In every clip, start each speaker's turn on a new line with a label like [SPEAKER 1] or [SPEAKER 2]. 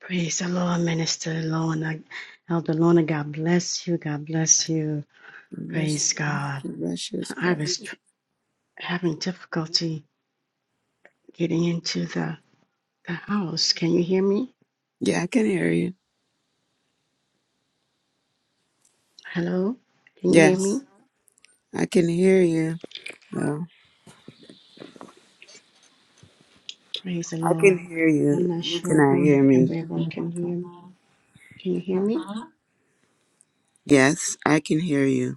[SPEAKER 1] Praise the Lord, Minister Lorna, Elder Lorna. God bless you. God bless you.
[SPEAKER 2] Russia's,
[SPEAKER 1] Praise God.
[SPEAKER 2] Russia's
[SPEAKER 1] I
[SPEAKER 2] part.
[SPEAKER 1] was tr- having difficulty getting into the, the house. Can you hear me?
[SPEAKER 2] Yeah, I can hear you.
[SPEAKER 1] Hello? Can you hear me?
[SPEAKER 2] Yes, I can hear you. No,
[SPEAKER 1] Praise the
[SPEAKER 2] I can
[SPEAKER 1] Lord.
[SPEAKER 2] hear
[SPEAKER 1] I'm
[SPEAKER 2] you.
[SPEAKER 1] not
[SPEAKER 2] You
[SPEAKER 1] sure
[SPEAKER 2] cannot hear
[SPEAKER 1] if
[SPEAKER 2] me.
[SPEAKER 1] everyone can hear me. Can you hear me?
[SPEAKER 2] Yes, I can hear you.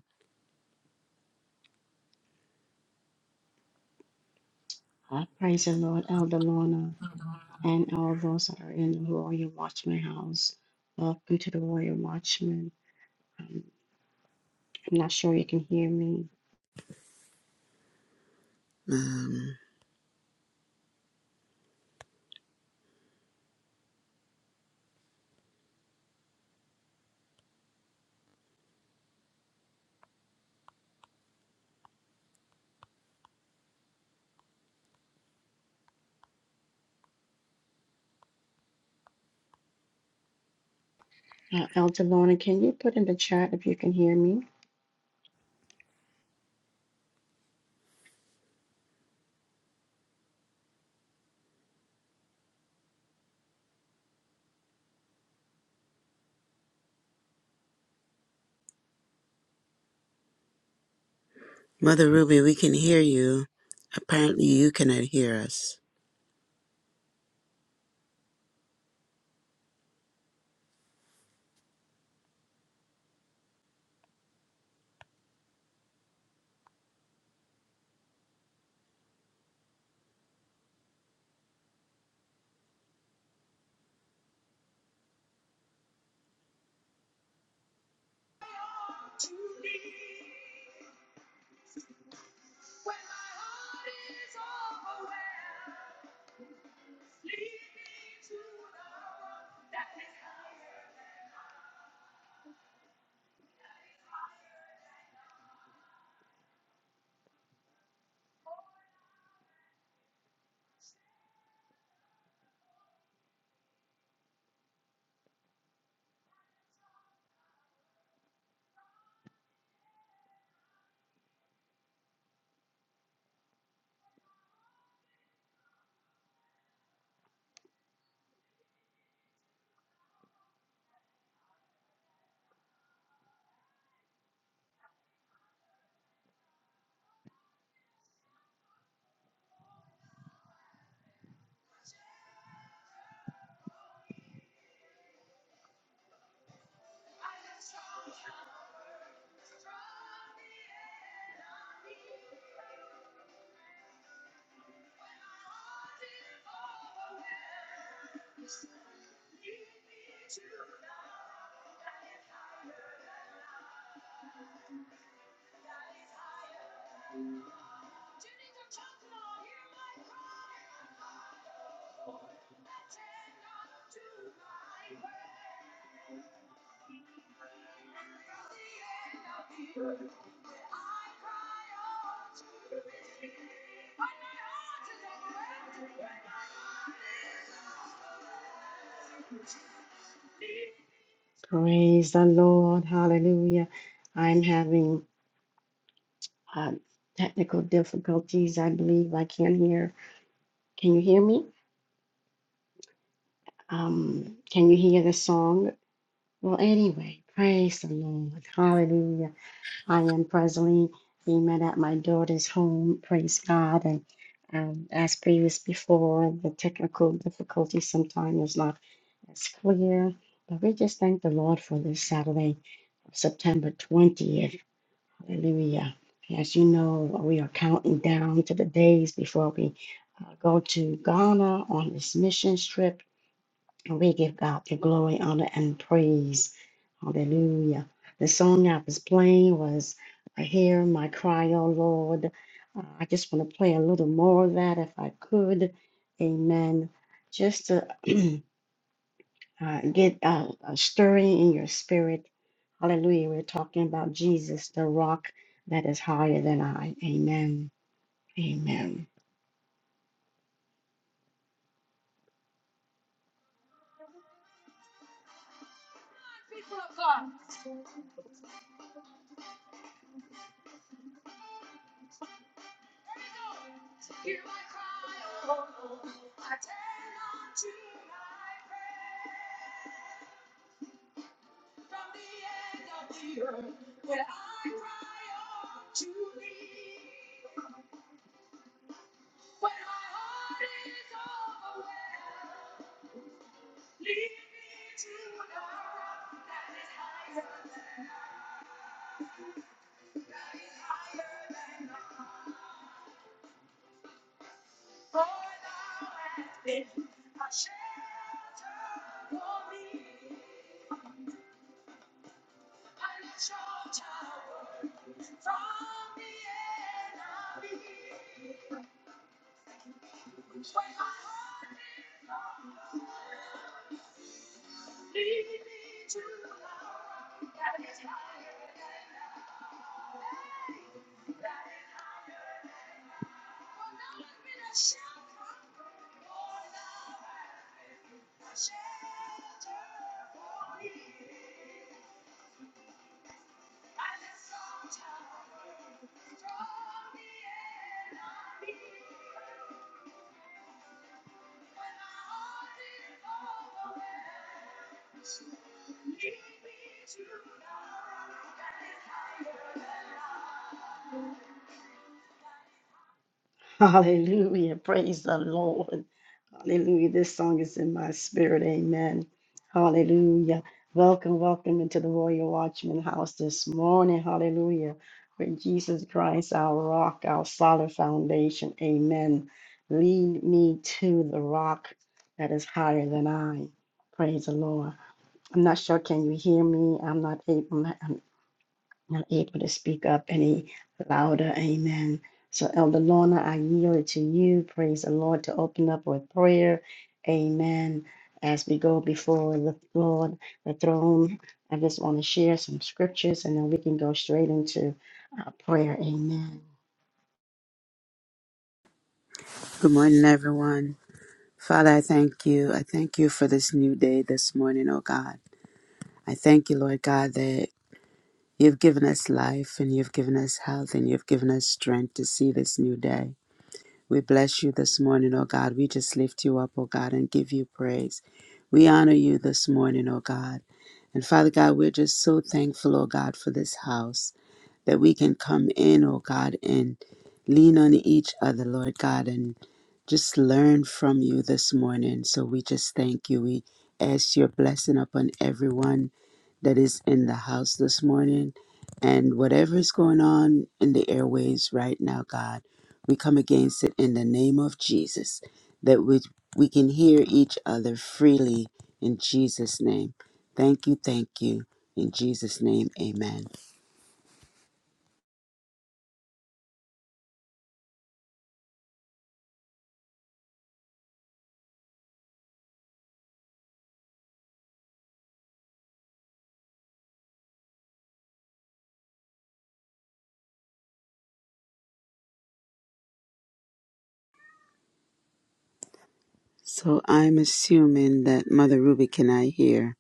[SPEAKER 1] Uh, Praise the Lord, Elder Lorna, and all those that are in the Royal Watchman house. Welcome to the Royal Watchman. Um, I'm not sure you can hear me.
[SPEAKER 2] Um,
[SPEAKER 1] Uh, Elder Lorna, can you put in the chat if you can hear me?
[SPEAKER 2] Mother Ruby, we can hear you. Apparently, you cannot hear us.
[SPEAKER 1] Praise the Lord. Hallelujah. I'm having uh, technical difficulties. I believe I can't hear. Can you hear me? Um, can you hear the song? Well, anyway, praise the Lord. Hallelujah. I am presently being met at my daughter's home. Praise God. And um, as previous before, the technical difficulty sometimes is not as clear. But we just thank the Lord for this Saturday September 20th. Hallelujah. As you know, we are counting down to the days before we uh, go to Ghana on this missions trip. And we give God the glory, honor, and praise. Hallelujah. The song I was playing was I Hear My Cry, O Lord. Uh, I just want to play a little more of that if I could. Amen. Just to uh, get uh, a stirring in your spirit. Hallelujah. We're talking about Jesus, the rock that is higher than I. Amen. Amen. Hallelujah. Praise the Lord. Hallelujah. This song is in my spirit. Amen. Hallelujah. Welcome, welcome into the Royal Watchman house this morning. Hallelujah. With Jesus Christ, our rock, our solid foundation. Amen. Lead me to the rock that is higher than I. Praise the Lord. I'm not sure. Can you hear me? I'm not able not able to speak up any louder. Amen. So, Elder Lorna, I yield it to you. Praise the Lord to open up with prayer. Amen. As we go before the Lord, the throne, I just want to share some scriptures and then we can go straight into uh, prayer. Amen.
[SPEAKER 2] Good morning, everyone. Father, I thank you. I thank you for this new day this morning, oh God. I thank you, Lord God, that you've given us life and you've given us health and you've given us strength to see this new day. We bless you this morning, oh God. We just lift you up, oh God, and give you praise. We honor you this morning, oh God. And Father God, we're just so thankful, oh God, for this house that we can come in, oh God, and lean on each other, Lord God, and just learn from you this morning. So we just thank you. We ask your blessing upon everyone that is in the house this morning and whatever is going on in the airways right now, God, we come against it in the name of Jesus that we, we can hear each other freely in Jesus' name. Thank you, thank you. In Jesus' name, amen. So I'm assuming that Mother Ruby cannot hear.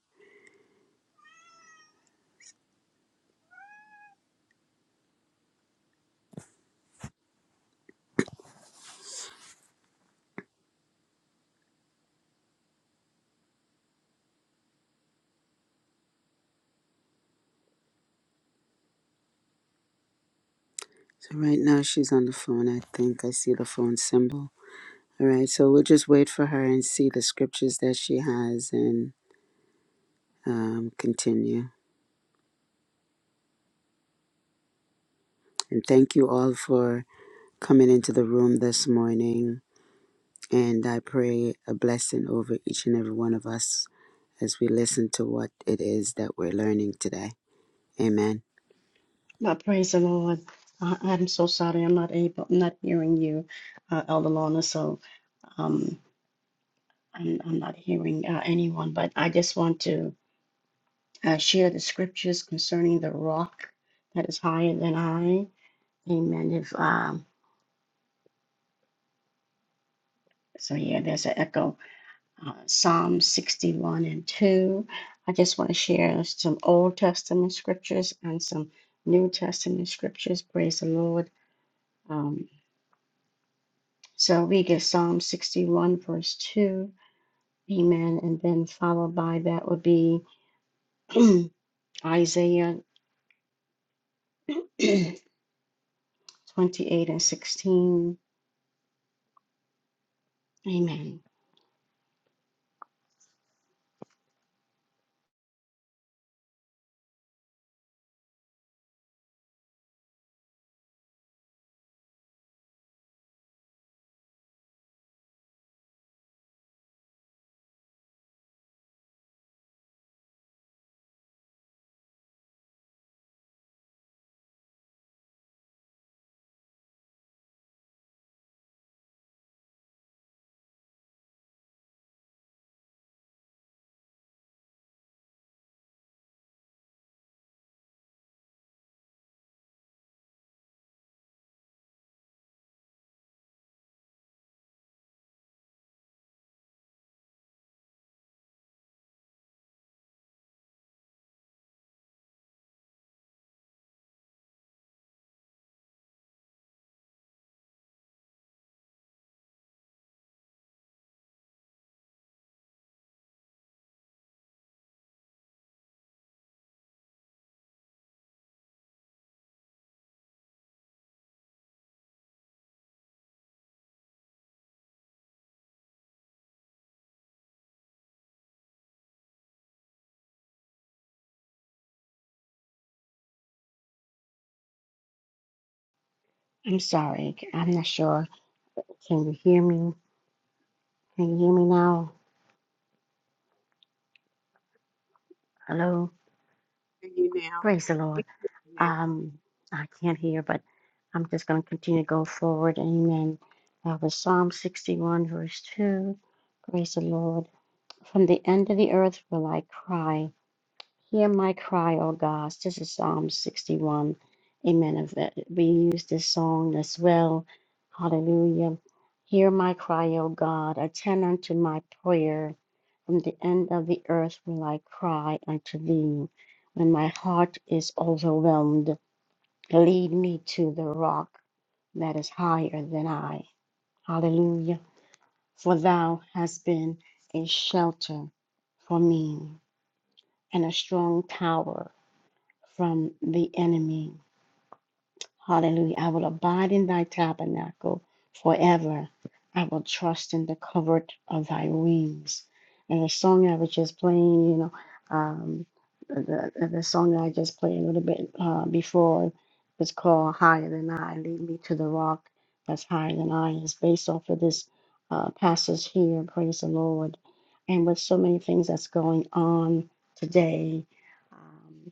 [SPEAKER 2] So right now she's on the phone, I think. I see the phone symbol. All right, so we'll just wait for her and see the scriptures that she has and um, continue. And thank you all for coming into the room this morning. And I pray a blessing over each and every one of us as we listen to what it is that we're learning today. Amen.
[SPEAKER 1] But praise the Lord. I, I'm so sorry. I'm not able, I'm not hearing you, uh, Elder Lorna. So, um, I'm, I'm not hearing uh, anyone, but I just want to uh, share the scriptures concerning the rock that is higher than I. Amen. If um, so, yeah, there's an echo. Uh, Psalm 61 and 2. I just want to share some Old Testament scriptures and some New Testament scriptures. Praise the Lord. Um, so we get Psalm 61, verse 2. Amen. And then followed by that would be Isaiah 28 and 16. Amen. I'm sorry. I'm not sure. Can you hear me? Can you hear me now? Hello?
[SPEAKER 3] hear you now.
[SPEAKER 1] Praise the
[SPEAKER 3] We
[SPEAKER 1] Lord.
[SPEAKER 3] can hear you
[SPEAKER 1] Um, I can't hear, but I'm just going to continue to go forward. Amen. Uh, with Psalm 61, verse 2. Praise the Lord. From the end of the earth will I cry. Hear my cry, O God. This is Psalm 61. Amen. Of that- We use this song as well. Hallelujah. Hear my cry, O God. Attend unto my prayer. From the end of the earth will I cry unto thee. When my heart is overwhelmed, lead me to the rock that is higher than I. Hallelujah. For thou hast been a shelter for me and a strong tower from the enemy. Hallelujah. I will abide in thy tabernacle forever. I will trust in the covert of thy wings. And the song I was just playing, you know, um, the, the song I just played a little bit uh, before was called Higher Than I, Lead Me to the Rock That's Higher Than I. It's based off of this uh, passage here, praise the Lord. And with so many things that's going on today, um,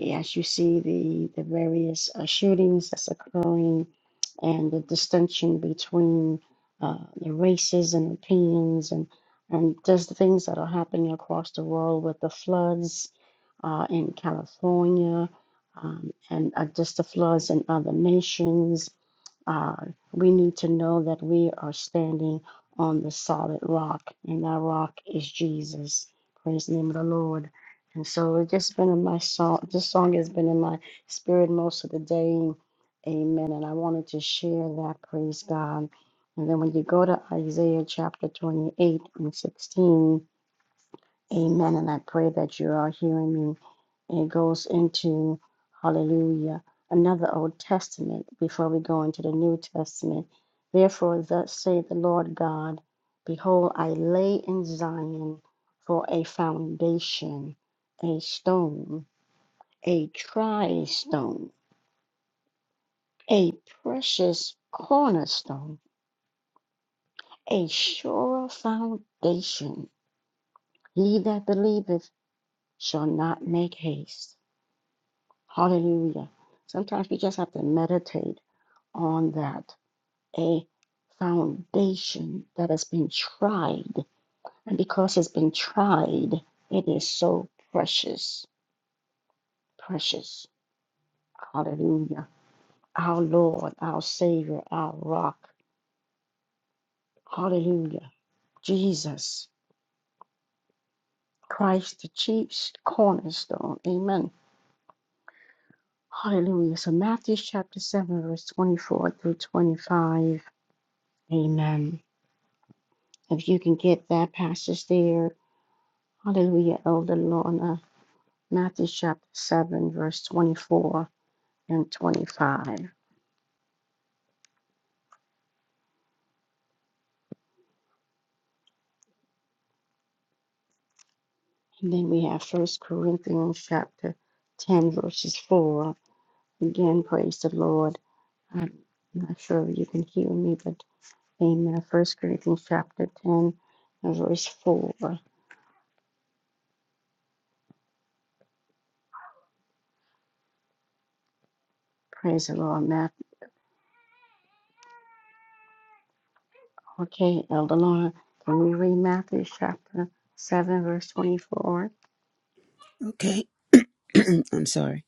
[SPEAKER 1] as you see the, the various uh, shootings that's occurring and the distinction between uh, the races and opinions and, and just the things that are happening across the world with the floods uh, in California um, and uh, just the floods in other nations uh, we need to know that we are standing on the solid rock, and that rock is Jesus. Praise the name of the Lord. And so it's just been in my song. This song has been in my spirit most of the day. Amen. And I wanted to share that. Praise God. And then when you go to Isaiah chapter 28 and 16, Amen. And I pray that you are hearing me. It goes into, hallelujah, another Old Testament before we go into the New Testament. Therefore, thus saith the Lord God Behold, I lay in Zion for a foundation, a stone, a tried stone, a precious cornerstone, a sure foundation. He that believeth shall not make haste. Hallelujah. Sometimes we just have to meditate on that. A foundation that has been tried. And because it's been tried, it is so precious. Precious. Hallelujah. Our Lord, our Savior, our rock. Hallelujah. Jesus, Christ, the chief cornerstone. Amen. Hallelujah. So, Matthew chapter 7, verse 24 through 25. Amen. If you can get that passage there, hallelujah, Elder Lorna, Matthew chapter 7, verse 24 and 25. And then we have First Corinthians chapter 10, verses 4. Again, praise the Lord. I'm not sure if you can hear me, but amen. First Corinthians chapter 10, and verse 4. Praise the Lord, Matt. Okay, Elder Lorna, can we read Matthew chapter 7, verse 24?
[SPEAKER 2] Okay, I'm sorry.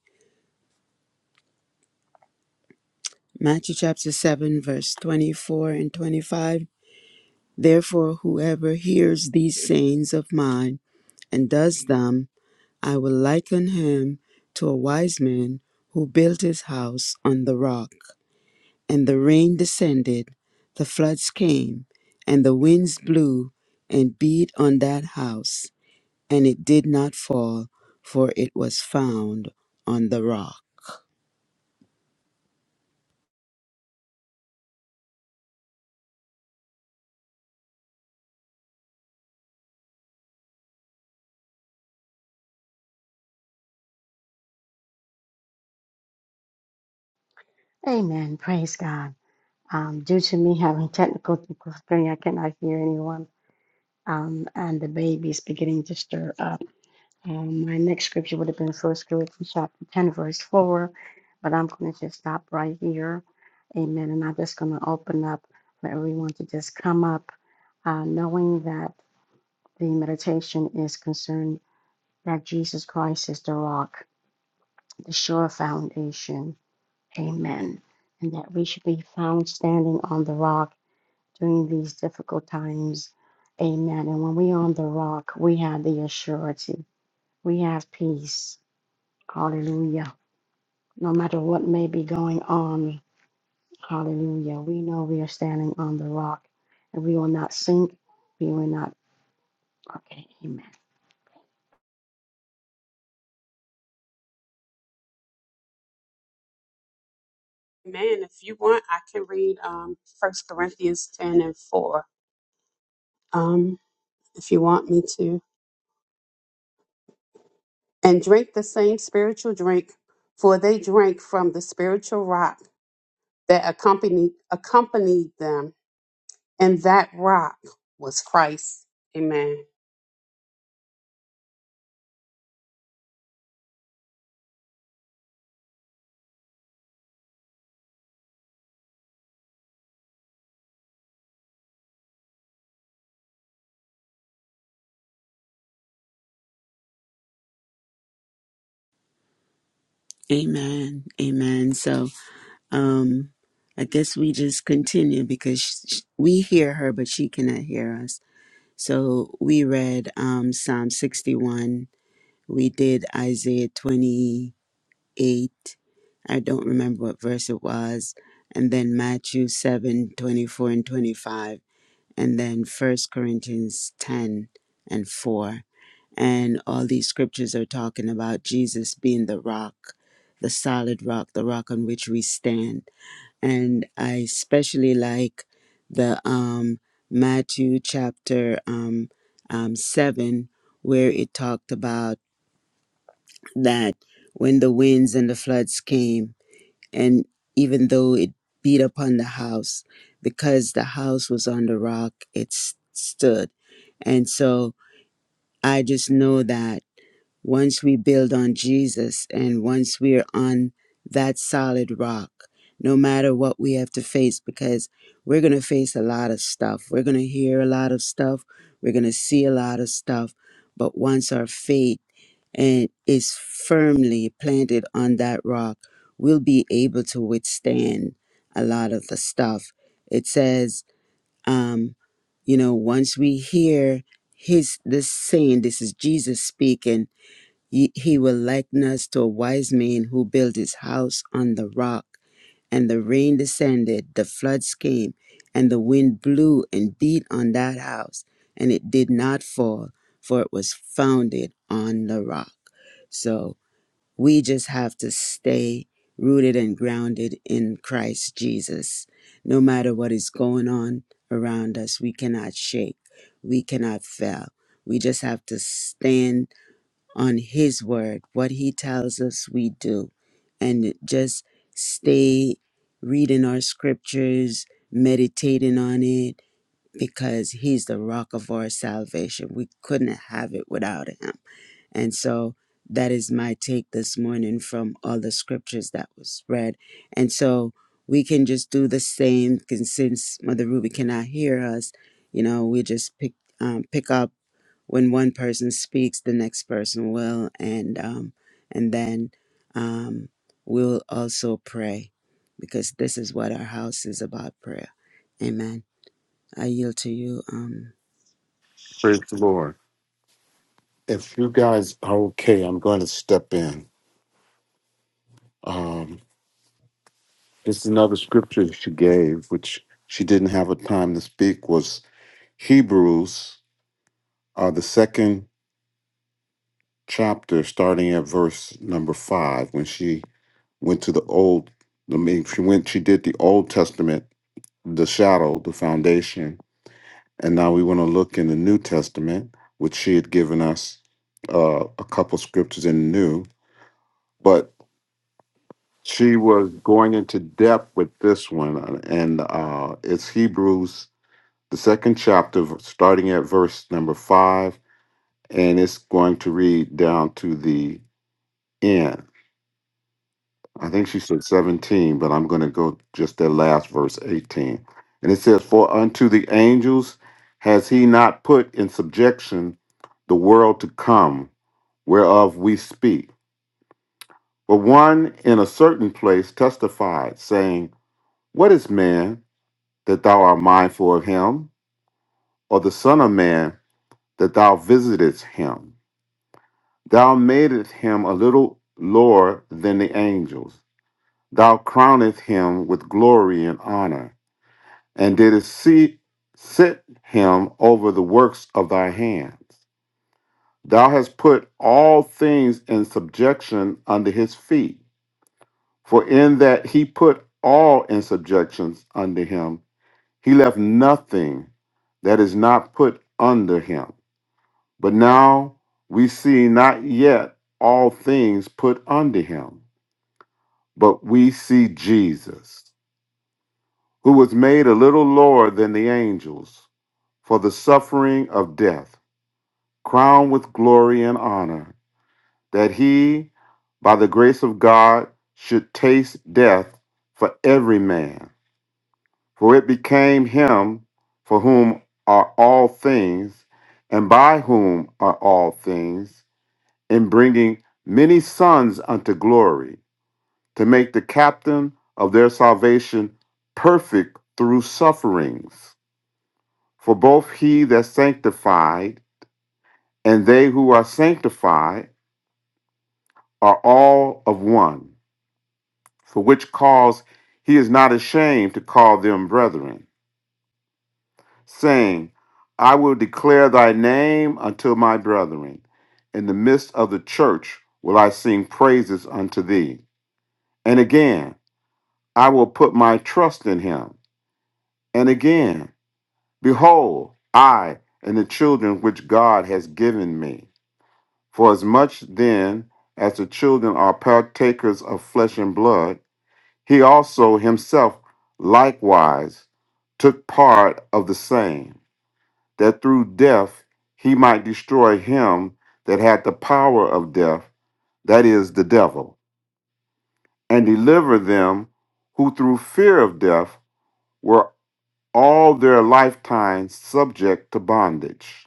[SPEAKER 2] Matthew chapter 7, verse 24 and 25. Therefore, whoever hears these sayings of mine and does them, I will liken him to a wise man who built his house on the rock. And the rain descended, the floods came, and the winds blew and beat on that house, and it did not fall, for it was found on the rock.
[SPEAKER 1] Amen. Praise God. Um, due to me having technical difficulty, I cannot hear anyone. Um, and the baby is beginning to stir up. Um, my next scripture would have been First Corinthians chapter 10, verse 4, but I'm going to just stop right here. Amen. And I'm just going to open up for everyone to just come up, uh, knowing that the meditation is concerned that Jesus Christ is the rock, the sure foundation. Amen. And that we should be found standing on the rock during these difficult times. Amen. And when we're on the rock, we have the assurance. We have peace. Hallelujah. No matter what may be going on, hallelujah. We know we are standing on the rock and we will not sink. We will not. Okay. Amen.
[SPEAKER 3] now. Amen. If you want, I can read um First Corinthians ten and four. Um, if you want me to. And drink the same spiritual drink, for they drank from the spiritual rock that accompanied accompanied them, and that rock was Christ. Amen.
[SPEAKER 2] Amen. Amen. So, um, I guess we just continue because sh- sh- we hear her, but she cannot hear us. So we read um, Psalm 61. We did Isaiah 28. I don't remember what verse it was. And then Matthew 7 24 and 25. And then First Corinthians 10 and 4. And all these scriptures are talking about Jesus being the rock, the solid rock, the rock on which we stand and I especially like the um, Matthew chapter um, um, seven, where it talked about that when the winds and the floods came, and even though it beat upon the house, because the house was on the rock, it s- stood. And so I just know that. Once we build on Jesus and once we're on that solid rock, no matter what we have to face, because we're going to face a lot of stuff. We're going to hear a lot of stuff. We're going to see a lot of stuff. But once our faith and is firmly planted on that rock, we'll be able to withstand a lot of the stuff. It says, um, you know, once we hear his this saying, this is Jesus speaking Ye- He will liken us to a wise man who built his house on the rock, and the rain descended, the floods came, and the wind blew and beat on that house, and it did not fall, for it was founded on the rock. So we just have to stay rooted and grounded in Christ Jesus. No matter what is going on around us, we cannot shake, we cannot fail. We just have to stand on His word, what He tells us we do, and just stay reading our scriptures, meditating on it, because He's the rock of our salvation. We couldn't have it without Him. And so that is my take this morning from all the scriptures that was read. And so we can just do the same 'cause since Mother Ruby cannot hear us, you know, we just pick um, pick up when one person speaks, the next person will, and um, and then um, we'll also pray, because this is what our house is about prayer. Amen. I yield to you. Um,
[SPEAKER 4] Praise the Lord. If you guys are okay, I'm going to step in. Um, this is another scripture she gave, which she didn't have a time to speak, was Hebrews, uh, the second chapter, starting at verse number five, when she went to the old, I mean, she went, she did the Old Testament, the shadow, the foundation, and now we want to look in the New Testament, which she had given us uh, a couple scriptures in the New, but she was going into depth with this one, uh, and uh, it's Hebrews, the second chapter, starting at verse number five, and it's going to read down to the end. I think she said 17, but I'm going to go just that last verse 18. And it says, For unto the angels has he not put in subjection the world to come, whereof we speak. But one in a certain place testified, saying, What is man? that thou art mindful of him, or the Son of Man, that thou visitest him. Thou madest him a little lower than the angels. Thou crownest him with glory and honor, and didst see, set him over the works of thy hands. Thou hast put all things in subjection under his feet. For in that he put all in subjection under him, he left nothing that is not put under him. But now we see not yet all things put under him, but we see Jesus, who was made a little lower than the angels for the suffering of death, crowned with glory and honor, that he, by the grace of God, should taste death for every man. For it became him for whom are all things, and by whom are all things in bringing many sons unto glory, to make the captain of their salvation perfect through sufferings. For both he that sanctified and they who are sanctified are all of one, for which cause he is not ashamed to call them brethren, saying, I will declare thy name unto my brethren. In the midst of the church will I sing praises unto thee. And again, I will put my trust in him. And again, behold, I and the children which God has given me. For as much then as the children are partakers of flesh and blood, he also himself likewise took part of the same, that through death he might destroy him that had the power of death, that is, the devil, and deliver them who through fear of death were. all their lifetime subject to bondage.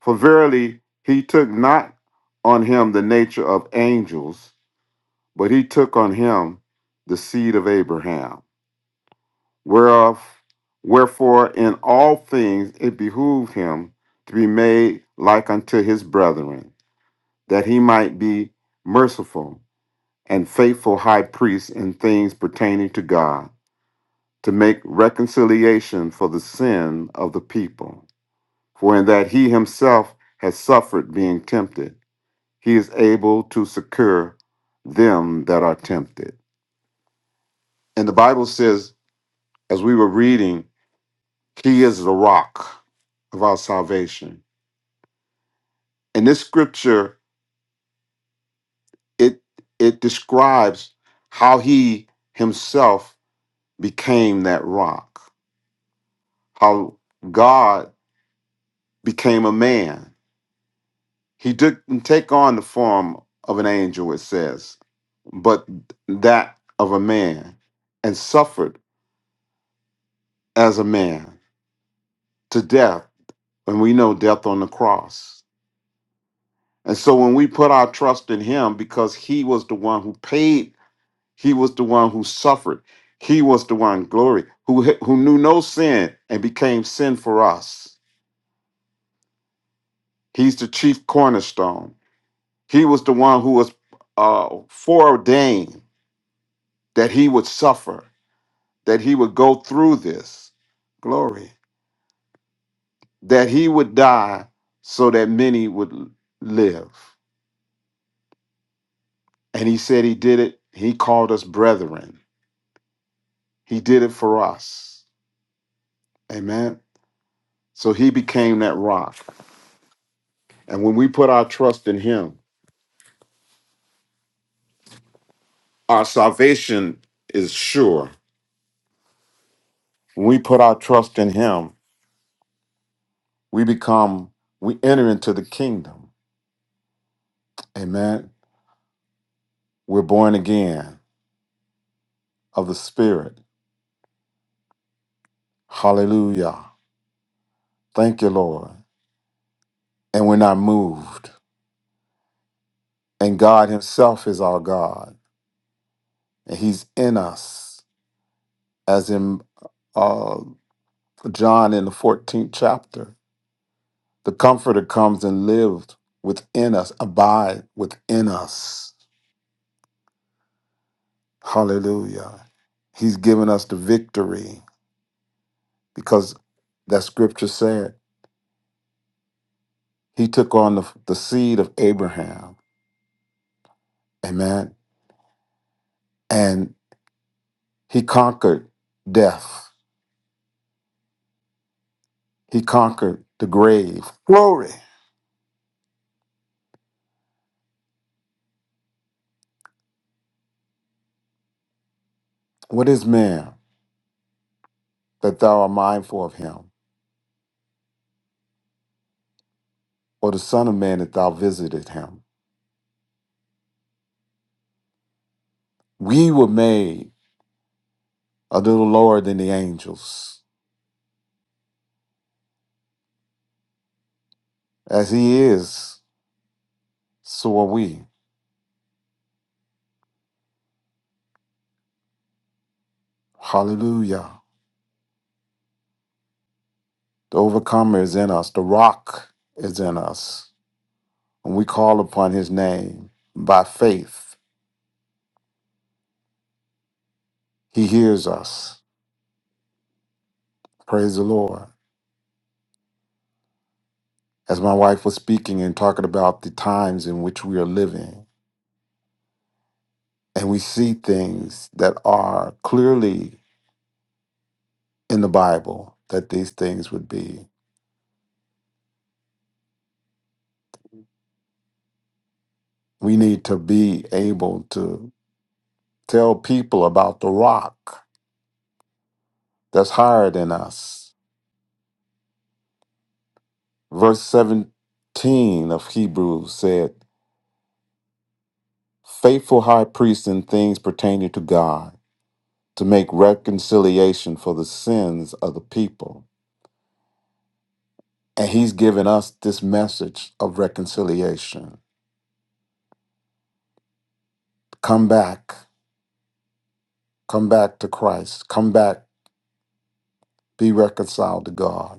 [SPEAKER 4] For verily he took not on him the nature of angels, but he took on him the seed of Abraham. Whereof wherefore in all things it behooved him to be made like unto his brethren, that he might be merciful and faithful high priest in things pertaining to God, to make reconciliation for the sin of the people. For in that he himself has suffered being tempted, he is able to succor them that are tempted. And the Bible says, as we were reading, he is the rock of our salvation. In this scripture, it it describes how he himself became that rock, how God became a man He didn't take on the form of an angel, it says, but that of a man, and suffered as a man to death. And we know death on the cross. And so when we put our trust in him, because he was the one who paid, he was the one who suffered, he was the one, glory, who, who knew no sin and became sin for us. He's the chief cornerstone. He was the one who was uh, foreordained that he would suffer that he would go through this glory, that he would die so that many would l- live. And he said he did it. He called us brethren. He did it for us. Amen. So he became that rock. And when we put our trust in him, our salvation is sure. When we put our trust in him, we become, we enter into the kingdom. Amen. We're born again of the Spirit. Hallelujah. Thank you, Lord. and we're not moved. And God Himself is our God, and He's in us, as in uh, John in the 14th chapter. The Comforter comes and lives within us, abide within us. Hallelujah. He's given us the victory because that scripture said He took on the, the seed of Abraham. Amen. And He conquered death, He conquered the grave. Glory. What is man that thou art mindful of him, or the Son of Man that thou visited him? We were made a little lower than the angels. As he is, so are we. Hallelujah. The overcomer is in us, the rock is in us. When we call upon his name by faith, he hears us. Praise the Lord. As my wife was speaking and talking about the times in which we are living, and we see things that are clearly in the Bible that these things would be. We need to be able to tell people about the rock that's higher than us. Verse 17 of Hebrews said, Faithful high priest in things pertaining to God, to make reconciliation for the sins of the people. And he's given us this message of reconciliation. Come back, come back to Christ, come back, be reconciled to God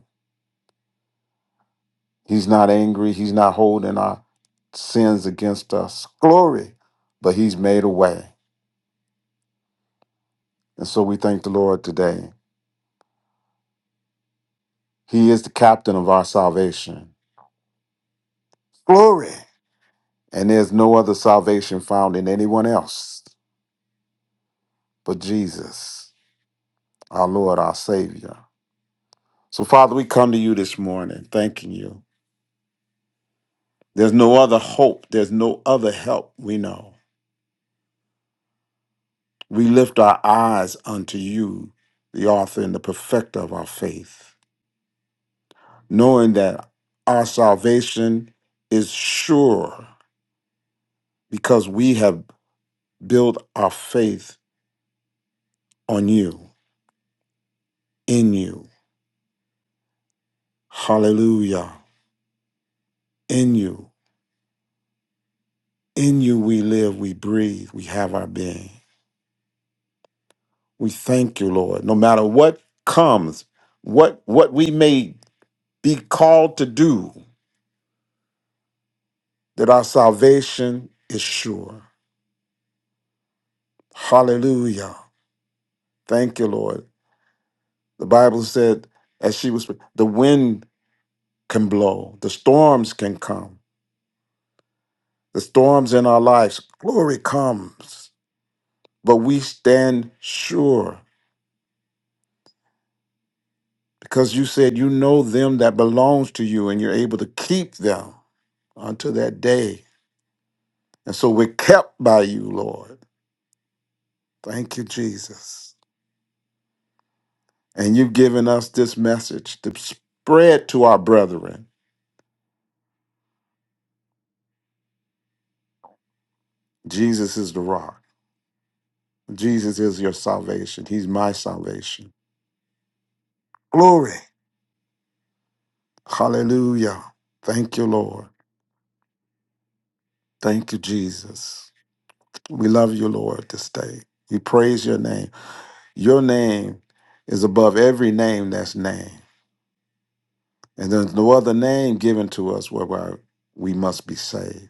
[SPEAKER 4] He's not angry. He's not holding our sins against us. Glory. But He's made a way. And so we thank the Lord today. He is the captain of our salvation. Glory. And there's no other salvation found in anyone else but Jesus, our Lord, our Savior. So, Father, we come to you this morning thanking you. There's no other hope, there's no other help we know. We lift our eyes unto you, the author and the perfecter of our faith. knowing that our salvation is sure because we have built our faith on you, in you. Hallelujah. In you. In you we live, we breathe, we have our being. We thank you, Lord. No matter what comes, what what we may be called to do, that our salvation is sure. Hallelujah. Thank you, Lord. The Bible said, as she was, the wind can blow, the storms can come, the storms in our lives, glory comes. But we stand sure because you said you know them that belongs to you and you're able to keep them unto that day. And so we're kept by you, Lord. Thank you, Jesus. And you've given us this message to spread to our brethren. Jesus is the rock. Jesus is your salvation. He's my salvation. Glory. Hallelujah. Thank you, Lord. Thank you, Jesus. We love you, Lord, this day. We praise your name. Your name is above every name that's named. And there's no other name given to us whereby we must be saved.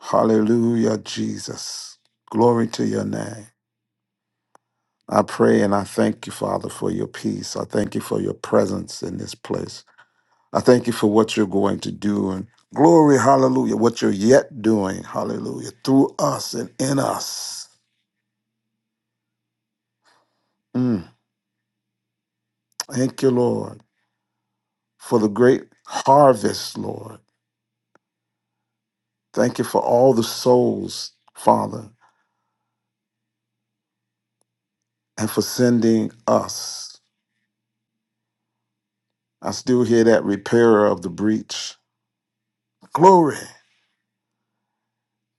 [SPEAKER 4] Hallelujah, Jesus. Glory to your name. I pray and I thank you, Father, for your peace. I thank you for your presence in this place. I thank you for what you're going to do. And glory, hallelujah, what you're yet doing, hallelujah, through us and in us. Mm. Thank you, Lord, for the great harvest, Lord. Thank you for all the souls, Father, and for sending us. I still hear that repairer of the breach. Glory.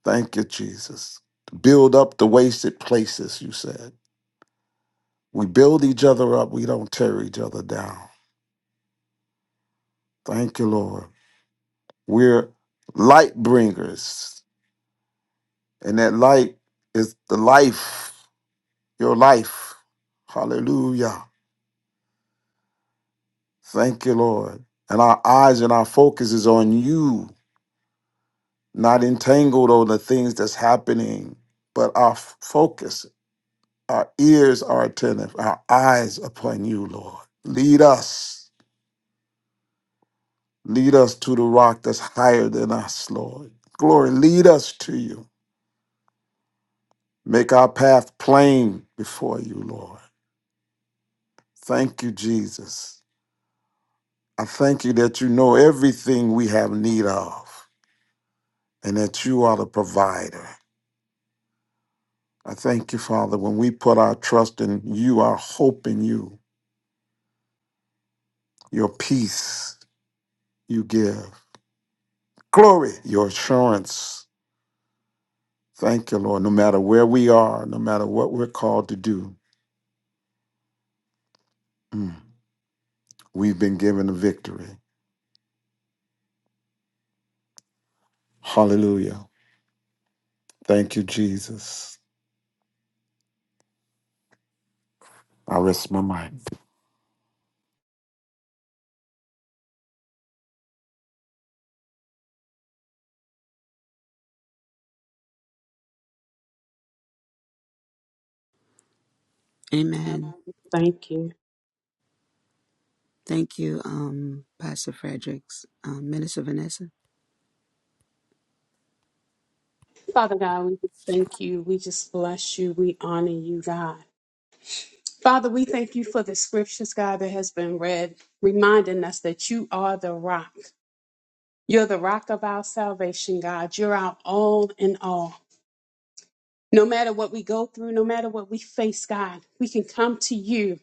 [SPEAKER 4] Thank you, Jesus. Build up the wasted places, you said. We build each other up, we don't tear each other down. Thank you, Lord. We're light bringers, and that light is the life, your life. Hallelujah. Thank you, Lord. And our eyes and our focus is on you, not entangled on the things that's happening, but our f- focus, our ears are attentive, our eyes upon you, Lord. Lead us, lead us to the rock that's higher than us, Lord. Glory, lead us to you. Make our path plain before you, Lord. Thank you, Jesus. I thank you that you know everything we have need of and that you are the provider. I thank you, Father, when we put our trust in you, our hope in you, your peace you give, glory, your assurance. Thank you, Lord. No matter where we are, no matter what we're called to do, mm, we've been given a victory. Hallelujah. Thank you, Jesus. I rest my mind.
[SPEAKER 3] God,
[SPEAKER 2] amen.
[SPEAKER 3] Thank you.
[SPEAKER 2] Thank you, um, Pastor Fredericks, um, Minister Vanessa.
[SPEAKER 3] Father God, we just thank you. We just bless you. We honor you, God. Father, we thank you for the scriptures, God, that has been read, reminding us that you are the rock. You're the rock of our salvation, God. You're our all in all. No matter what we go through, no matter what we face, God, we can come to you.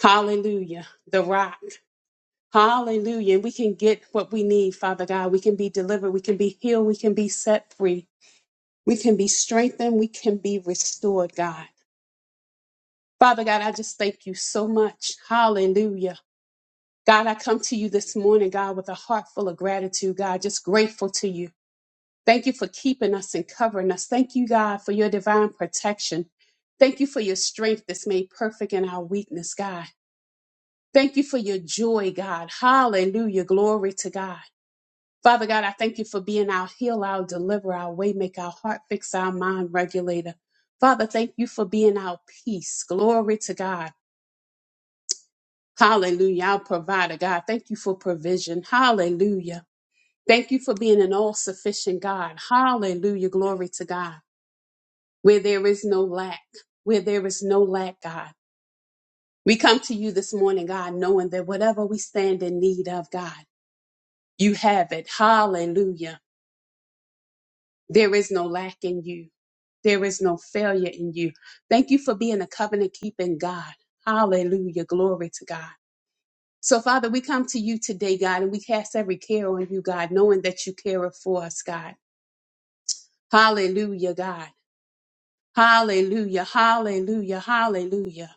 [SPEAKER 3] Hallelujah, the rock. Hallelujah. And we can get what we need, Father God. We can be delivered. We can be healed. We can be set free. We can be strengthened. We can be restored, God. Father God, I just thank you so much. Hallelujah God, I come to you this morning, God, with a heart full of gratitude, God, just grateful to you. Thank you for keeping us and covering us. Thank you, God, for your divine protection. Thank you for your strength that's made perfect in our weakness, God. Thank you for your joy, God. Hallelujah. Glory to God. Father God, I thank you for being our heal, our deliverer, our way make, our heart fix, our mind regulator. Father, thank you for being our peace. Glory to God. Hallelujah. Our provider, God. Thank you for provision. Hallelujah. Thank you for being an all sufficient God. Hallelujah. Glory to God. Where there is no lack, where there is no lack, God. We come to you this morning, God, knowing that whatever we stand in need of, God, you have it. Hallelujah. There is no lack in you. There is no failure in you. Thank you for being a covenant keeping God. Hallelujah. Glory to God. So, Father, we come to you today, God, and we cast every care on you, God, knowing that you care for us, God. Hallelujah, God. Hallelujah, hallelujah, hallelujah.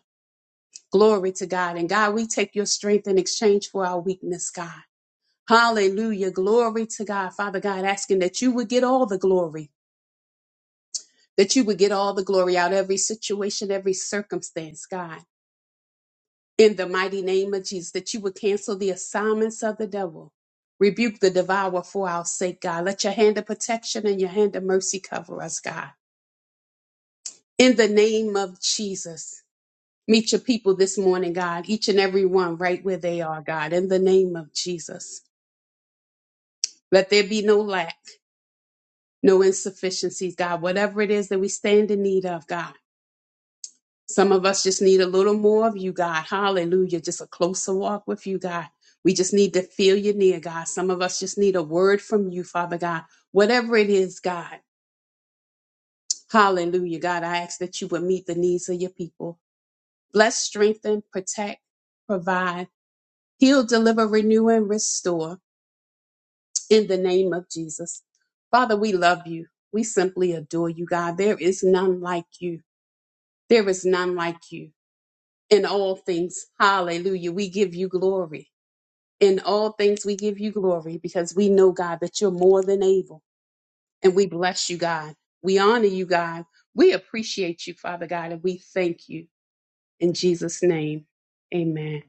[SPEAKER 3] Glory to God. And God, we take your strength in exchange for our weakness, God. Hallelujah, glory to God. Father God, asking that you would get all the glory, that you would get all the glory out of every situation, every circumstance, God. In the mighty name of Jesus, that you would cancel the assignments of the devil. Rebuke the devourer for our sake, God. Let your hand of protection and your hand of mercy cover us, God. In the name of Jesus. Meet your people this morning, God, each and every one right where they are, God, in the name of Jesus. Let there be no lack, no insufficiencies, God, whatever it is that we stand in need of, God. Some of us just need a little more of you, God. Hallelujah. Just a closer walk with you, God. We just need to feel you near, God. Some of us just need a word from you, Father God. Whatever it is, God. Hallelujah, God. I ask that you would meet the needs of your people. Bless, strengthen, protect, provide, heal, deliver, renew, and restore. in the name of Jesus. Father, we love you. We simply adore you, God. There is none like you. There is none like you in all things. Hallelujah. We give you glory. In all things, we give you glory because we know, God, that you're more than able. And we bless you, God. We honor you, God. We appreciate you, Father God, and we thank you. In Jesus' name, amen.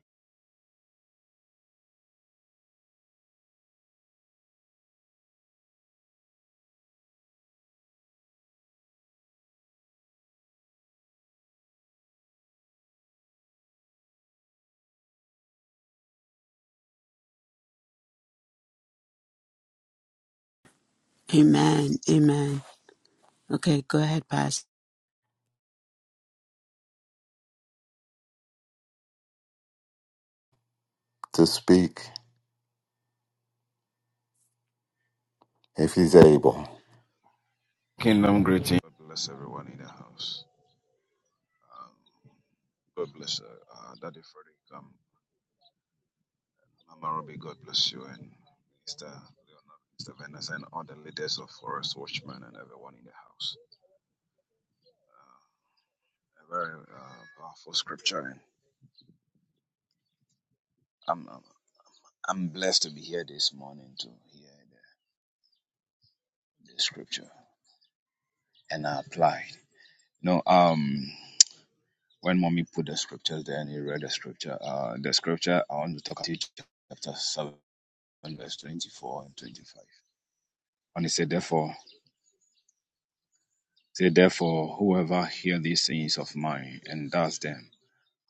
[SPEAKER 2] Amen. Amen. Okay, go ahead, Pastor.
[SPEAKER 4] to speak if he's able.
[SPEAKER 5] Kingdom greeting. God bless everyone in the house. Um, God bless uh, uh, Daddy Frederick, um, Mama Ruby. God bless you and Mr. Leonard, Mr. Venice, and all the leaders of Forest Watchmen and everyone in the house. Uh, a very uh, powerful scripture, and I'm, I'm I'm blessed to be here this morning to hear the, the scripture and I applied. No, um, when mommy put the scriptures there and he read the scripture, uh, the scripture I want to talk about is chapter seven. and verse 24 and 25. And he said, Therefore, say, therefore, whoever hear these sayings of mine and does them,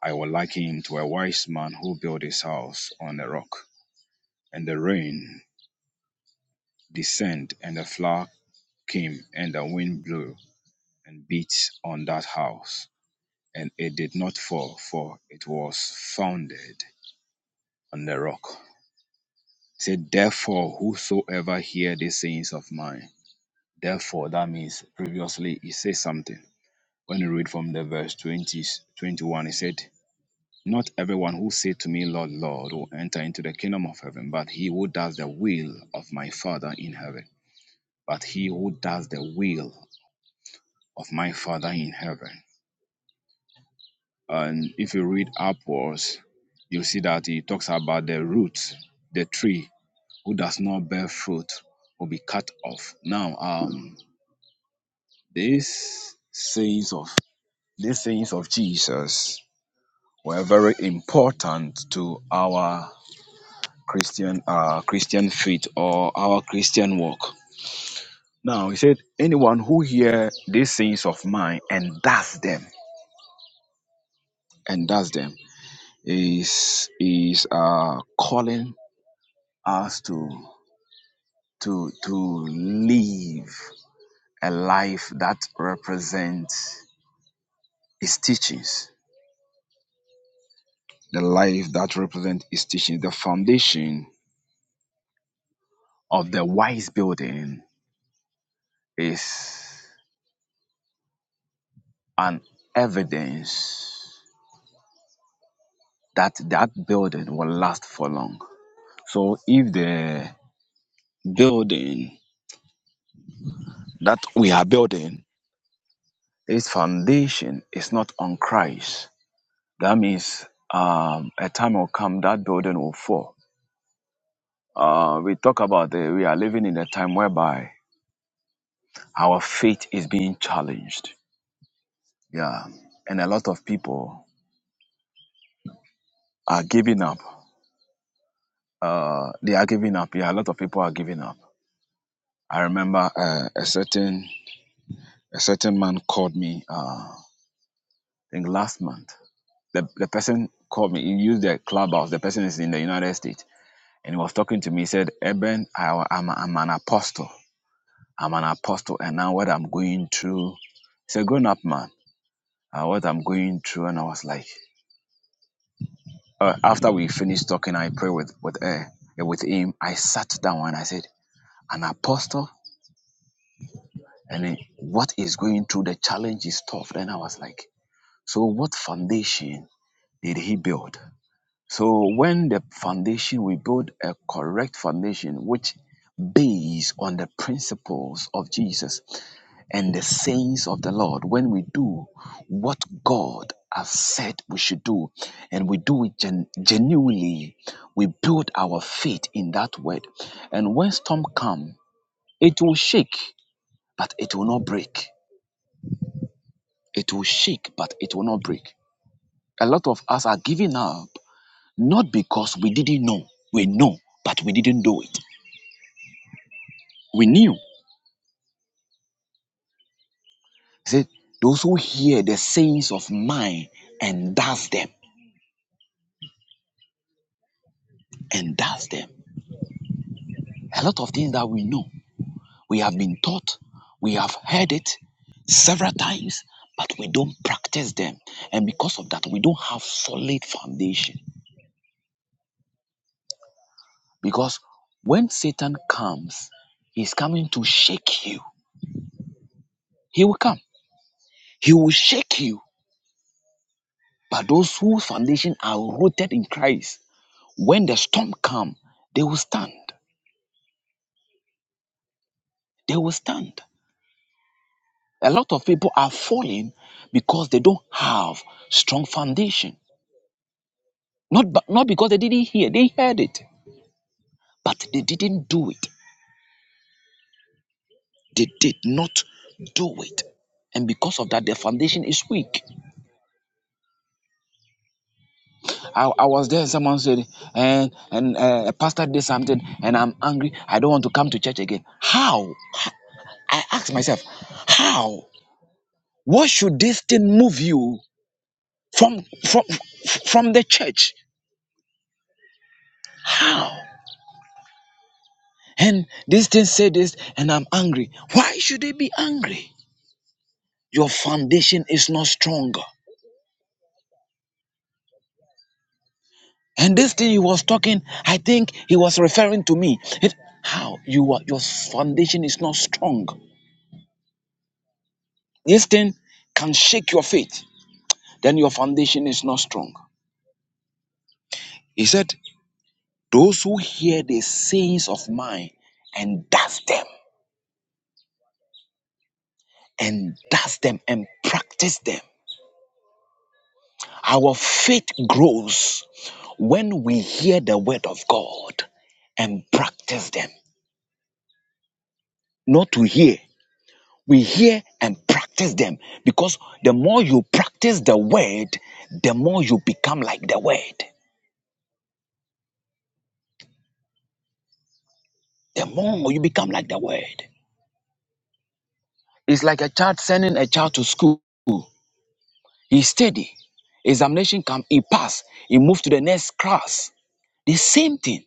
[SPEAKER 5] I will liken him to a wise man who built his house on a rock, and the rain descended, and the flood came, and the wind blew and beat on that house, and it did not fall, for it was founded on the rock. He said, Therefore, whosoever hear these sayings of mine, therefore, that means previously he said something when you read from the verse twenty twenty one, 21, it said, Not everyone who said to me, Lord, Lord, will enter into the kingdom of heaven, but he who does the will of my Father in heaven. But he who does the will of my Father in heaven. And if you read upwards, you see that he talks about the root, the tree, who does not bear fruit will be cut off. Now, um, these sayings of these sayings of Jesus were very important to our Christian uh, Christian faith or our Christian walk. Now he said, anyone who hear these things of mine and does them and does them is is uh, calling us to to to live a life that represents his teachings, the life that represents his teachings, the foundation of the wise building is An evidence that that building will last for long. So if the building that we are building, its foundation is not on Christ, that means um, a time will come that building will fall. Uh, we talk about the, we are living in a time whereby our faith is being challenged. Yeah, and a lot of people are giving up. Uh, they are giving up. Yeah, a lot of people are giving up. I remember uh, a certain a certain man called me uh I think last month. The the person called me, he used the clubhouse, the person is in the United States, and he was talking to me, he said, Eben, I am I'm an apostle. I'm an apostle and now what I'm going through it's a grown up man. Uh, what I'm going through and I was like uh, after we finished talking, I prayed with with her, with him. I sat down and I said, an apostle and then what is going through the challenge is tough. Then I was like, so what foundation did he build? So when the foundation, we build a correct foundation which based on the principles of Jesus and the sayings of the Lord, when we do what God has said we should do, and we do it gen- genuinely, we build our faith in that word. And when storm come, it will shake, but it will not break. It will shake, but it will not break. A lot of us are giving up Not because we didn't know. We know, but we didn't do it. We knew. He said, Those who hear the sayings of mine and does them, and does them. A lot of things that we know, we have been taught, we have heard it several times, but we don't practice them. And because of that, we don't have solid foundation. Because when Satan comes, he's coming to shake you. He will come. He will shake you. But those whose foundation are rooted in Christ When the storm come, they will stand. They will stand. A lot of people are falling because they don't have strong foundation. Not, but not because they didn't hear, they heard it, but they didn't do it. They did not do it. And because of that, their foundation is weak. I, I was there, someone said, and, and uh, a pastor did something, and I'm angry. I don't want to come to church again. How? I asked myself, how? What should this thing move you from from from the church how and this thing say this and i'm angry why should they be angry your foundation is not stronger and this thing he was talking i think he was referring to me it, how you are your foundation is not strong this thing can shake your faith then your foundation is not strong he said those who hear the sayings of mine and does them and does them and practice them Our faith grows when we hear the word of God and practice them. Not to hear, we hear and practice them because the more you practice the word, the more you become like the word. The more you become like the word. It's like a child sending a child to school. He's steady. Examination come, he pass, he move to the next class. The same thing.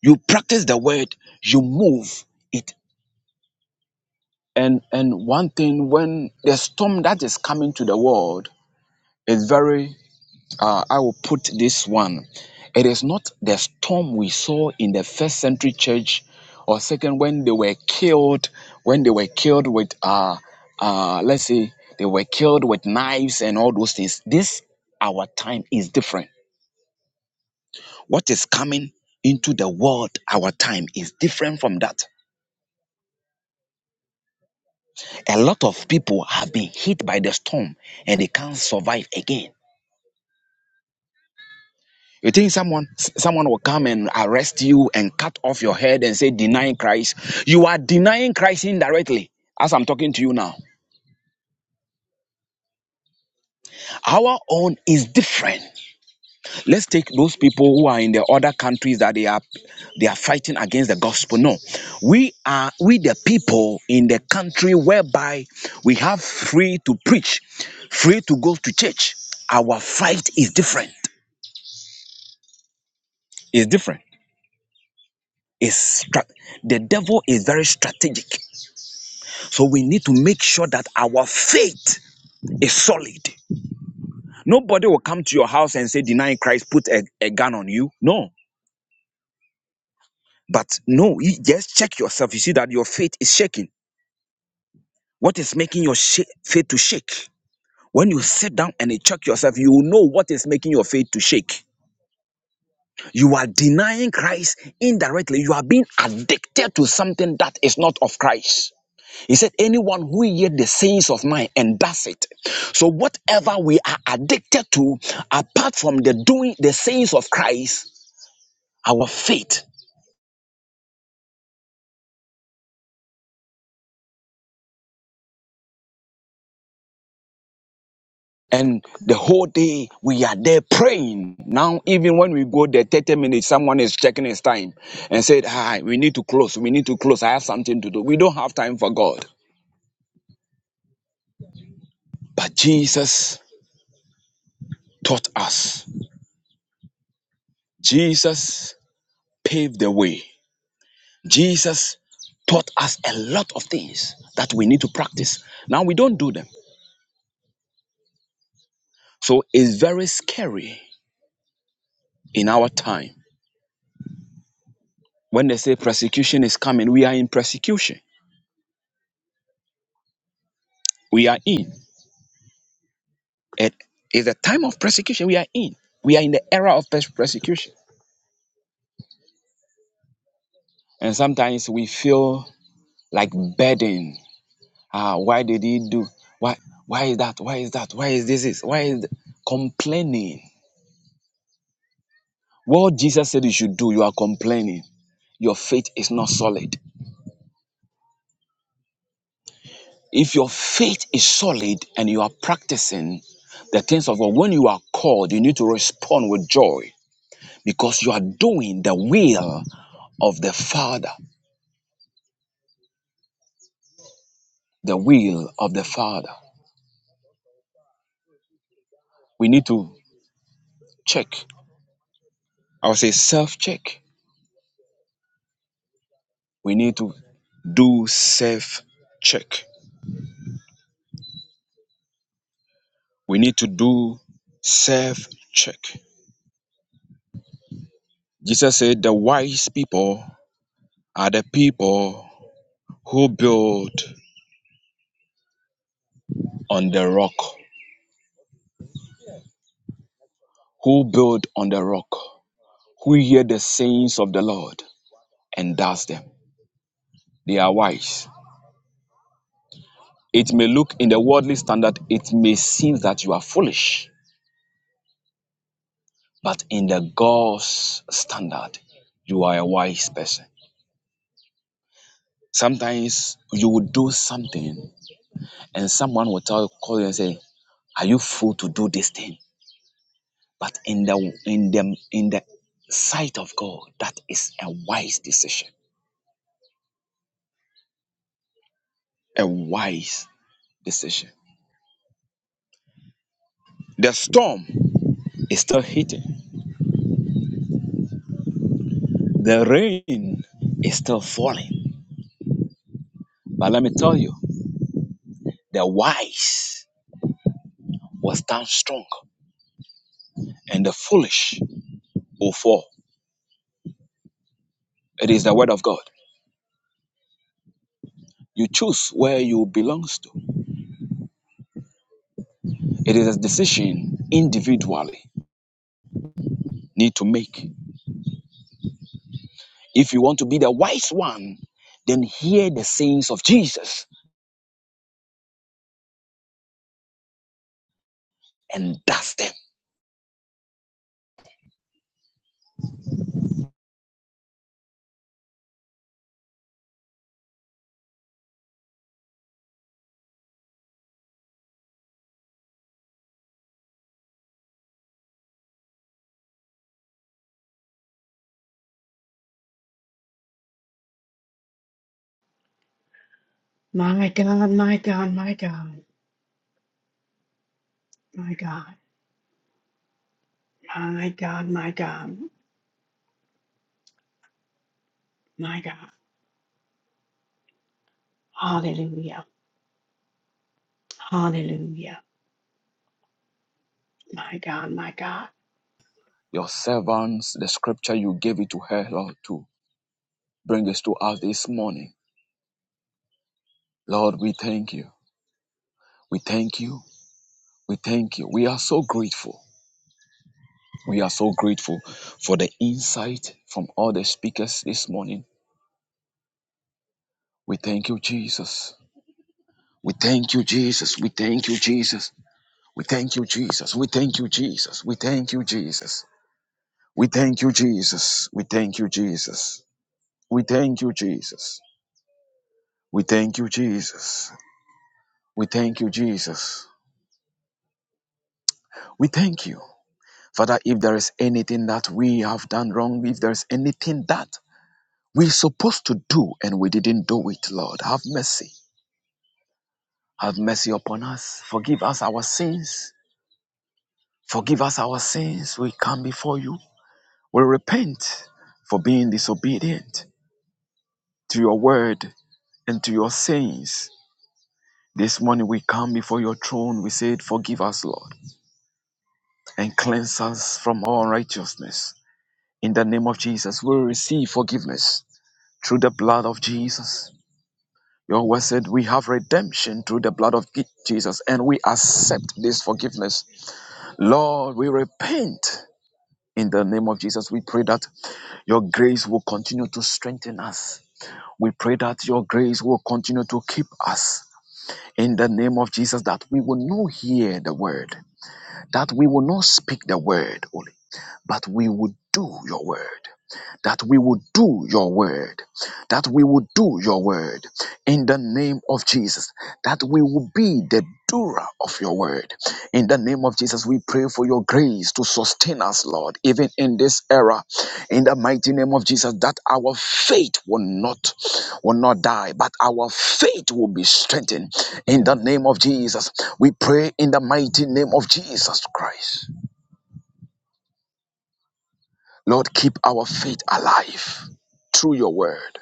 [SPEAKER 5] You practice the word, you move, it. and and one thing when the storm that is coming to the world is very uh, i will put this one it is not the storm we saw in the first century church or second when they were killed when they were killed with uh uh let's say they were killed with knives and all those things this our time is different what is coming into the world our time is different from that a lot of people have been hit by the storm and they can't survive again You think someone someone will come and arrest you and cut off your head and say denying Christ? You are denying Christ indirectly as I'm talking to you now. Our own is different. Let's take those people who are in the other countries that they are they are fighting against the gospel. No. We are we the people in the country whereby we have free to preach, free to go to church. Our fight is different. Is different. Is stra- the devil is very strategic So we need to make sure that our faith is solid. Nobody will come to your house and say, denying Christ, put a, a gun on you. No. But no, you just check yourself. You see that your faith is shaking. What is making your sha- faith to shake? When you sit down and you check yourself, you will know what is making your faith to shake. You are denying Christ indirectly. You are being addicted to something that is not of Christ. He said, Anyone who hears the sayings of mine and does it. So, whatever we are addicted to, apart from the doing the sayings of Christ, our faith. And the whole day we are there praying. Now, even when we go there 30 minutes, someone is checking his time and said, Hi, we need to close. We need to close. I have something to do. We don't have time for God. But Jesus taught us. Jesus paved the way. Jesus taught us a lot of things that we need to practice. Now we don't do them. So it's very scary in our time. When they say persecution is coming, we are in persecution. We are in. It is a time of persecution. We are in. We are in the era of pers- persecution. And sometimes we feel like burden. Ah, why did he do? Why why is that? Why is that? Why is this? this? Why is th- complaining? What Jesus said you should do, you are complaining. Your faith is not solid If your faith is solid and you are practicing the things of God, when you are called, you need to respond with joy because you are doing the will of the Father. The will of the Father. We need to check. I would say self check. We need to do self check. We need to do self check. Jesus said, The wise people are the people who build on the rock. Who build on the rock? who hear the sayings of the Lord and does them. They are wise. It may look in the worldly standard, it may seem that you are foolish, but in the God's standard, you are a wise person. Sometimes you will do something and someone will tell you, call you and say, Are you fool to do this thing? But in the in the in the sight of God, that is a wise decision. A wise decision. The storm is still hitting The rain is still falling. But let me tell you, the wise will stand strong and the foolish will fall. It is the word of God. You choose where you belong to. It is a decision individually need to make. If you want to be the wise one, then hear the sayings of Jesus and dust them.
[SPEAKER 1] My God, my God, my God, my God, my God, my God, my God. Hallelujah. Hallelujah. My God, my God.
[SPEAKER 5] Your servants, the scripture you gave it to her, Lord, to bring us to us this morning. Lord, we thank you. We thank you. We thank you. We are so grateful. We are so grateful for the insight from all the speakers this morning. We thank you, Jesus. We thank you, Jesus. We thank you, Jesus. We thank you, Jesus. We thank you, Jesus. We thank you, Jesus. We thank you, Jesus. We thank you, Jesus. We thank you, Jesus. We thank you, Jesus. We thank you, Jesus. We thank you. Father, if there is anything that we have done wrong, if there is anything that we supposed to do and we didn't do it, Lord. Have mercy. Have mercy upon us. Forgive us our sins. Forgive us our sins. We come before you. We repent for being disobedient to your word and to your sayings. This morning we come before your throne. We say, Forgive us, Lord, and cleanse us from all unrighteousness. In the name of Jesus, we receive forgiveness through the blood of Jesus. Your word said we have redemption through the blood of Jesus and we accept this forgiveness. Lord, we repent in the name of Jesus. We pray that your grace will continue to strengthen us. We pray that your grace will continue to keep us in the name of Jesus, that we will not hear the word, that we will not speak the word only, but we will do your word. that we will do your word, that we will do your word in the name of Jesus, that we will be the doer of your word. In the name of Jesus, we pray for your grace to sustain us, Lord, even in this era. In the mighty name of Jesus, that our faith will not will not die, but our faith will be strengthened. In the name of Jesus, we pray in the mighty name of Jesus Christ. Lord, keep our faith alive through your word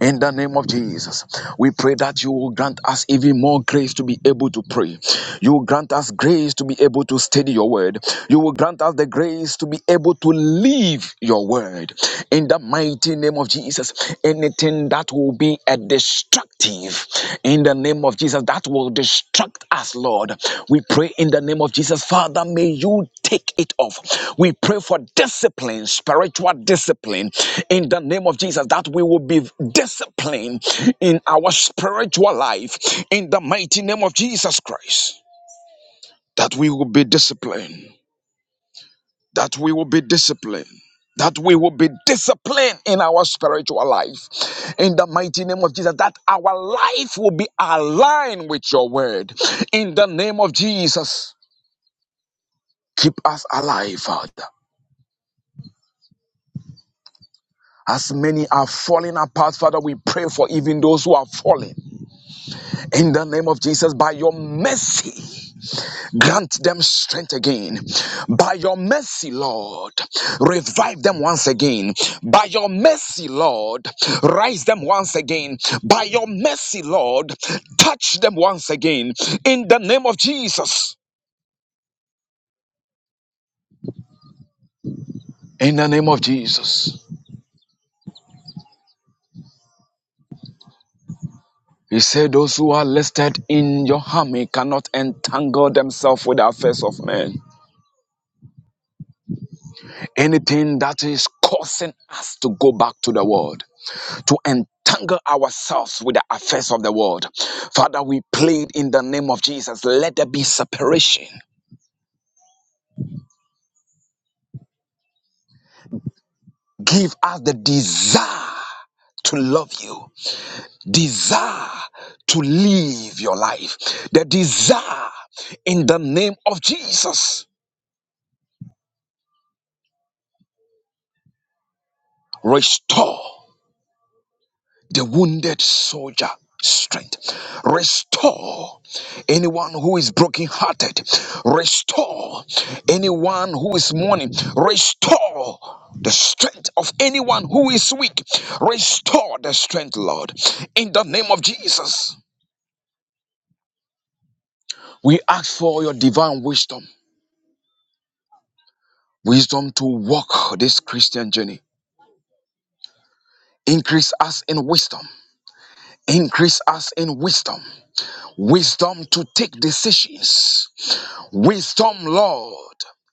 [SPEAKER 5] In the name of Jesus, we pray that you will grant us even more grace to be able to pray. You will grant us grace to be able to study your word. You will grant us the grace to be able to live your word. In the mighty name of Jesus, anything that will be a destructive, in. In the name of Jesus, that will distract us, Lord. We pray in the name of Jesus, Father, may you take it off. We pray for discipline, spiritual discipline, in the name of Jesus, that we will be disciplined in our spiritual life, in the mighty name of Jesus Christ, that we will be disciplined that we will be disciplined. That we will be disciplined in our spiritual life. In the mighty name of Jesus, that our life will be aligned with your word. In the name of Jesus, keep us alive, Father. As many are falling apart, Father, we pray for even those who are falling. In the name of Jesus, by your mercy, Grant them strength again. By your mercy, Lord, revive them once again. By your mercy, Lord, rise them once again. By your mercy, Lord, touch them once again. In the name of Jesus. In the name of Jesus. He said, Those who are listed in your army cannot entangle themselves with the affairs of men. Anything that is causing us to go back to the world to entangle ourselves with the affairs of the world. Father, we plead in the name of Jesus, let there be separation. Give us the desire to love you, desire to live your life, the desire in the name of Jesus. Restore. the wounded soldier strength. Restore anyone who is brokenhearted. Restore anyone who is mourning. Restore the strength of anyone who is weak. Restore the strength, Lord. In the name of Jesus, we ask for your divine wisdom. Wisdom to walk this Christian journey. Increase us in wisdom. Increase us in wisdom. Wisdom to take decisions Wisdom, Lord,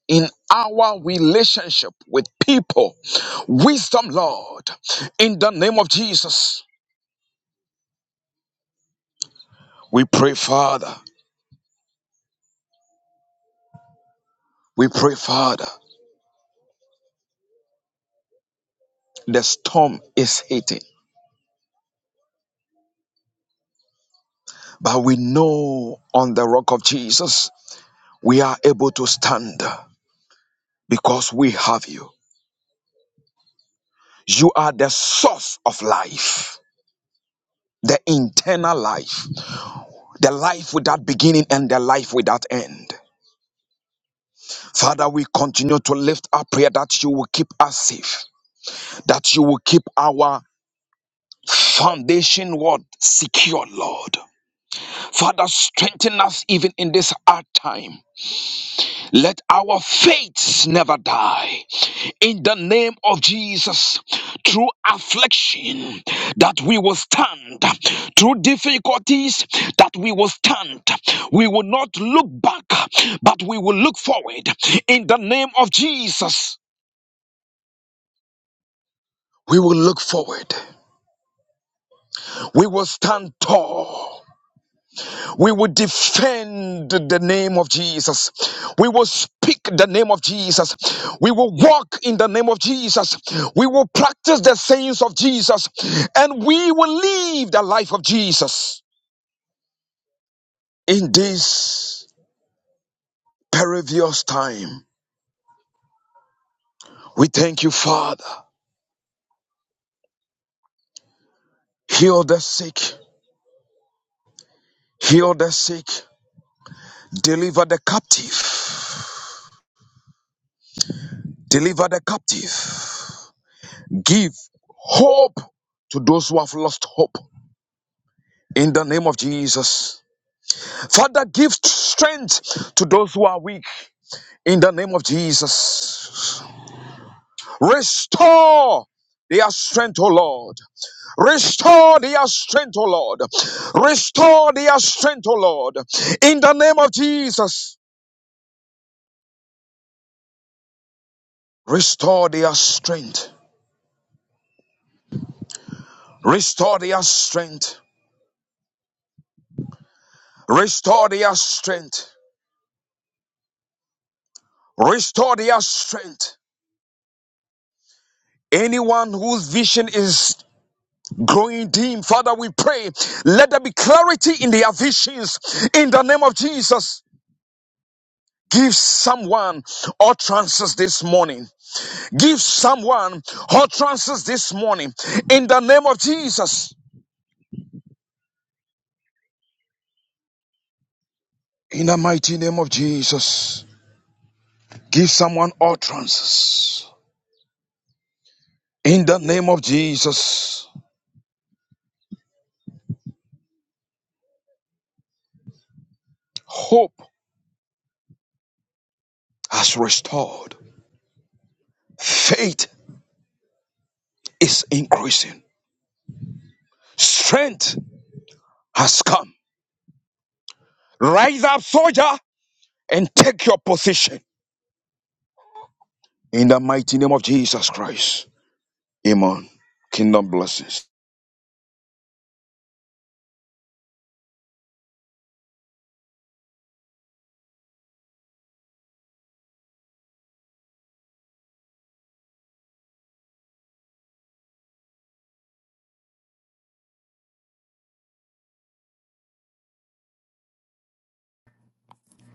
[SPEAKER 5] in our relationship with people. Wisdom, Lord, in the name of Jesus. We pray, Father. We pray, Father. The storm is hitting, but we know on the rock of Jesus we are able to stand because we have you. You are the source of life, the internal life, the life without beginning and the life without end. Father, we continue to lift our prayer that you will keep us safe, that you will keep our foundation word secure, Lord. Father, strengthen us even in this hard time. Let our faith never die. In the name of Jesus, through affliction, that we will stand. Through difficulties, that we will stand. We will not look back, but we will look forward. In the name of Jesus. We will look forward. We will stand tall. We will defend the name of Jesus. We will speak the name of Jesus. We will walk in the name of Jesus. We will practice the sayings of Jesus. And we will live the life of Jesus. In this perilous time, we thank you, Father. Heal the sick. Heal the sick. Deliver the captive. Deliver the captive Give hope to those who have lost hope in the name of Jesus. Father, give strength to those who are weak in the name of Jesus. Restore their strength, O Lord. Restore their strength, O Lord. Restore their strength, O Lord. In the name of Jesus. Restore their strength. Restore their strength. Restore their strength. Restore their strength. Anyone whose vision is growing dim, Father, we pray, let there be clarity in their visions in the name of Jesus. Give someone utterances this morning. Give someone utterances this morning in the name of Jesus. In the mighty name of Jesus. Give someone utterances in the name of Jesus. Hope has restored. Faith is increasing. Strength has come. Rise up, soldier, and take your position in the mighty name of Jesus Christ. Amen. Kingdom blessings.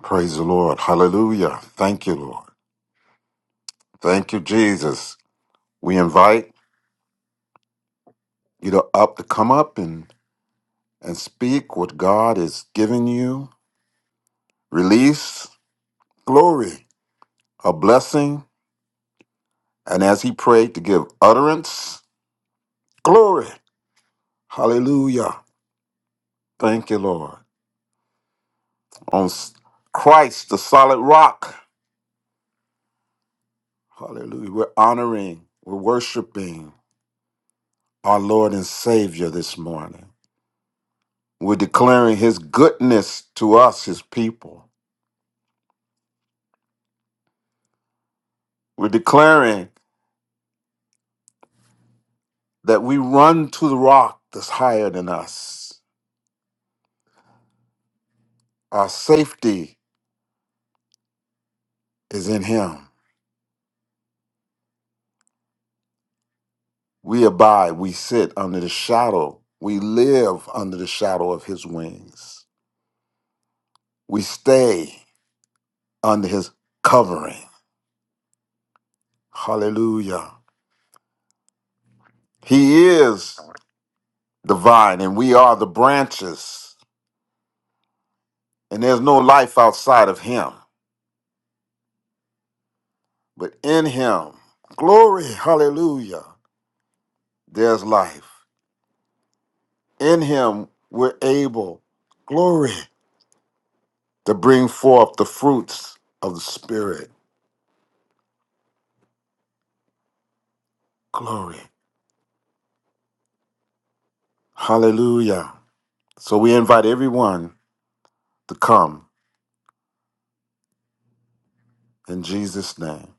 [SPEAKER 4] Praise the Lord. Hallelujah. Thank you, Lord. Thank you, Jesus. We invite you to up to come up and and speak what God is giving you. Release glory, a blessing. And as he prayed to give utterance, glory. Hallelujah. Thank you, Lord. On s- Christ, the solid rock. Hallelujah. We're honoring, we're worshiping our Lord and Savior this morning. We're declaring his goodness to us, his people. We're declaring that we run to the rock that's higher than us. Our safety is in him. We abide, we sit under the shadow, we live under the shadow of his wings. We stay under his covering. Hallelujah. He is the vine and we are the branches, and there's no life outside of him, but in him, glory, hallelujah, there's life. In him, we're able, glory, to bring forth the fruits of the Spirit. Glory. Hallelujah. So we invite everyone to come in Jesus' name.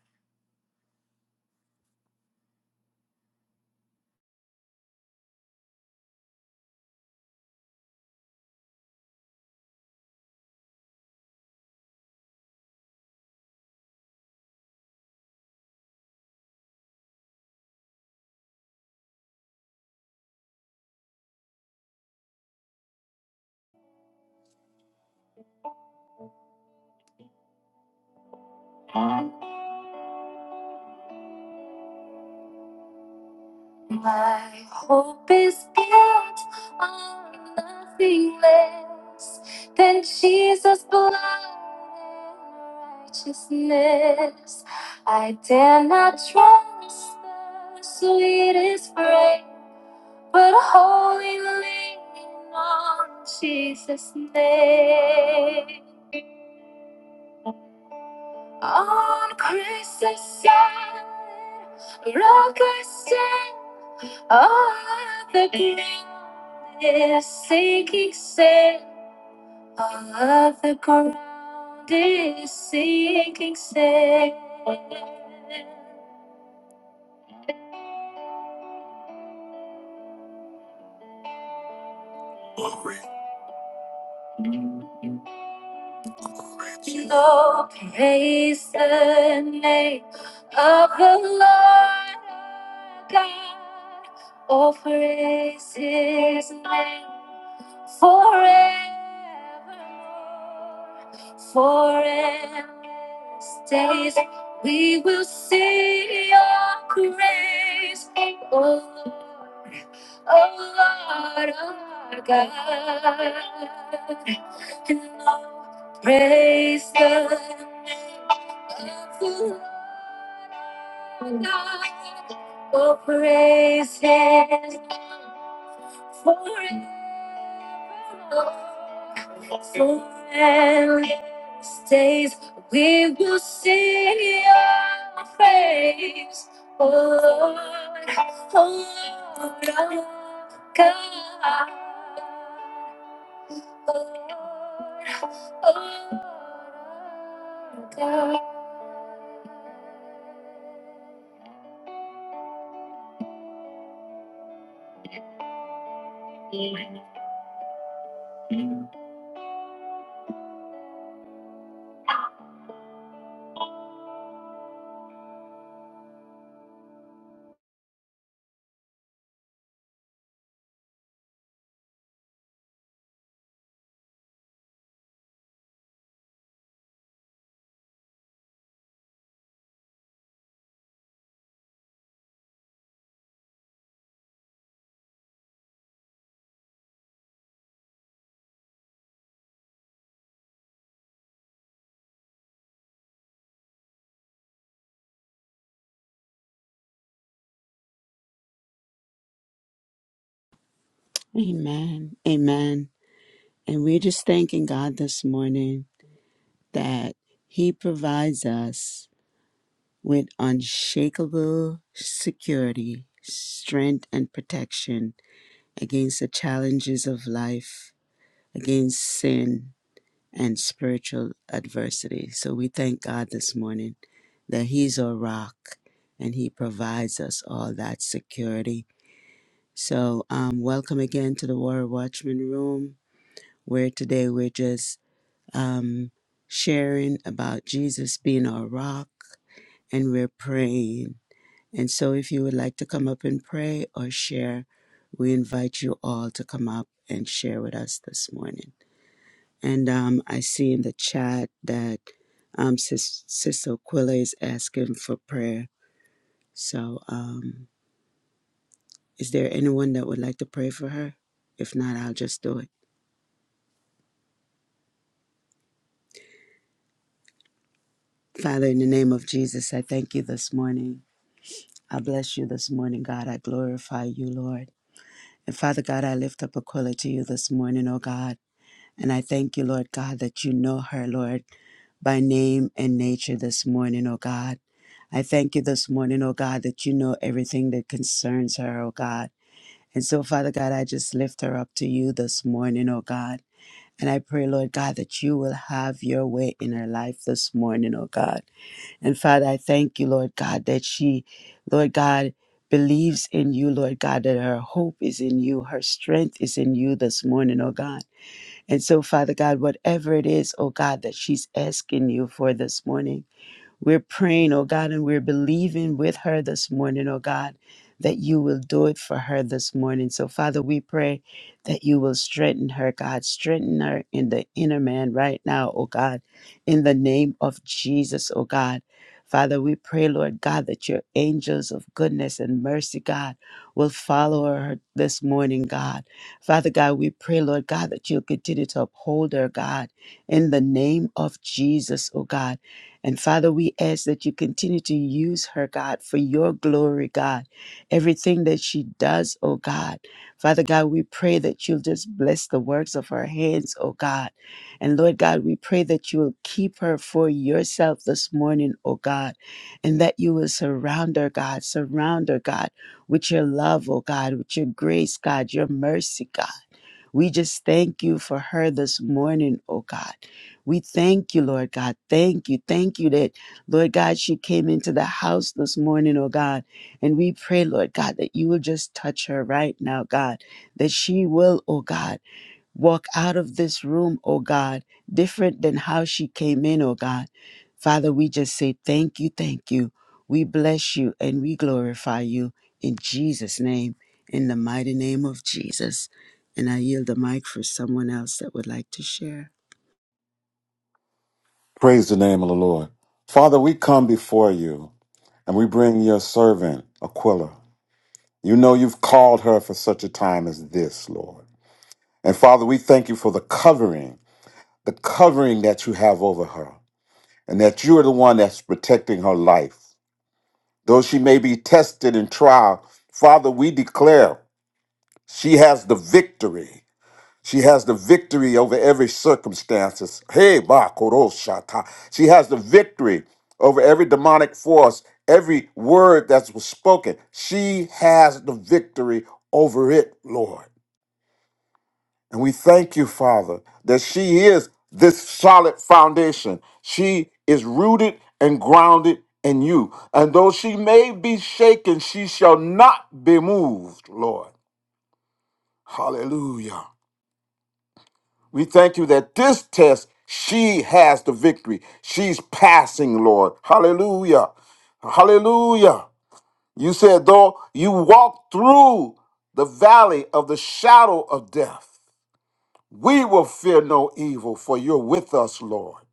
[SPEAKER 4] My hope is built on nothing less than Jesus' blood and righteousness. I dare not trust the sweetest frame, but wholly lean on Jesus' name. On Christ's side, rock I stand, all of the ground is sinking sand, all of the ground is sinking sand. Glory. the name of the Lord our God. Oh, praise his name forevermore. For endless days we will see your grace. Oh, Lord oh Lord, oh Lord God. And oh, praise the name of the Lord, oh God. Oh, praise Him forevermore. Forever stays, we will sing your praise, O Lord, O Lord, our God. O Lord, O Lord, our God.
[SPEAKER 2] Amen. Amen. And we're just thanking God this morning that He provides us with unshakable security, strength, and protection against the challenges of life, against sin, and spiritual adversity. So we thank God this morning that He's our rock and He provides us all that security. So, um, welcome again to the Warrior Watchman Room, where today we're just um, sharing about Jesus being our rock and we're praying And so, if you would like to come up and pray or share, we invite you all to come up and share with us this morning. And um, I see in the chat that um, Sis- Sis Aquila is asking for prayer. So, um, is there anyone that would like to pray for her? If not, I'll just do it. Father, in the name of Jesus, I thank you this morning. I bless you this morning, God. I glorify you, Lord. And Father God, I lift up Aquila to you this morning, oh God. And I thank you, Lord God, that you know her, Lord, by name and nature this morning, oh God. I thank you this morning, oh God, that you know everything that concerns her, oh God. And so, Father God, I just lift her up to you this morning, oh God. And I pray, Lord God, that you will have your way in her life this morning, oh God. And Father, I thank you, Lord God, that she, Lord God, believes in you, Lord God, that her hope is in you, her strength is in you this morning, oh God. And so, Father God, whatever it is, oh God, that she's asking you for this morning, we're praying, oh God, and we're believing with her this morning, oh God, that you will do it for her this morning. So, Father, we pray that you will strengthen her, God. Strengthen her in the inner man right now, oh God, in the name of Jesus, oh God. Father, we pray, Lord God, that your angels of goodness and mercy, God, will follow her this morning, God. Father God, we pray, Lord God, that you'll continue to uphold her, God, in the name of Jesus, oh God. And Father, we ask that you continue to use her, God, for your glory, God. Everything that she does, oh God. Father God, we pray that you'll just bless the works of her hands, oh God. And Lord God, we pray that you will keep her for yourself this morning, oh God. And that you will surround her, God. Surround her, God, with your love, oh God, with your grace, God, your mercy, God. We just thank you for her this morning, oh God. We thank you, Lord God. Thank you. Thank you that, Lord God, she came into the house this morning, oh God. And we pray, Lord God, that you will just touch her right now, God, that she will, oh God walk out of this room, oh God, different than how she came in, oh God. Father, we just say thank you, thank you. We bless you and we glorify you in Jesus' name, in the mighty name of Jesus. And I yield the mic for someone else that would like to share.
[SPEAKER 4] Praise the name of the Lord. Father, we come before you. And we bring your servant, Aquila. You know you've called her for such a time as this, Lord. And Father, we thank you for the covering, the covering that you have over her, and that you are the one that's protecting her life. Though she may be tested in trial, Father, we declare she has the victory. She has the victory over every circumstances. Hey, ba koroshata. She has the victory over every demonic force, every word that was spoken. She has the victory over it, Lord. And we thank you, Father, that she is this solid foundation. She is rooted and grounded in you. And though she may be shaken, she shall not be moved, Lord. Hallelujah. We thank you that this test, she has the victory. She's passing, Lord. Hallelujah. Hallelujah. You said, though you walk through the valley of the shadow of death, we will fear no evil, for you're with us, Lord.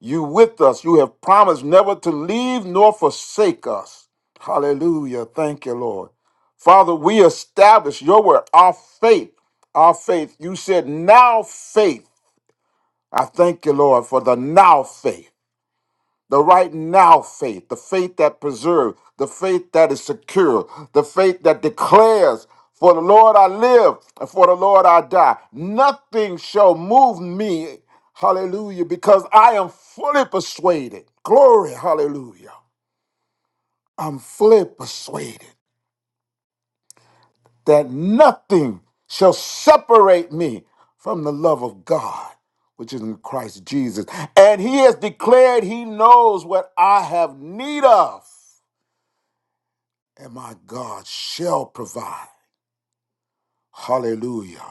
[SPEAKER 4] You with us. You have promised never to leave nor forsake us. Hallelujah. Thank you, Lord. Father, we establish your word, our faith, our faith. You said, now faith. I thank you, Lord, for the now faith, the right now faith, the faith that preserves, the faith that is secure, the faith that declares, For the Lord I live, and for the Lord I die. Nothing shall move me, hallelujah, because I am fully persuaded. Glory, hallelujah. I'm fully persuaded that nothing shall separate me from the love of God, which is in Christ Jesus. And he has declared he knows what I have need of, and my God shall provide. Hallelujah.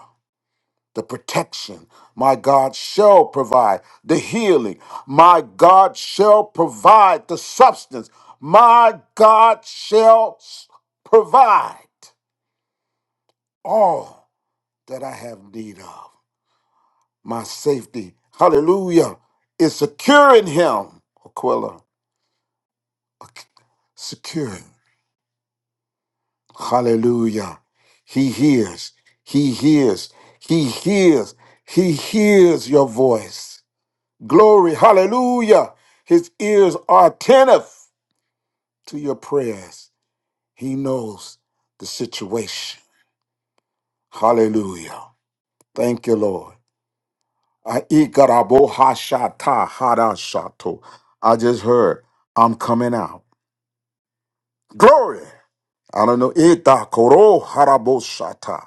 [SPEAKER 4] The protection, my God shall provide. The healing, my God shall provide. The substance, my God shall s- provide all that I have need of. My safety, hallelujah, is secure in him. Aquila, ok, secure. Hallelujah. He hears, he hears, he hears, he hears your voice. Glory, hallelujah. His ears are attentive to your prayers. He knows the situation. Hallelujah. Thank you, Lord. I ikarabohashata harashato. I just heard, I'm coming out. Glory. I don't know. Ita koro haraboshata.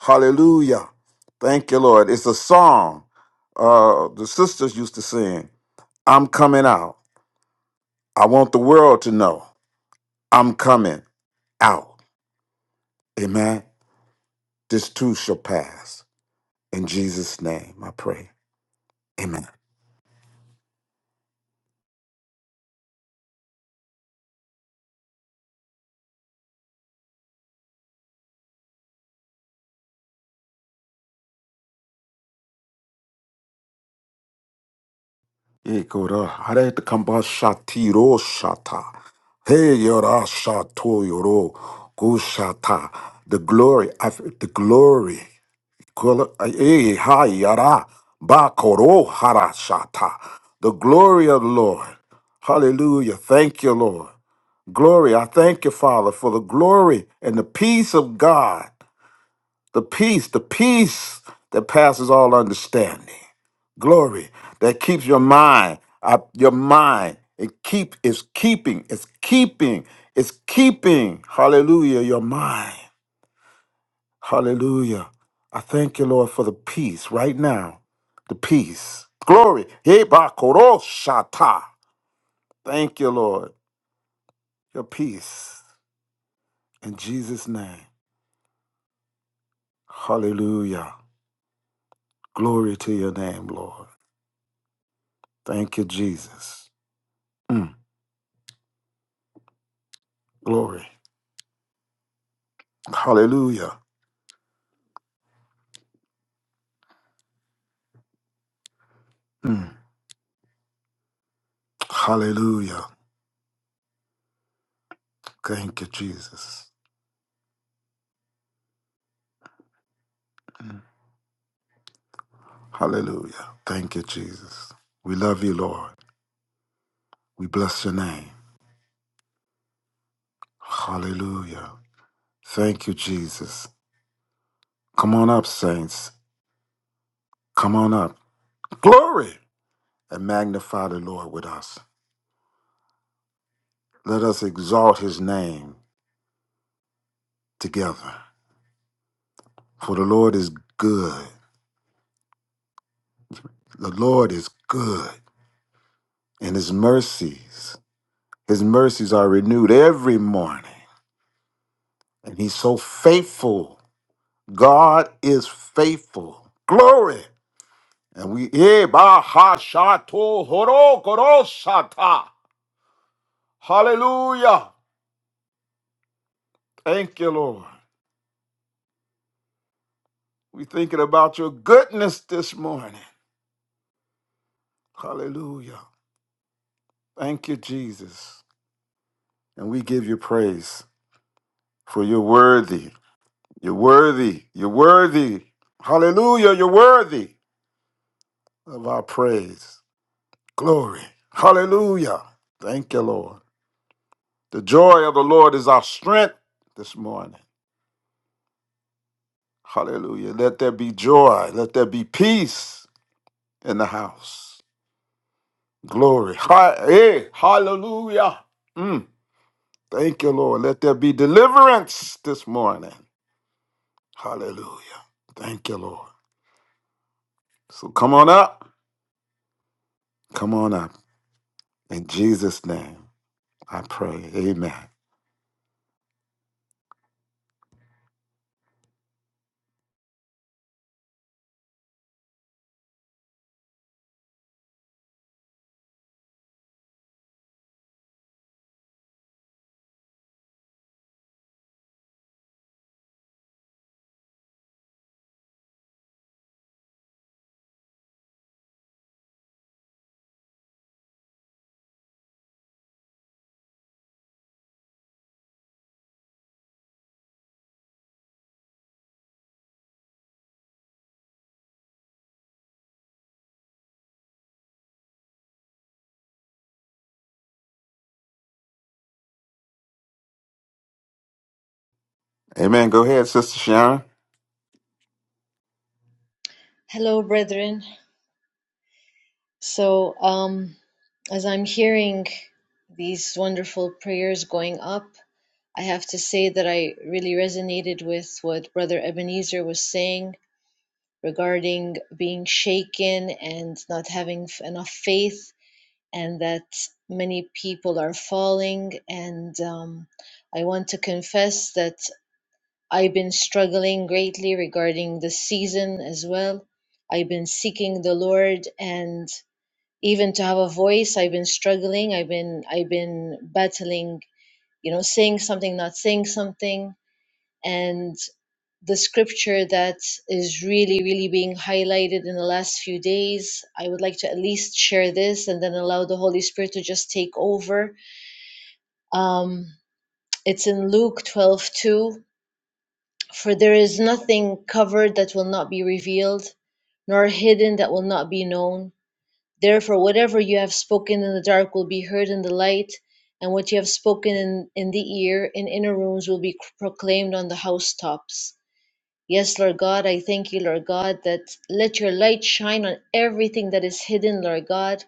[SPEAKER 4] Hallelujah. Thank you, Lord. It's a song uh, the sisters used to sing. I'm coming out. I want the world to know I'm coming out. Amen. This too shall pass. In Jesus' name, I pray. Amen. Ikoro haretakambashatiro shata. Hey, yora shato yoro gushata. The glory, I, feel the glory. Kula- eh, eh, eh, ha, yara, ba, koro, hara, shata. The glory of the Lord. Hallelujah. Thank you, Lord. Glory. I thank you, Father, for the glory and the peace of God. The peace, the peace that passes all understanding. Glory that keeps your mind, up your mind. It keep is keeping, it's keeping, it's keeping. Hallelujah, your mind. Hallelujah. I thank you, Lord, for the peace right now. The peace. Glory. Hey, bakoro shata. Thank you, Lord. Your peace. In Jesus' name. Hallelujah. Glory to your name, Lord. Thank you, Jesus. Mm, glory. Hallelujah. Mm, hallelujah. Thank you, Jesus. Mm, hallelujah. Thank you, Jesus. We love you, Lord. We bless your name. Hallelujah. Thank you, Jesus. Come on up, saints. Come on up. Glory! And magnify the Lord with us. Let us exalt his name together. For the Lord is good. The Lord is good. And his mercies, his mercies are renewed every morning. And he's so faithful. God is faithful. Glory! And we, Eh, bah, ha, sha, to, horo, koro, sha, hallelujah. Thank you, Lord. We're thinking about your goodness this morning. Hallelujah. Thank you, Jesus. And we give you praise for you're worthy. You're worthy. You're worthy. Hallelujah. You're worthy of our praise. Glory. Hallelujah. Thank you, Lord. The joy of the Lord is our strength this morning. Hallelujah. Let there be joy. Let there be peace in the house. Glory. Hi- hey, hallelujah. Mm. Thank you, Lord. Let there be deliverance this morning. Hallelujah. Thank you, Lord. So come on up. Come on up. In Jesus' name, I pray. Amen. Amen. Go ahead, Sister Sharon.
[SPEAKER 6] Hello, brethren. So, um, as I'm hearing these wonderful prayers going up, I have to say that I really resonated with what Brother Ebenezer was saying regarding being shaken and not having f- enough faith, and that many people are falling. And um, I want to confess that I've been struggling greatly regarding the season as well. I've been seeking the Lord and even to have a voice i've been struggling i've been i've been battling you know saying something not saying something and the scripture that is really really being highlighted in the last few days i would like to at least share this and then allow the holy spirit to just take over um, it's in luke 12 2. for there is nothing covered that will not be revealed nor hidden that will not be known Therefore, whatever you have spoken in the dark will be heard in the light, and what you have spoken in, in the ear, in inner rooms, will be proclaimed on the housetops. Yes, Lord God, I thank you, Lord God, that let your light shine on everything that is hidden, Lord God.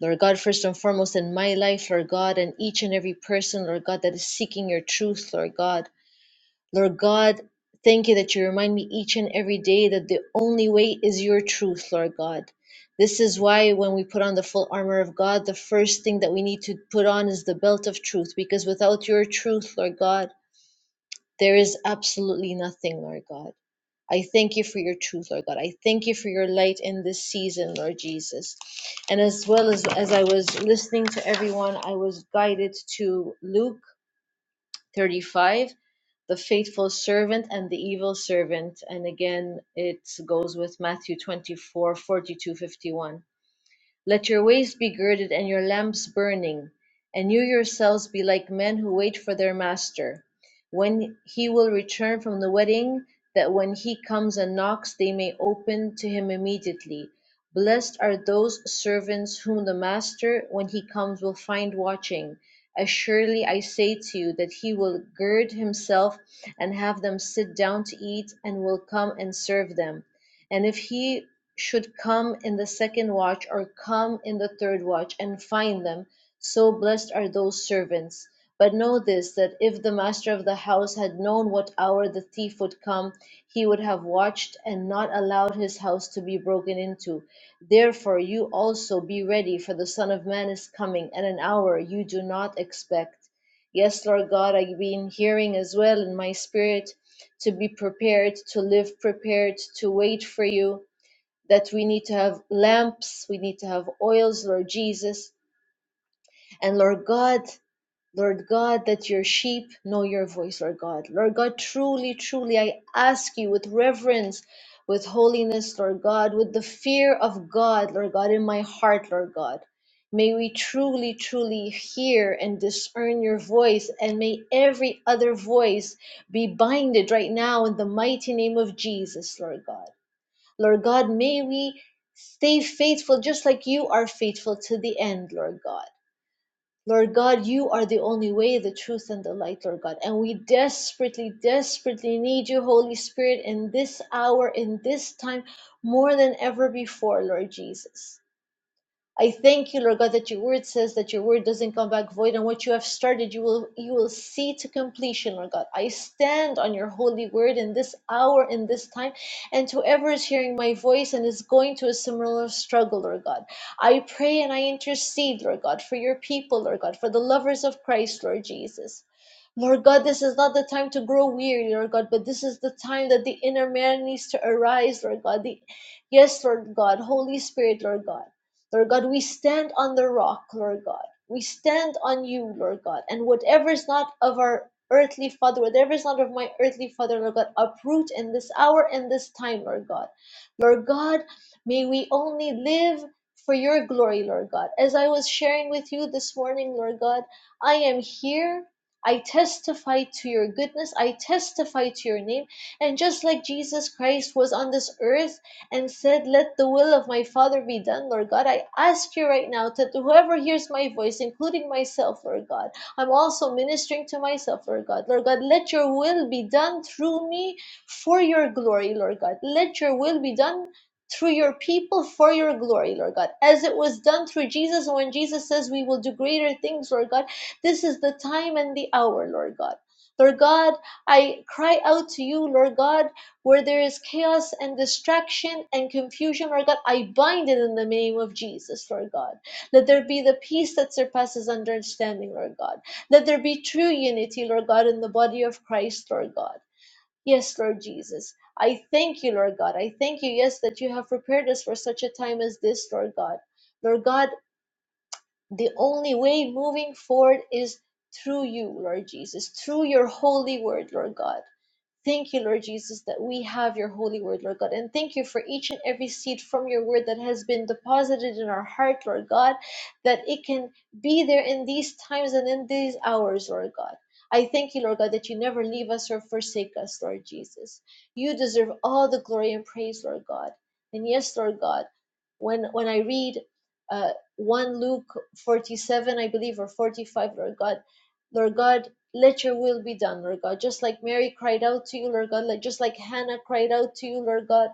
[SPEAKER 6] Lord God, first and foremost in my life, Lord God, and each and every person, Lord God, that is seeking your truth, Lord God. Lord God, thank you that you remind me each and every day that the only way is your truth, Lord God. This is why when we put on the full armor of God, the first thing that we need to put on is the belt of truth, because without your truth, Lord God, there is absolutely nothing, Lord God. I thank you for your truth, Lord God. I thank you for your light in this season, Lord Jesus. And as well as as I was listening to everyone, I was guided to Luke 35 the faithful servant and the evil servant and again it goes with matthew 24, 42, 51. Let your waist be girded and your lamps burning, and you yourselves be like men who wait for their master, when he will return from the wedding, that when he comes and knocks, they may open to him immediately. Blessed are those servants whom the master, when he comes, will find watching. Assuredly, I say to you that he will gird himself and have them sit down to eat, and will come and serve them. And if he should come in the second watch or come in the third watch and find them. So blessed are those servants. But know this that if the master of the house had known what hour the thief would come, he would have watched and not allowed his house to be broken into. Therefore, you also be ready, for the Son of Man is coming at an hour you do not expect. Yes, Lord God, I've been hearing as well in my spirit to be prepared, to live prepared, to wait for you that we need to have lamps, we need to have oils, Lord Jesus. And Lord God, Lord God, that your sheep know your voice, Lord God. Lord God, truly, truly, I ask you with reverence, with holiness, Lord God, with the fear of God, Lord God, in my heart, Lord God. May we truly, truly hear and discern your voice, and may every other voice be binded right now in the mighty name of Jesus, Lord God. Lord God, may we stay faithful just like you are faithful to the end, Lord God. Lord God, you are the only way, the truth, and the light, Lord God. And we desperately, desperately need you, Holy Spirit, in this hour, in this time, more than ever before, Lord Jesus. I thank you, Lord God, that your word says that your word doesn't come back void, and what you have started, you will you will see to completion, Lord God. I stand on your holy word in this hour, in this time, and to whoever is hearing my voice and is going to a similar struggle, Lord God. I pray and I intercede, Lord God, for your people, Lord God, for the lovers of Christ, Lord Jesus. Lord God, this is not the time to grow weary, Lord God, but this is the time that the inner man needs to arise, Lord God. The, yes, Lord God, Holy Spirit, Lord God. Lord God, we stand on the rock, Lord God. We stand on you, Lord God. And whatever is not of our earthly father, whatever is not of my earthly father, Lord God, uproot in this hour and this time, Lord God. Lord God, may we only live for your glory, Lord God. As I was sharing with you this morning, Lord God, I am here. I testify to your goodness. I testify to your name. And just like Jesus Christ was on this earth, and said, Let the will of my Father be done, Lord God. I ask you right now that whoever hears my voice, including myself, Lord God, I'm also ministering to myself, Lord God. Lord God, let your will be done through me for your glory, Lord God. Let your will be done through your people for your glory, Lord God. As it was done through Jesus, and when Jesus says we will do greater things, Lord God, this is the time and the hour, Lord God. Lord God, I cry out to you, Lord God, where there is chaos and distraction and confusion, Lord God, I bind it in the name of Jesus, Lord God. Let there be the peace that surpasses understanding, Lord God. Let there be true unity, Lord God, in the body of Christ, Lord God. Yes, Lord Jesus. I thank you, Lord God. I thank you, yes, that you have prepared us for such a time as this, Lord God. Lord God, the only way moving forward is through you, Lord Jesus, through your holy word, Lord God. Thank you, Lord Jesus, that we have your holy word, Lord God. And thank you for each and every seed from your word that has been deposited in our heart, Lord God, that it can be there in these times and in these hours, Lord God. I thank you, Lord God, that you never leave us or forsake us, Lord Jesus. You deserve all the glory and praise, Lord God. And yes, Lord God, when when I read uh, 1 Luke 47, I believe, or 45, Lord God, Lord God, let your will be done, Lord God. Just like Mary cried out to you, Lord God, like just like Hannah cried out to you, Lord God,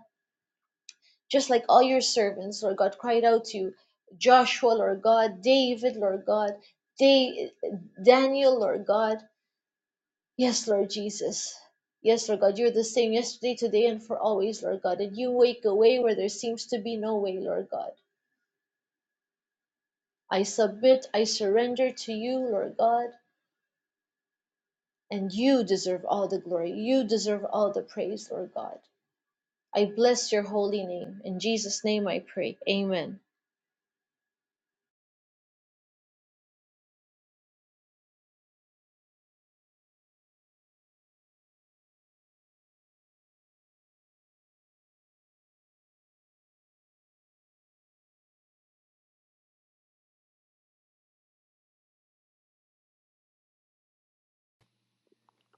[SPEAKER 6] just like all your servants, Lord God, cried out to you. Joshua, Lord God, David, Lord God, da- Daniel, Lord God. Yes, Lord Jesus. Yes, Lord God, you're the same yesterday, today, and for always, Lord God. And you wake a way where there seems to be no way, Lord God. I submit, I surrender to you, Lord God. And you deserve all the glory. You deserve all the praise, Lord God. I bless your holy name. In Jesus' name I pray. Amen.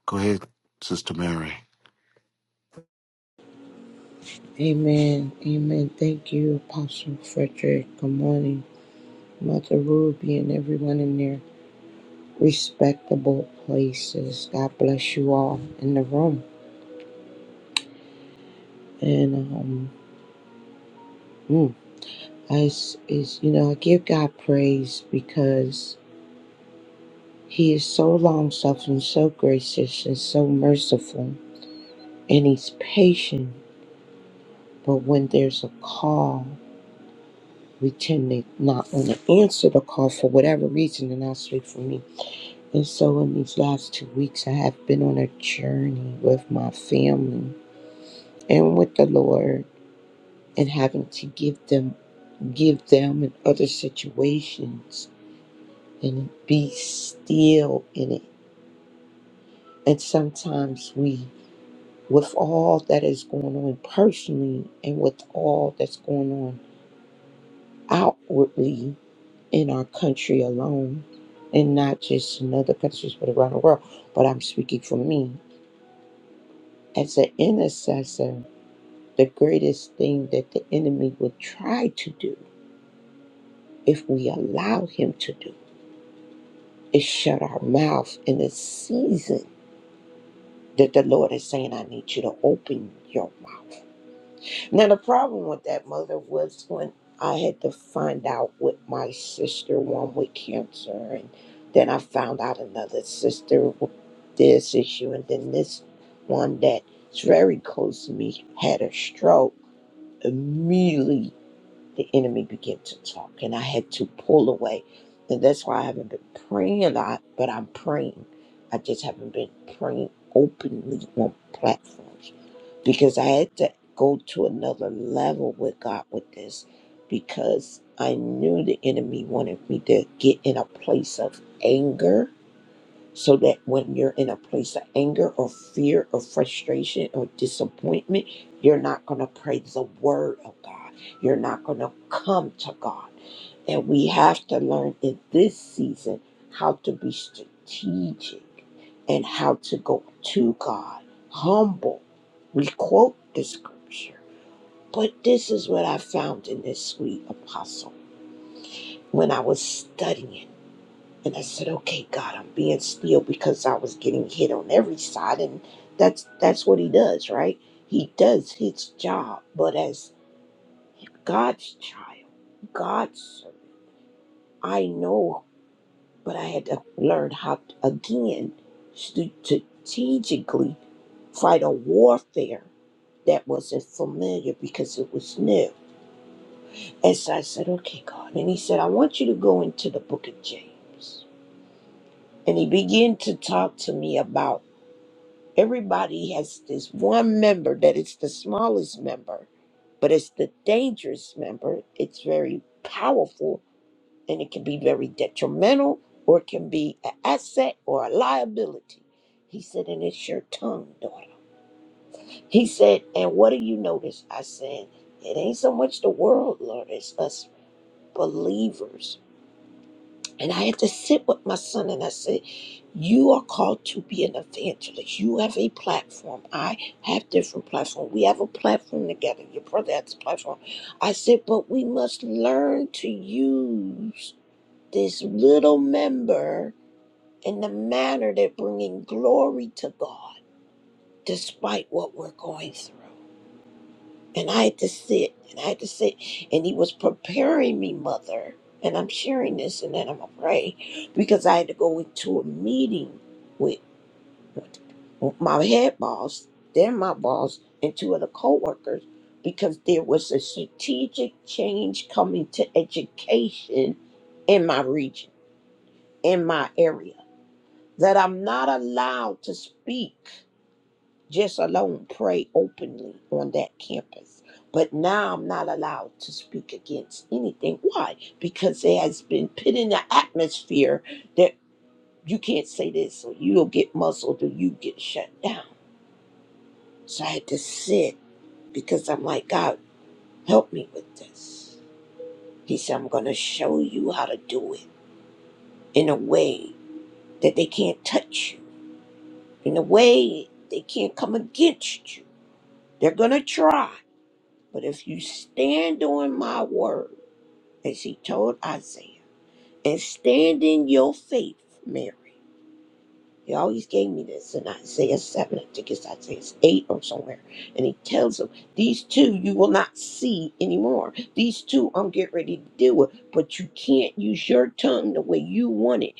[SPEAKER 4] Go ahead, Sister Mary.
[SPEAKER 7] Amen. Amen. Thank you, Apostle Frederick. Good morning, Mother Ruby, and everyone in their respectable places. God bless you all in the room. And um, mm, as is, you know, I give God praise because He is so long suffering, so gracious, and so merciful, and He's patient. But when there's a call, we tend to not want to answer the call for whatever reason, and I'll speak for me And so, in these last two weeks, I have been on a journey with my family and with the Lord, and having to give them, give them in other situations, and be still in it. And sometimes we, with all that is going on personally, and with all that's going on outwardly in our country alone, and not just in other countries but around the world. But I'm speaking for me as an intercessor. the greatest thing that the enemy will try to do if we allow him to do is shut our mouth in a season that the Lord is saying, I need you to open your mouth. Now, the problem with that, mother, was when I had to find out with my sister, one with cancer, and then I found out another sister with this issue, and then this one that's very close to me had a stroke immediately the enemy began to talk, and I had to pull away. And that's why I haven't been praying a lot, but I'm praying. I just haven't been praying openly on platforms because I had to go to another level with God with this because I knew the enemy wanted me to get in a place of anger so that when you're in a place of anger or fear or frustration or disappointment, you're not going to pray the word of God. You're not going to come to God. And we have to learn in this season how to be strategic and how to go to God humble. We quote the scripture, but this is what I found in this sweet apostle when I was studying. And I said, "Okay, God, I'm being still because I was getting hit on every side, and that's that's what He does, right? He does His job, but as God's child, God's son, I know, but I had to learn how to, again strategically fight a warfare that wasn't familiar because it was new. And so I said, okay, God. And he said, I want you to go into the book of James. And he began to talk to me about Everybody has this one member that it's the smallest member, but it's the dangerous member. It's very powerful and it can be very detrimental or it can be an asset or a liability. He said, and it's your tongue, daughter. He said, and what do you notice? I said, it ain't so much the world, Lord, it's us believers and I had to sit with my son and I said, You are called to be an evangelist. You have a platform. I have different platforms. We have a platform together. Your brother has a platform. I said, But we must learn to use this little member in the manner that bringing glory to God despite what we're going through. And I had to sit, and I had to sit. And he was preparing me, mother. And I'm sharing this, and then I'm going to pray because I had to go into a meeting with my head boss, then my boss, and two other coworkers, because there was a strategic change coming to education in my region, in my area, that I'm not allowed to speak. just alone pray openly on that campus. But now I'm not allowed to speak against anything. Why? Because there has been put in the atmosphere that you can't say this or you'll get muzzled or you get shut down. So I had to sit because I'm like, God, help me with this. He said, I'm going to show you how to do it in a way that they can't touch you, in a way they can't come against you. They're going to try. But if you stand on my word, as he told Isaiah, and stand in your faith, Mary. He always gave me this in Isaiah 7, I think it's Isaiah 8 or somewhere. And he tells them, These two you will not see anymore. These two I'm getting ready to deal with, but you can't use your tongue the way you want it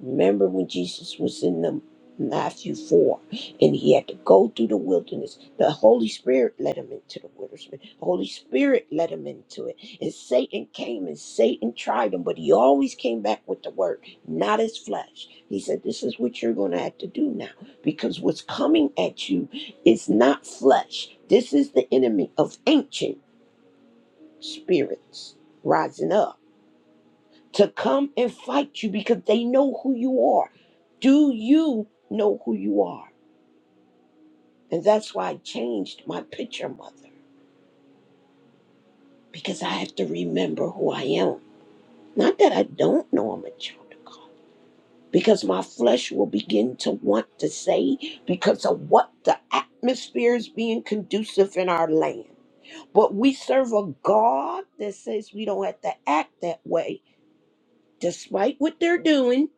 [SPEAKER 7] Remember when Jesus was in the Matthew 4 and he had to go through the wilderness. The Holy Spirit led him into the wilderness. The Holy Spirit led him into it. And Satan came and Satan tried him, but he always came back with the word, not his flesh. He said, This is what you're going to have to do now because what's coming at you is not flesh. This is the enemy of ancient spirits rising up to come and fight you because they know who you are. Do you know who you are? And that's why I changed my picture, mother, because I have to remember who I am. Not that I don't know I'm a child of God, because my flesh will begin to want to say because of what the atmosphere is being conducive in our land. But we serve a God that says we don't have to act that way, despite what they're doing.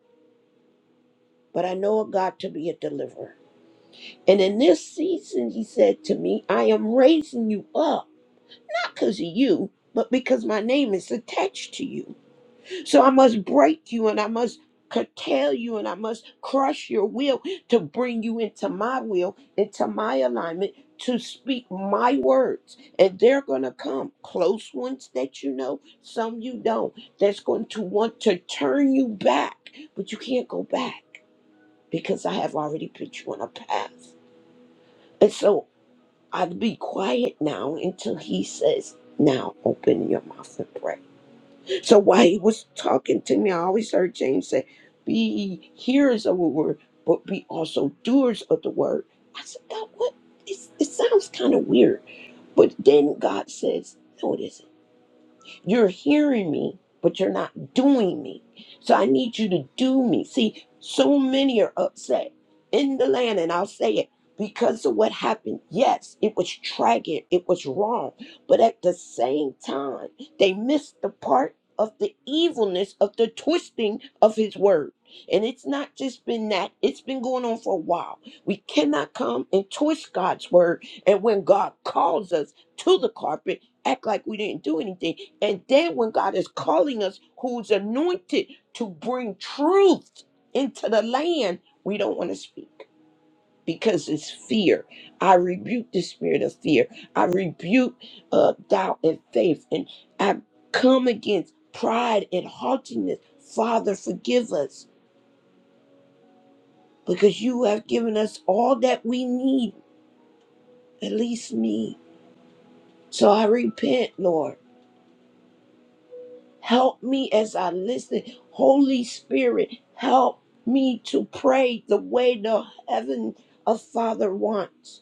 [SPEAKER 7] But I know a God to be a deliverer. And in this season, he said to me, I am raising you up, not because of you, but because my name is attached to you. So I must break you and I must curtail you and I must crush your will to bring you into my will, into my alignment, to speak my words. And they're going to come close ones that you know, some you don't, that's going to want to turn you back, but you can't go back because I have already put you on a path. And so I'd be quiet now until he says, Now open your mouth and pray. So while he was talking to me, I always heard James say, Be ye hearers of the word, but be also doers of the word. I said, God, what? It's, it sounds kind of weird. But then God says, No, it isn't. You're hearing me, but you're not doing me. So I need you to do me. See, so many are upset in the land, and I'll say it because of what happened. Yes, it was tragic, it was wrong, but at the same time, they missed the part of the evilness of the twisting of his word. And it's not just been that, it's been going on for a while. We cannot come and twist God's word. And when God calls us to the carpet, act like we didn't do anything and then when God is calling us, who's anointed to bring truth into the land, we don't want to speak because it's fear. I rebuke the spirit of fear. I rebuke uh, doubt and faith. And I come against pride and haughtiness. Father, forgive us because you have given us all that we need, at least me. So I repent, Lord. Help me as I listen. Holy Spirit, help me to pray the way the heaven of Father wants.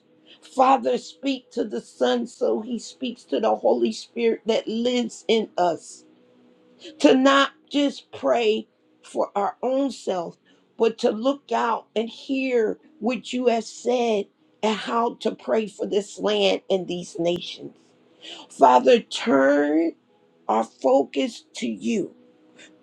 [SPEAKER 7] Father, speak to the Son so he speaks to the Holy Spirit that lives in us. To not just pray for our own self, but to look out and hear what you have said and how to pray for this land and these nations. Father, turn our focus to you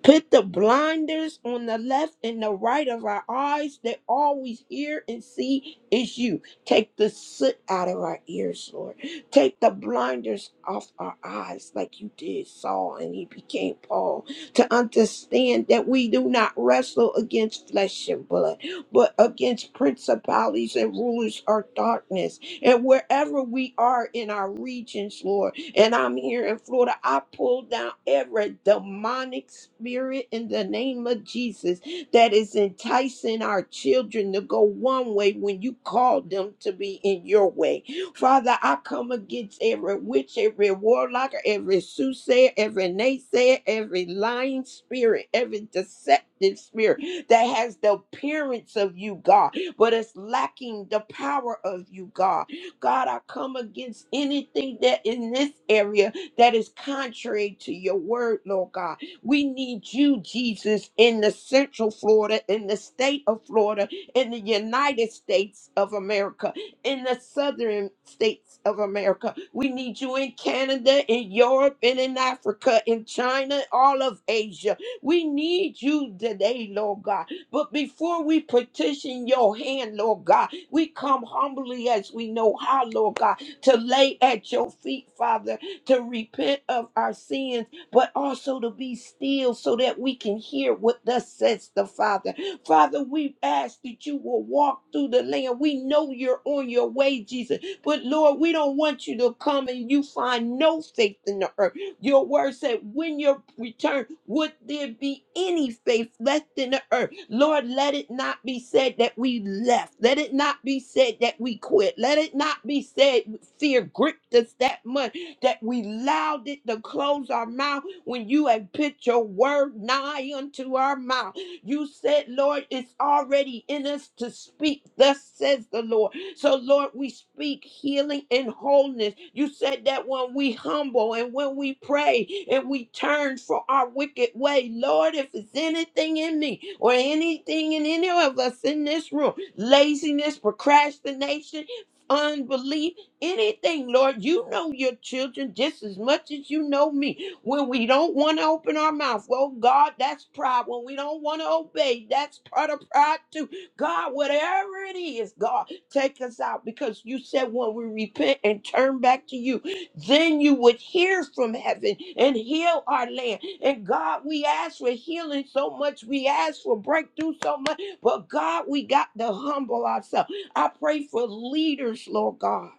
[SPEAKER 7] Put the blinders on the left and the right of our eyes that all we hear and see is you. Take the soot out of our ears, Lord. Take the blinders off our eyes like you did Saul and he became Paul. To understand that we do not wrestle against flesh and blood, but against principalities and rulers of darkness. And wherever we are in our regions, Lord, and I'm here in Florida. I pull down every demonic spirit in the name of Jesus that is enticing our children to go one way when you called them to be in your way. Father, I come against every witch, every warlock, every soothsayer, every naysayer, every lying spirit, every deceptive spirit that has the appearance of you, God, but it's lacking the power of you, God. God, I come against anything that in this area that is contrary to your word, Lord God. We need you, Jesus, in the central Florida, in the state of Florida, in the United States of America, in the southern states of America. We need you in Canada, in Europe, and in Africa, in China, all of Asia. We need you today, Lord God. But before we petition your hand, Lord God, we come humbly as we know how, Lord God, to lay at your feet, Father, to repent of our sins, but also to be still so that we can hear what thus says the Father. Father, we ask that you will walk through the land. We know you're on your way, Jesus. But Lord, we don't want you to come and you find no faith in the earth. Your word said, when you return, would there be any faith left in the earth? Lord, let it not be said that we left. Let it not be said that we quit. Let it not be said fear gripped us that much that we allowed it to close our mouth when you have put your word nigh unto our mouth. You said, Lord, it's already in us to speak. Thus says the Lord. So, Lord, we speak healing and wholeness. You said that when we humble and when we pray and we turn from our wicked way, Lord, if it's anything in me or anything in any of us in this room, laziness, procrastination, unbelief, anything, Lord, you know your children just as much as you know me. When we don't want to open our mouth, well, God, that's pride. When we don't want to obey, that's part of pride too. God, whatever it is, God. Take us out because you said when we repent and turn back to you, then you would hear from heaven and heal our land. And God, we ask for healing so much. We ask for breakthrough so much. But God, we got to humble ourselves. I pray for leaders, Lord God,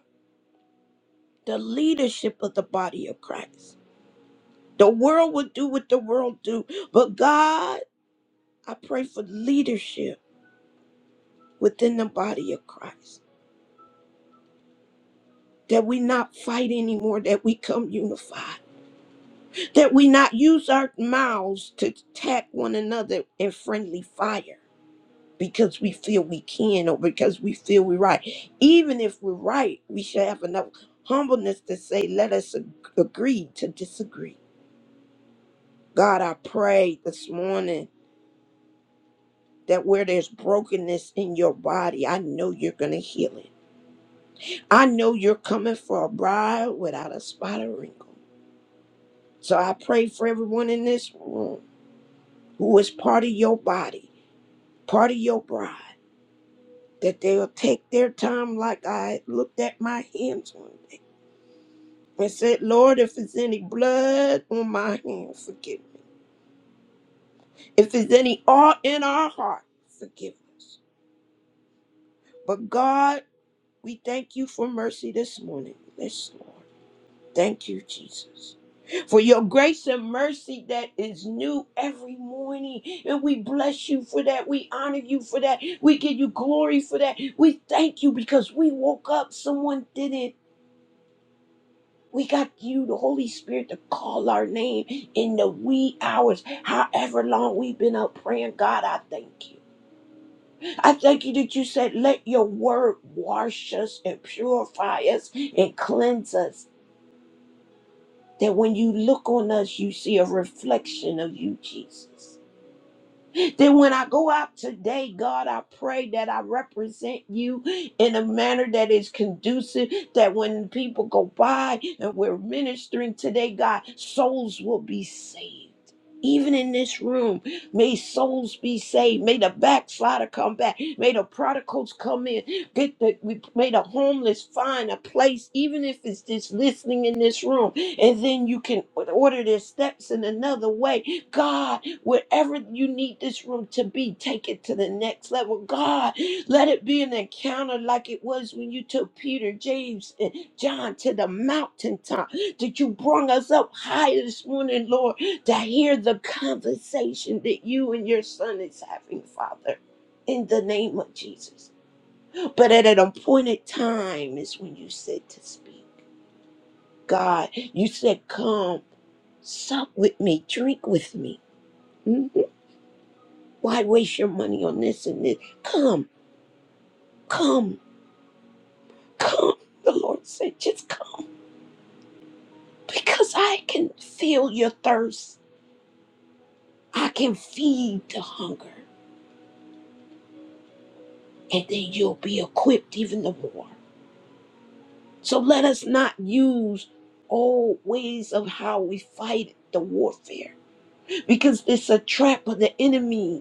[SPEAKER 7] the leadership of the body of Christ. The world will do what the world do. But God, I pray for leadership within the body of Christ. That we not fight anymore, that we come unified that we not use our mouths to attack one another in friendly fire because we feel we can or because we feel we're right. Even if we're right, we should have enough humbleness to say, let us ag- agree to disagree. God, I pray this morning that where there's brokenness in your body, I know you're going to heal it. I know you're coming for a bride without a spot or wrinkle. So I pray for everyone in this room who is part of your body part of your bride. That they'll take their time, like I looked at my hands one day and said, Lord, if there's any blood on my hands, forgive me. If there's any awe in our heart, forgive us. But God, we thank you for mercy this morning. Yes, Lord. Thank you, Jesus. For your grace and mercy that is new every morning. And we bless you for that. We honor you for that. We give you glory for that. We thank you because we woke up. Someone didn't. We got you, the Holy Spirit, to call our name in the wee hours, however long we've been up praying. God, I thank you. I thank you that you said, let your word wash us and purify us and cleanse us. That when you look on us, you see a reflection of you, Jesus. Then when I go out today, God, I pray that I represent you in a manner that is conducive, that when people go by and we're ministering today, God, souls will be saved. Even in this room, may souls be saved. May the backslider come back. May the prodigals come in. Get the we may the homeless find a place, even if it's just listening in this room. And then you can order their steps in another way. God. Wherever you need this room to be, take it to the next level. God, let it be an encounter like it was when you took Peter, James, and John to the mountaintop. That you brought us up higher this morning, Lord, to hear the conversation that you and your son is having, Father, in the name of Jesus. But at an appointed time is when you said to speak. God, you said, Come, sup with me, drink with me. Hmm? Why waste your money on this and this? Come, come, come. The Lord said, just come because I can feel your thirst. I can feed the hunger, and then you'll be equipped even the more. So let us not use old ways of how we fight the warfare because it's a trap of the enemy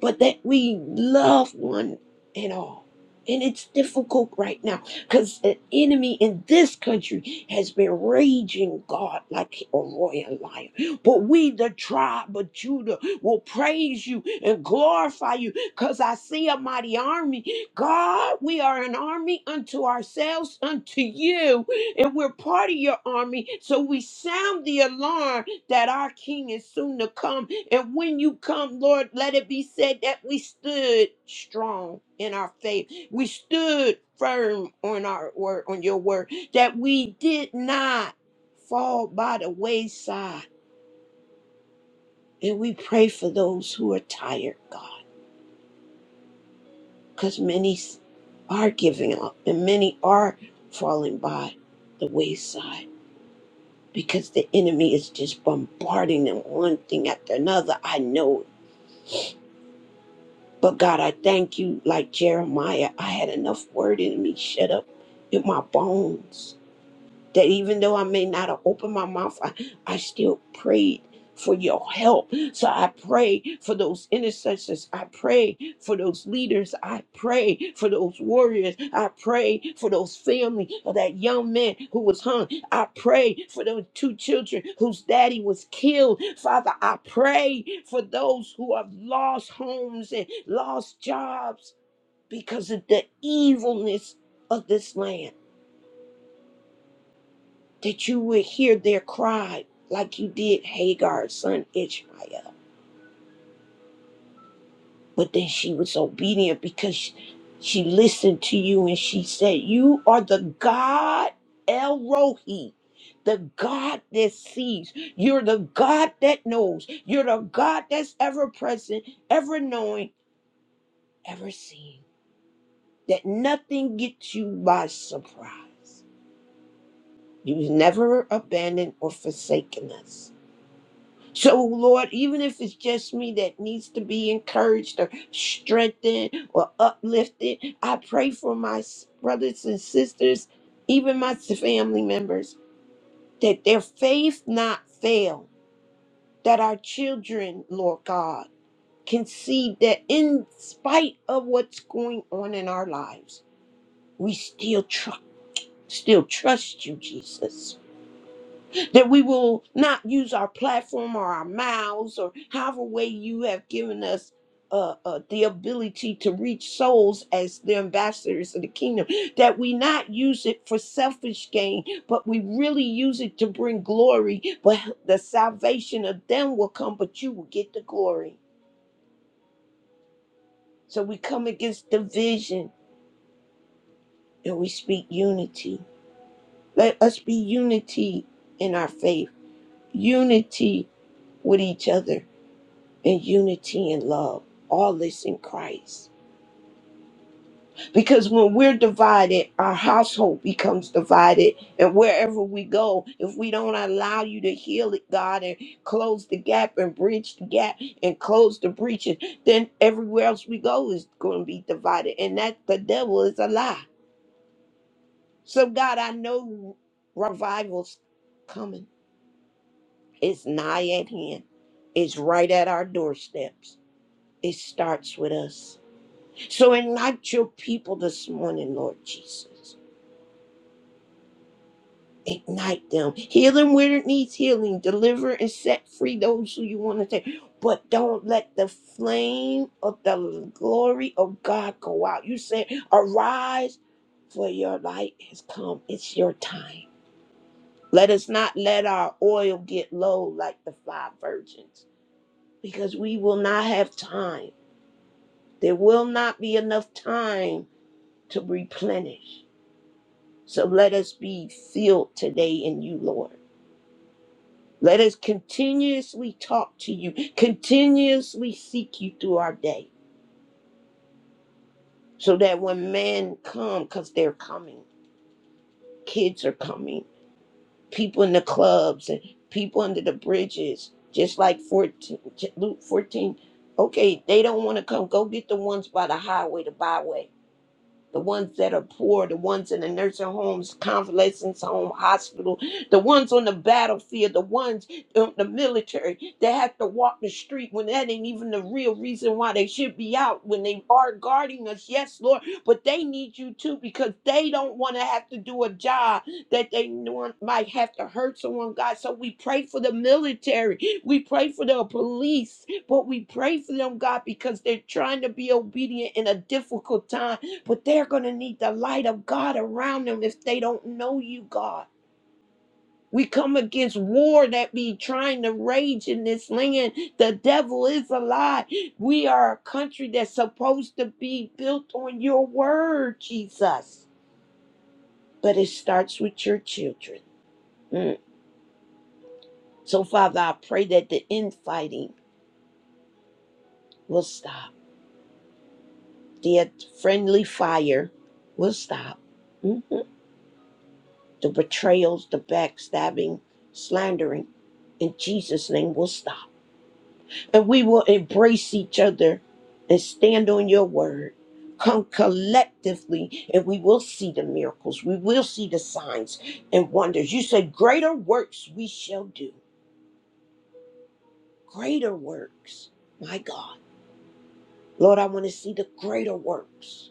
[SPEAKER 7] but that we love one and all. And it's difficult right now because the enemy in this country has been raging God like a royal lion. But we, the tribe of Judah, will praise you and glorify you because I see a mighty army. God, we are an army unto ourselves, unto you, and we're part of your army. So we sound the alarm that our King is soon to come. And when you come, Lord, let it be said that we stood strong in our faith. We stood firm on our word, on your word, that we did not fall by the wayside. And we pray for those who are tired, God, because many s- are giving up and many are falling by the wayside because the enemy is just bombarding them one thing after another. I know it. But God, I thank you, like Jeremiah, I had enough word in me shut up in my bones that even though I may not have opened my mouth, I, I still prayed for your help. So I pray for those intercessors. I pray for those leaders. I pray for those warriors. I pray for those family of that young man who was hung. I pray for those two children whose daddy was killed. Father, I pray for those who have lost homes and lost jobs because of the evilness of this land that you would hear their cry like you did Hagar's son Ishmael. But then she was obedient because she, she listened to you and she said, You are the God El Rohi. The God that sees. You're the God that knows. You're the God that's ever present, ever knowing, ever seeing. That nothing gets you by surprise. You've never abandoned or forsaken us. So, Lord, even if it's just me that needs to be encouraged or strengthened or uplifted, I pray for my s- brothers and sisters, even my s- family members, that their faith not fail, that our children, Lord God, can see that in spite of what's going on in our lives, we still trust. Still trust you, Jesus that we will not use our platform or our mouths or however way you have given us uh, uh, the ability to reach souls as the ambassadors of the kingdom, that we not use it for selfish gain, but we really use it to bring glory. But the salvation of them will come, but you will get the glory. So we come against division and we speak unity. Let us be unity in our faith, unity with each other in unity and love. All this in Christ. Because when we're divided, our household becomes divided. And wherever we go, if we don't allow you to heal it, God, and close the gap and bridge the gap and close the breaches, then everywhere else we go is going to be divided. And that the devil is a lie. So, God, I know revival's coming. It's nigh at hand, it's right at our doorsteps. It starts with us. So ignite your people this morning, Lord Jesus. Ignite them. Heal them where it needs healing. Deliver and set free those who you want to take. But don't let the flame of the glory of God go out. You said, arise, for your light has come. It's your time. Let us not let our oil get low like the five virgins, because we will not have time. There will not be enough time to replenish. So let us be filled today in you, Lord. Let us continuously talk to you, continuously seek you through our day, so that when men come, because they're coming, kids are coming, people in the clubs and people under the bridges, just like 14, Luke 14. Okay, they don't want to come. Go get the ones by the highway, the byway. the ones that are poor, the ones in the nursing homes, convalescence home, hospital, the ones on the battlefield, the ones in the military that have to walk the street when that ain't even the real reason why they should be out when they are guarding us. Yes, Lord, but they need you too because they don't want to have to do a job that they know might have to hurt someone, God. So we pray for the military, we pray for the police, but we pray for them, God, because they're trying to be obedient in a difficult time but they're going to need the light of God around them if they don't know you, God. We come against war that be trying to rage in this land. The devil is a lie. We are a country that's supposed to be built on your word, Jesus. But it starts with your children. Mm. So, Father, I pray that the infighting will stop, the friendly fire will stop. Mhm. the betrayals, the backstabbing, slandering. In Jesus' name, we'll stop. And we will embrace each other and stand on your word. Come collectively, and we will see the miracles. We will see the signs and wonders. You say, Greater works we shall do. Greater works. My God. Lord, I want to see the greater works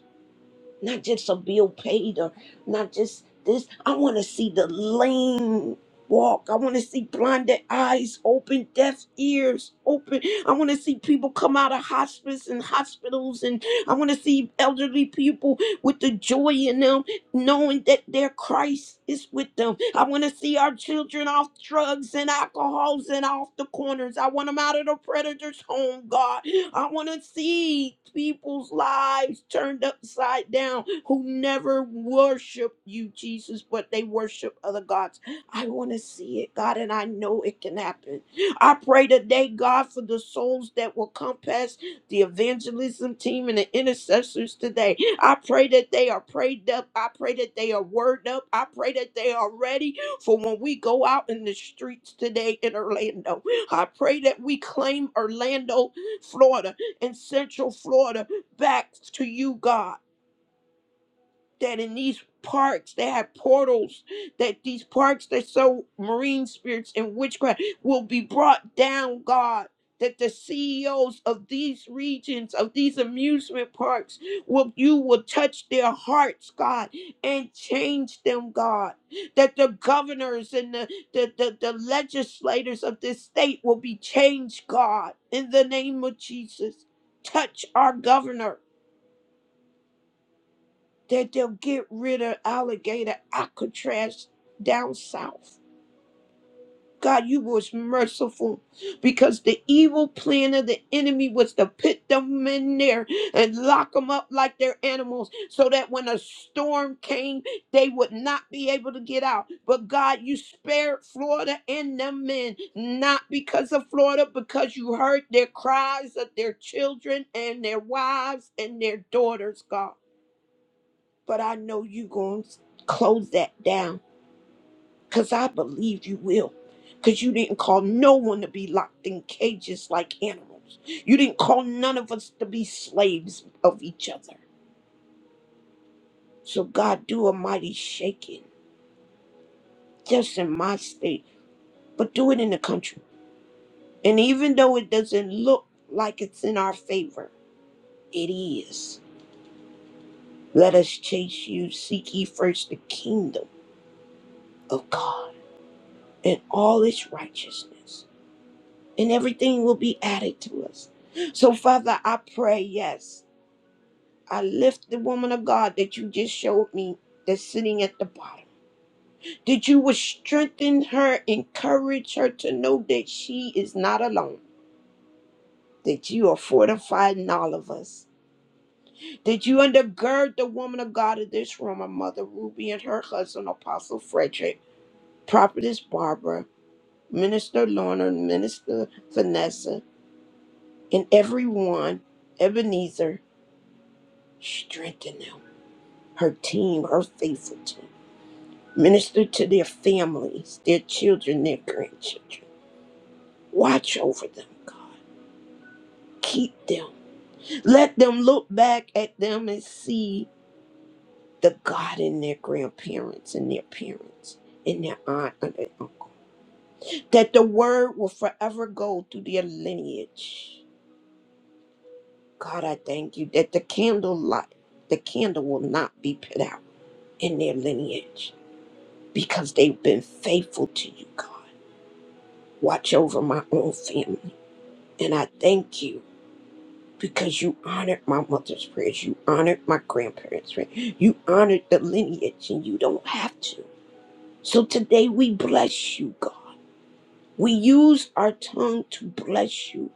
[SPEAKER 7] not just a bill paid or not just this. I want to see the lame walk. I want to see blinded eyes open, deaf ears open. I want to see people come out of hospice and hospitals, and I want to see elderly people with the joy in them knowing that their Christ is with them. I want to see our children off drugs and alcohols and off the corners. I want them out of the predator's home, God. I want to see people's lives turned upside down who never worship you, Jesus, but they worship other gods. I want to see it, God, and I know it can happen. I pray today, God, for the souls that will come past the evangelism team and the intercessors today. I pray that they are prayed up. I pray that they are word up. I pray that they are ready for when we go out in the streets today in Orlando. I pray that we claim Orlando, Florida, and Central Florida back to you, God that in these parks they have portals that these parks that so marine spirits and witchcraft will be brought down god that the CEOs of these regions of these amusement parks will you will touch their hearts god and change them god that the governors and the the, the, the legislators of this state will be changed god in the name of Jesus touch our governor that they'll get rid of alligator Alcatraz down south. God, you was merciful because the evil plan of the enemy was to put them in there and lock them up like their animals so that when a storm came, they would not be able to get out. But God, you spared Florida and them men, not because of Florida, because you heard their cries of their children and their wives and their daughters, God but I know you going to close that down because I believe you will. Because you didn't call no one to be locked in cages like animals. You didn't call none of us to be slaves of each other. So, God, do a mighty shaking, just in my state, but do it in the country. And even though it doesn't look like it's in our favor, it is. Let us chase you, seek ye first the kingdom of God and all its righteousness and everything will be added to us. So, Father, I pray, yes, I lift the woman of God that you just showed me that's sitting at the bottom, that you would strengthen her, encourage her to know that she is not alone, that you are fortifying all of us, that you undergird the woman of God of this room, my mother Ruby and her husband, Apostle Frederick, Prophetess Barbara, Minister Lorna, Minister Vanessa, and everyone, Ebenezer Strengthen them, her team, her faithful team. Minister to their families, their children, their grandchildren. Watch over them, God. Keep them. Let them look back at them and see the God in their grandparents and their parents and their aunt and their uncle. That the word will forever go through their lineage. God, I thank you that the candle light, the candle will not be put out in their lineage because they've been faithful to you, God. watch over my own family. And I thank you because you honored my mother's prayers, you honored my grandparents' prayers, you honored the lineage, and you don't have to. So today we bless you, God. We use our tongue to bless you.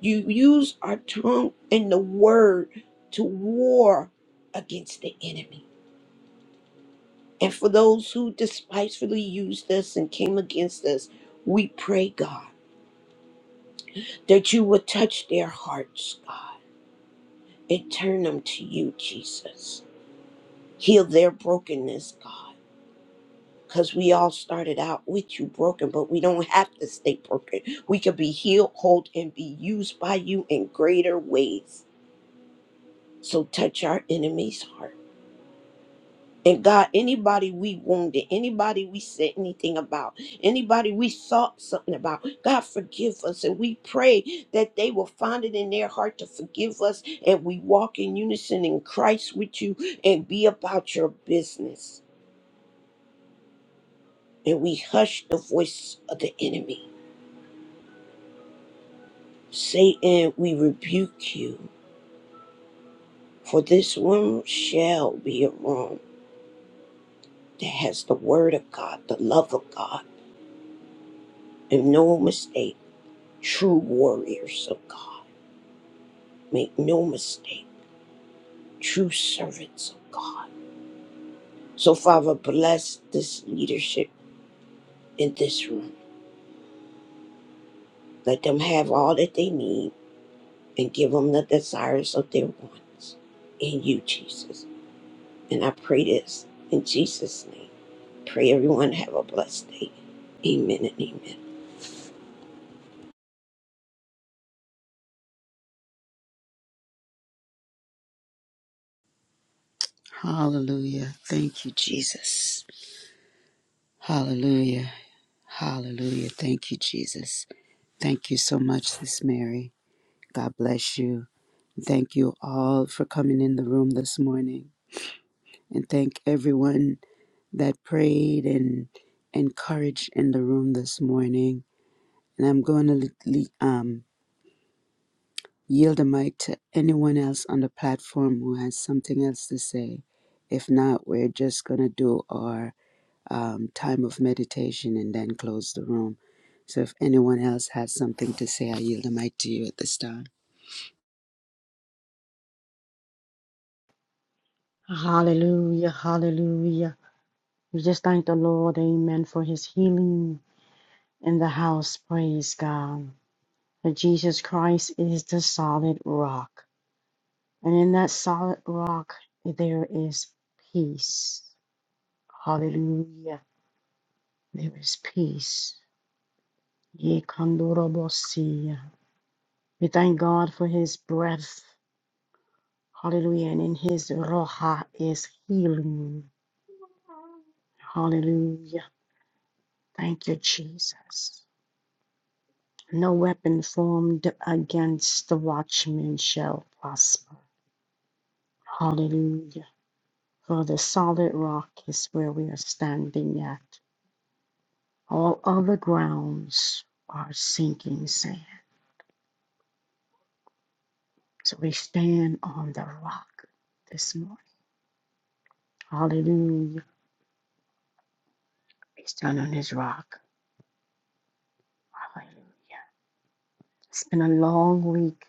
[SPEAKER 7] You use our tongue and the word to war against the enemy. And for those who despitefully used us and came against us, we pray, God, that you would touch their hearts, God and turn them to you, Jesus. Heal their brokenness, God. Because we all started out with you broken, but we don't have to stay broken. We could be healed, whole, and be used by you in greater ways. So touch our enemy's heart. And God, anybody we wounded, anybody we said anything about, anybody we thought something about, God, forgive us. And we pray that they will find it in their heart to forgive us and we walk in unison in Christ with you and be about your business. And we hush the voice of the enemy. Satan, we rebuke you, for this room shall be a room that has the word of God, the love of God, and no mistake, true warriors of God. Make no mistake, true servants of God. So, Father, bless this leadership in this room. Let them have all that they need and give them the desires of their wants in you, Jesus. And I pray this in Jesus' name. Pray everyone have a blessed day. Amen and amen.
[SPEAKER 2] Hallelujah. Thank you, Jesus. Hallelujah. Hallelujah. Thank you, Jesus. Thank you so much, Sis Mary. God bless you. Thank you all for coming in the room this morning. and thank everyone that prayed and encouraged in the room this morning. And I'm going to le- le- um, yield the mic to anyone else on the platform who has something else to say. If not, we're just going to do our um, time of meditation and then close the room. So if anyone else has something to say, I yield the mic to you at this time.
[SPEAKER 1] Hallelujah. Hallelujah. We just thank the Lord, amen, for his healing in the house. Praise God. That Jesus Christ is the solid rock. And in that solid rock, there is peace. Hallelujah. There is peace. Ye kandorobosi. We thank God for his breath. Hallelujah. And in his roha is healing. Hallelujah. Thank you, Jesus. No weapon formed against the watchman shall prosper. Hallelujah. For the solid rock is where we are standing at. All other grounds are sinking sand. So we stand on the rock this morning. Hallelujah. We stand on his rock. Hallelujah. It's been a long week.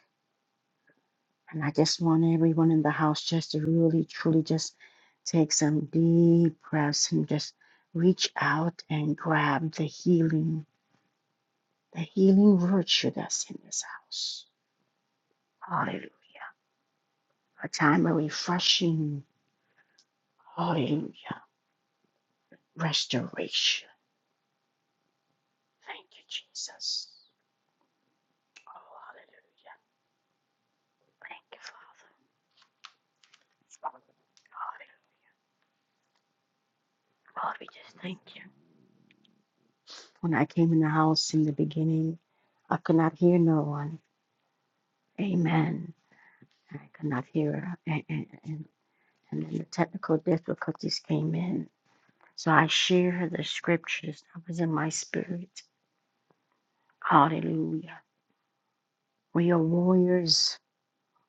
[SPEAKER 1] And I just want everyone in the house just to really, truly just take some deep breaths and just reach out and grab the healing, the healing virtue that's in this house. Hallelujah. A time of refreshing. Hallelujah. Restoration. Thank you, Jesus. Oh, hallelujah. Thank you, Father. Hallelujah. Lord, we just thank you. When I came in the house in the beginning, I could not hear no one. Amen. I could not hear, her. and, and, and, and then the technical difficulties came in. So I share the scriptures that was in my spirit. Hallelujah. We are warriors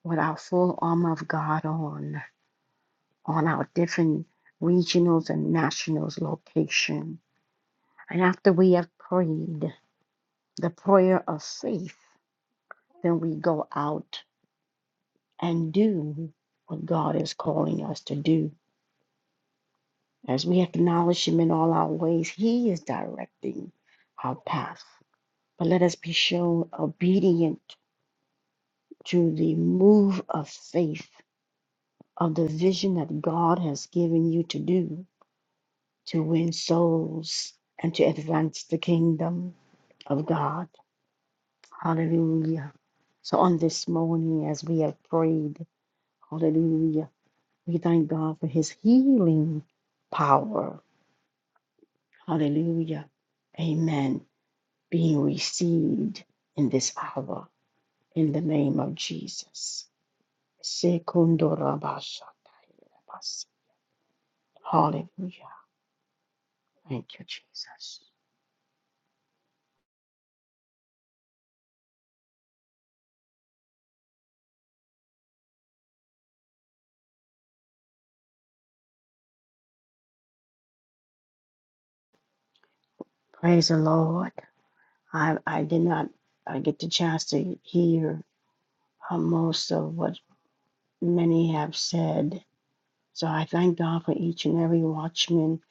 [SPEAKER 1] with our full armor of God on, on our different regionals and nationals location. And after we have prayed the prayer of faith, then we go out and do what God is calling us to do. As we acknowledge Him in all our ways, He is directing our path. But let us be shown obedient to the move of faith, of the vision that God has given you to do to win souls and to advance the kingdom of God. Hallelujah. So, on this morning, as we have prayed, hallelujah, we thank God for His healing power. Hallelujah. Amen. being received in this hour in the name of Jesus. Sekundorabashatayirabas. Hallelujah. Thank you, Jesus. Praise the Lord. I, I did not uh, get the chance to hear uh, most of what many have said So I thank God for each and every watchman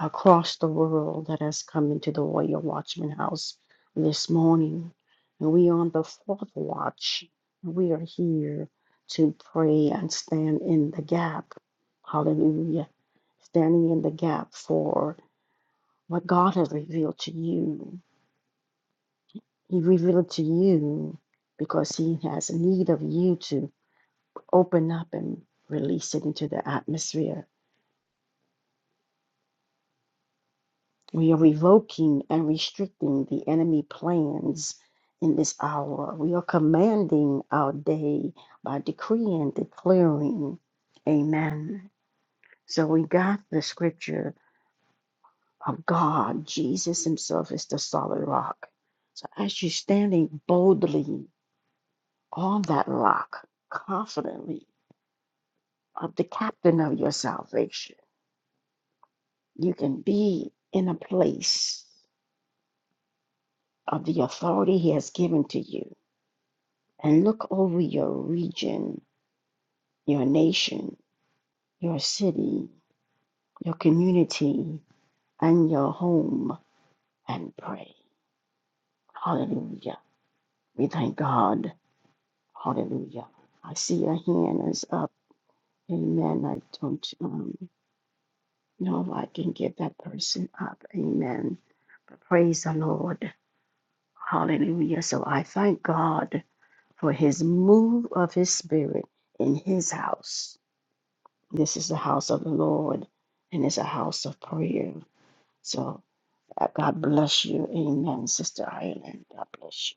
[SPEAKER 1] across the world that has come into the Royal Watchman House this morning. And we are on the fourth watch. We are here to pray and stand in the gap. Hallelujah. Standing in the gap for what God has revealed to you. He revealed it to you because He has need of you to open up and release it into the atmosphere We are revoking and restricting the enemy plans in this hour. We are commanding our day by decreeing, declaring. Amen. So we got the scripture of God. Jesus himself is the solid rock. So as you're standing boldly on that rock, confidently of the captain of your salvation, you can be in a place of the authority he has given to you and look over your region, your nation, your city, your community, and your home and pray. Hallelujah. We thank God. Hallelujah. I see a hand is up. Amen. I don't um, know if I can get that person up. Amen. But praise the Lord. Hallelujah. So I thank God for his move of his spirit in his house. This is the house of the Lord, and it's a house of prayer. So uh, God bless you. Amen, Sister Ireland. God bless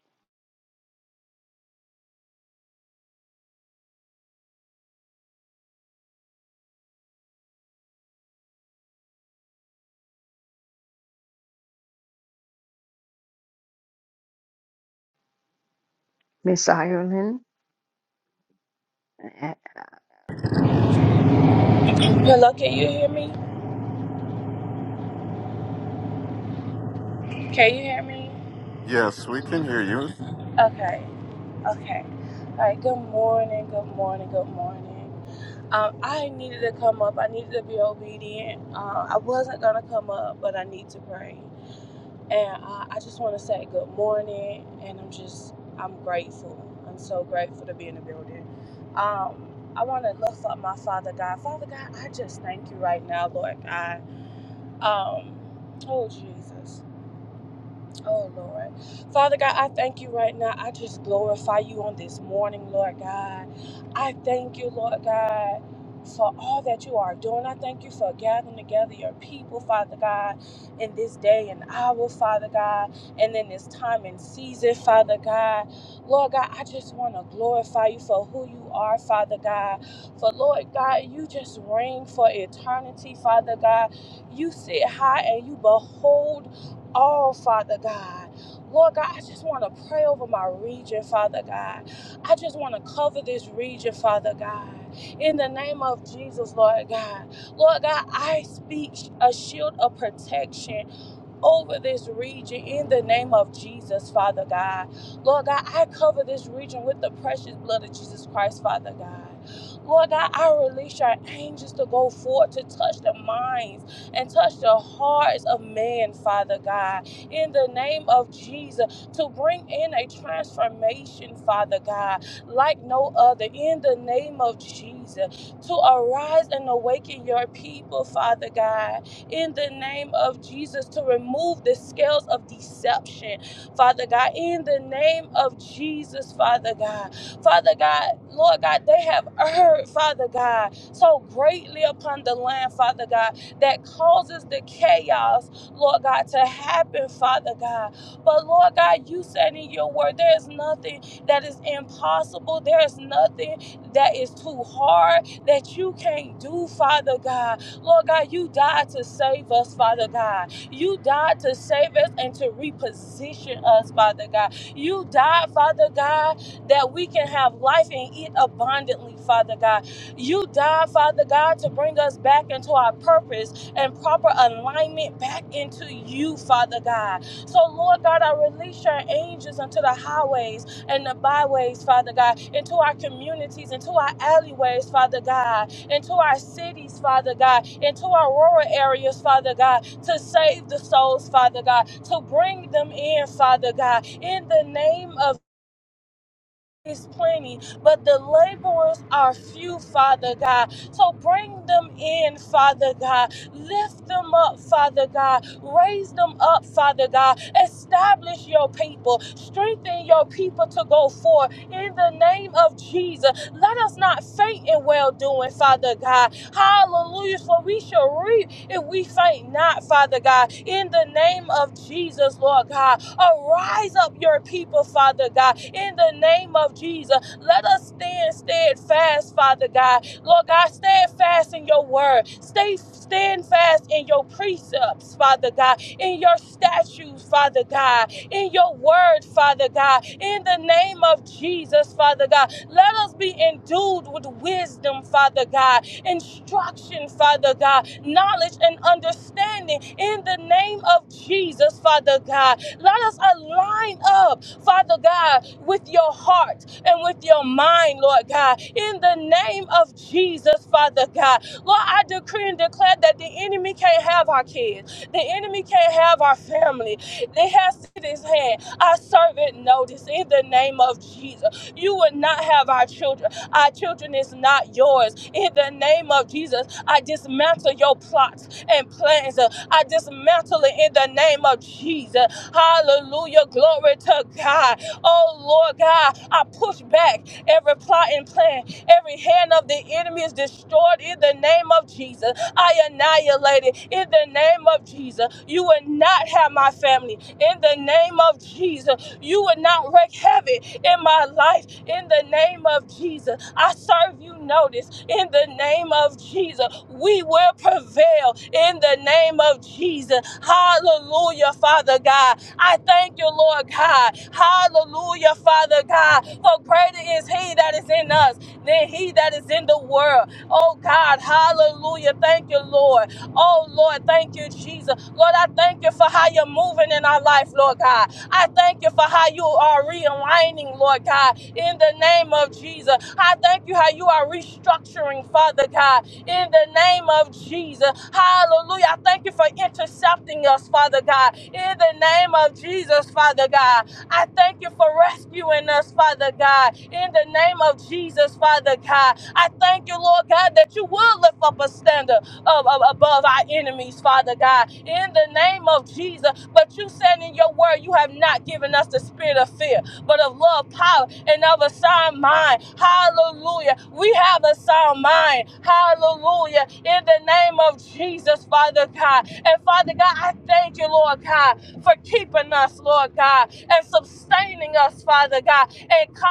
[SPEAKER 1] you. Miss Ireland. A-
[SPEAKER 8] Hello, can you hear me? Can you hear me?
[SPEAKER 4] Yes, we can hear you.
[SPEAKER 8] Okay, okay. All right, good morning, good morning, good morning. Um, I needed to come up. I needed to be obedient. Uh, I wasn't going to come up, but I need to pray. And uh, I just want to say good morning, and I'm just, I'm grateful. I'm so grateful to be in the building. Um, I want to lift up my Father God. Father God, I just thank you right now, Lord God. Um, oh, Jesus. Oh, Lord. Father God, I thank you right now. I just glorify you on this morning, Lord God. I thank you, Lord God. For all that you are doing, I thank you for gathering together your people, Father God, in this day and hour, Father God, and in this time and season, Father God. Lord God, I just want to glorify you for who you are, Father God. For Lord God, you just reign for eternity, Father God. You sit high and you behold all, Father God. Lord God, I just want to pray over my region, Father God. I just want to cover this region, Father God. In the name of Jesus, Lord God. Lord God, I speak a shield of protection over this region in the name of Jesus, Father God. Lord God, I cover this region with the precious blood of Jesus Christ, Father God. Lord God, I release your angels to go forth to touch the minds and touch the hearts of men, Father God, in the name of Jesus, to bring in a transformation, Father God, like no other, in the name of Jesus, to arise and awaken your people, Father God in the name of Jesus to remove the scales of deception, Father God, in the name of Jesus, Father God. Father God, Lord God, they have erred, Father God, so greatly upon the land, Father God, that causes the chaos, Lord God, to happen, Father God. But Lord God, you said in your word, there is nothing that is impossible, there is nothing that is too hard that you can't do, Father God. Lord God, you died to save us, Father God. You died to save us and to reposition us, Father God. You died, Father God, that we can have life and eat abundantly, Father God. You died, Father God, to bring us back into our purpose and proper alignment back into you, Father God. So, Lord God, I release your angels into the highways and the byways, Father God, into our communities, into our alleyways, Father God into our cities, Father God, into our rural areas, Father God, to save the souls, Father God, to bring them in, Father God, in the name of is plenty, but the laborers are few, Father God. So bring them in, Father God. Lift them up, Father God. Raise them up, Father God. Establish your people. Strengthen your people to go forth in the name of Jesus. Let us not faint in well doing, Father God. Hallelujah. For we shall reap if we faint not, Father God. In the name of Jesus, Lord God. Arise up your people, Father God, in the name of Jesus. Let us stand steadfast, Father God. Lord God, stand fast in your word. Stay stand fast in your precepts, Father God, in your statutes, Father God, in your word, Father God, in the name of Jesus, Father God. Let us be endued with wisdom, Father God, instruction, Father God, knowledge and understanding in the name of Jesus, Father God. Let us align up, Father God, with your heart and with your mind, Lord God, in the name of Jesus, Father God. Lord, I decree and declare that the enemy can't have our kids, the enemy can't have our family. They have to his hand. Our servant notice in the name of Jesus. You will not have our children. Our children is not yours. In the name of Jesus, I dismantle your plots and plans. I dismantle it in the name of Jesus. Hallelujah. Glory to God. Oh Lord God, I push back every plot and plan. Every hand of the enemy is destroyed in the name of Jesus. I annihilate it in the name of Jesus. You will not have my family in the name of Jesus. You will not wreak havoc in my life in the name of Jesus. I serve you notice in the name of Jesus. We will prevail in the name of Jesus. Hallelujah, Father God. I thank you, Lord God. Hallelujah, Father God. For greater is He that is in us than He that is in the world. Oh God, hallelujah. Thank you, Lord. Oh Lord, thank you, Jesus. Lord, I thank you for how you're moving in our life, Lord God. I thank you for how you are realigning, Lord God, in the name of Jesus. I thank you how you are restructuring, Father God in the name of Jesus. Hallelujah. I thank you for intercepting us, Father God, in the name of Jesus, Father God. I thank you for rescuing us, Father God, in the name of Jesus, Father God. I thank you, Lord God, that you will lift up a standard of, of- above our enemies, Father God, in the name of Jesus. But you said in your word, you have not given us the spirit of fear, but of love, power, and of a sound mind. Hallelujah. We have a sound mind. Hallelujah. In the name of Jesus, Father God. And Father God, I thank you, Lord God, for keeping us, Lord God, and sustaining us, Father God, and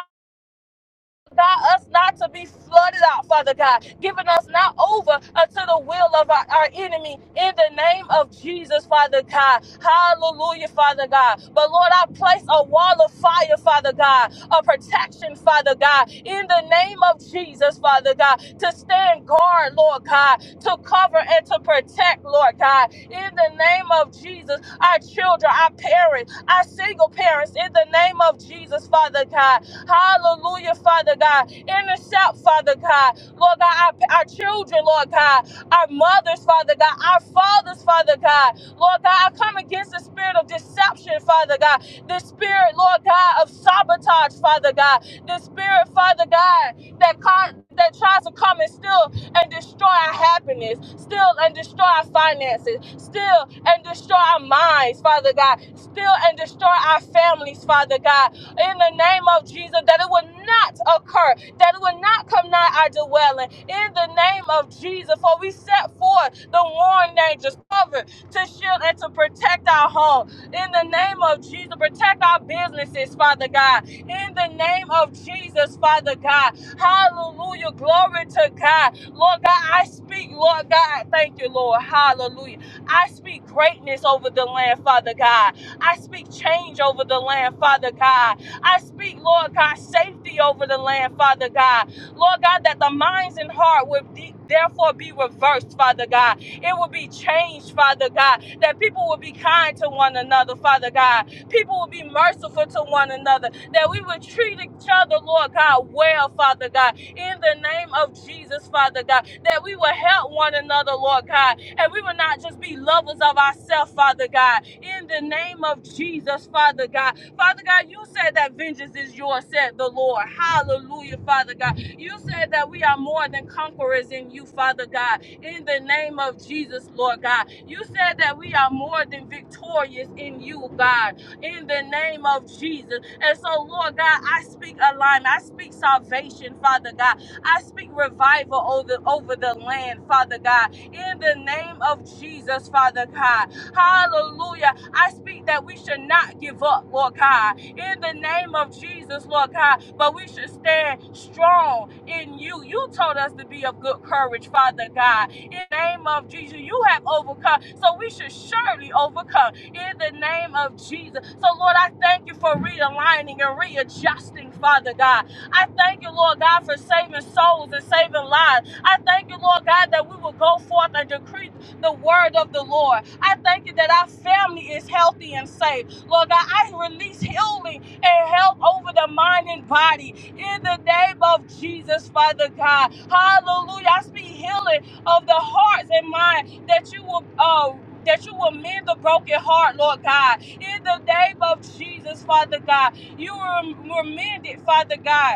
[SPEAKER 8] God, us not to be flooded out, Father God, giving us not over unto the will of our, our enemy in the name of Jesus, Father God. Hallelujah, Father God. But Lord, I place a wall of fire, Father God, a protection, Father God, in the name of Jesus, Father God, to stand guard, Lord God, to cover and to protect, Lord God, in the name of Jesus, our children, our parents, our single parents, in the name of Jesus, Father God. Hallelujah, Father God. Intercept, Father God. Lord God, our, our children, Lord God, our mothers, Father God, our fathers, Father God. Lord God, I come against the spirit of deception, Father God. The spirit, Lord God, of sabotage, Father God. The spirit, Father God, that con- that tries to come and steal and destroy our happiness, steal and destroy our finances, steal and destroy our minds, Father God, steal and destroy our families, Father God in the name of Jesus that it will not occur, that it will not come nigh our dwelling in the name of Jesus. For we set forth the warring angels covered to shield and to protect our home in the name of Jesus. Protect our businesses, Father God, in the name of Jesus, Father God. Hallelujah. Glory to God. Lord God, I speak, Lord God. Thank you, Lord. Hallelujah. I speak greatness over the land, Father God. I speak change over the land, Father God. I speak, Lord God, safety over the land, Father God. Lord God, that the minds and heart would de- therefore be reversed, Father God. It will be changed, Father God. That people will be kind to one another, Father God. People will be merciful to one another. That we would treat each other, Lord God, well, Father God. In the name of Jesus, Father God. That we will help one another, Lord God. And we will not just be lovers of ourselves, Father God. In the name of Jesus, Father God Father God, you said that vengeance is yours, said the Lord. Hallelujah, Father God. You said that we are more than conquerors in you, Father God. In the name of Jesus, Lord God. You said that we are more than victorious in you, God. In the name of Jesus. And so, Lord God, I speak alignment. I speak salvation, Father God. I speak revival over, over the land, Father God. In the name of Jesus, Father God. Hallelujah. I speak that we should not give up, Lord God, in the name of Jesus, Lord God, but we should stand strong in you. You told us to be of good courage, Father God. In the name of Jesus, you have overcome, so we should surely overcome in the name of Jesus. So, Lord, I thank you for realigning and readjusting, Father God. I thank you, Lord God, for saving souls and saving lives. I thank you, Lord God, that we will go forth and decree the word of the Lord. I thank you that our family is healthy and safe. Lord God, I release healing and health over the mind and body in the name of Jesus, Father God. Hallelujah. I speak healing of the hearts and mind that you will uh that you will mend the broken heart, Lord God. In the name of Jesus, Father God. You will mend it, Father God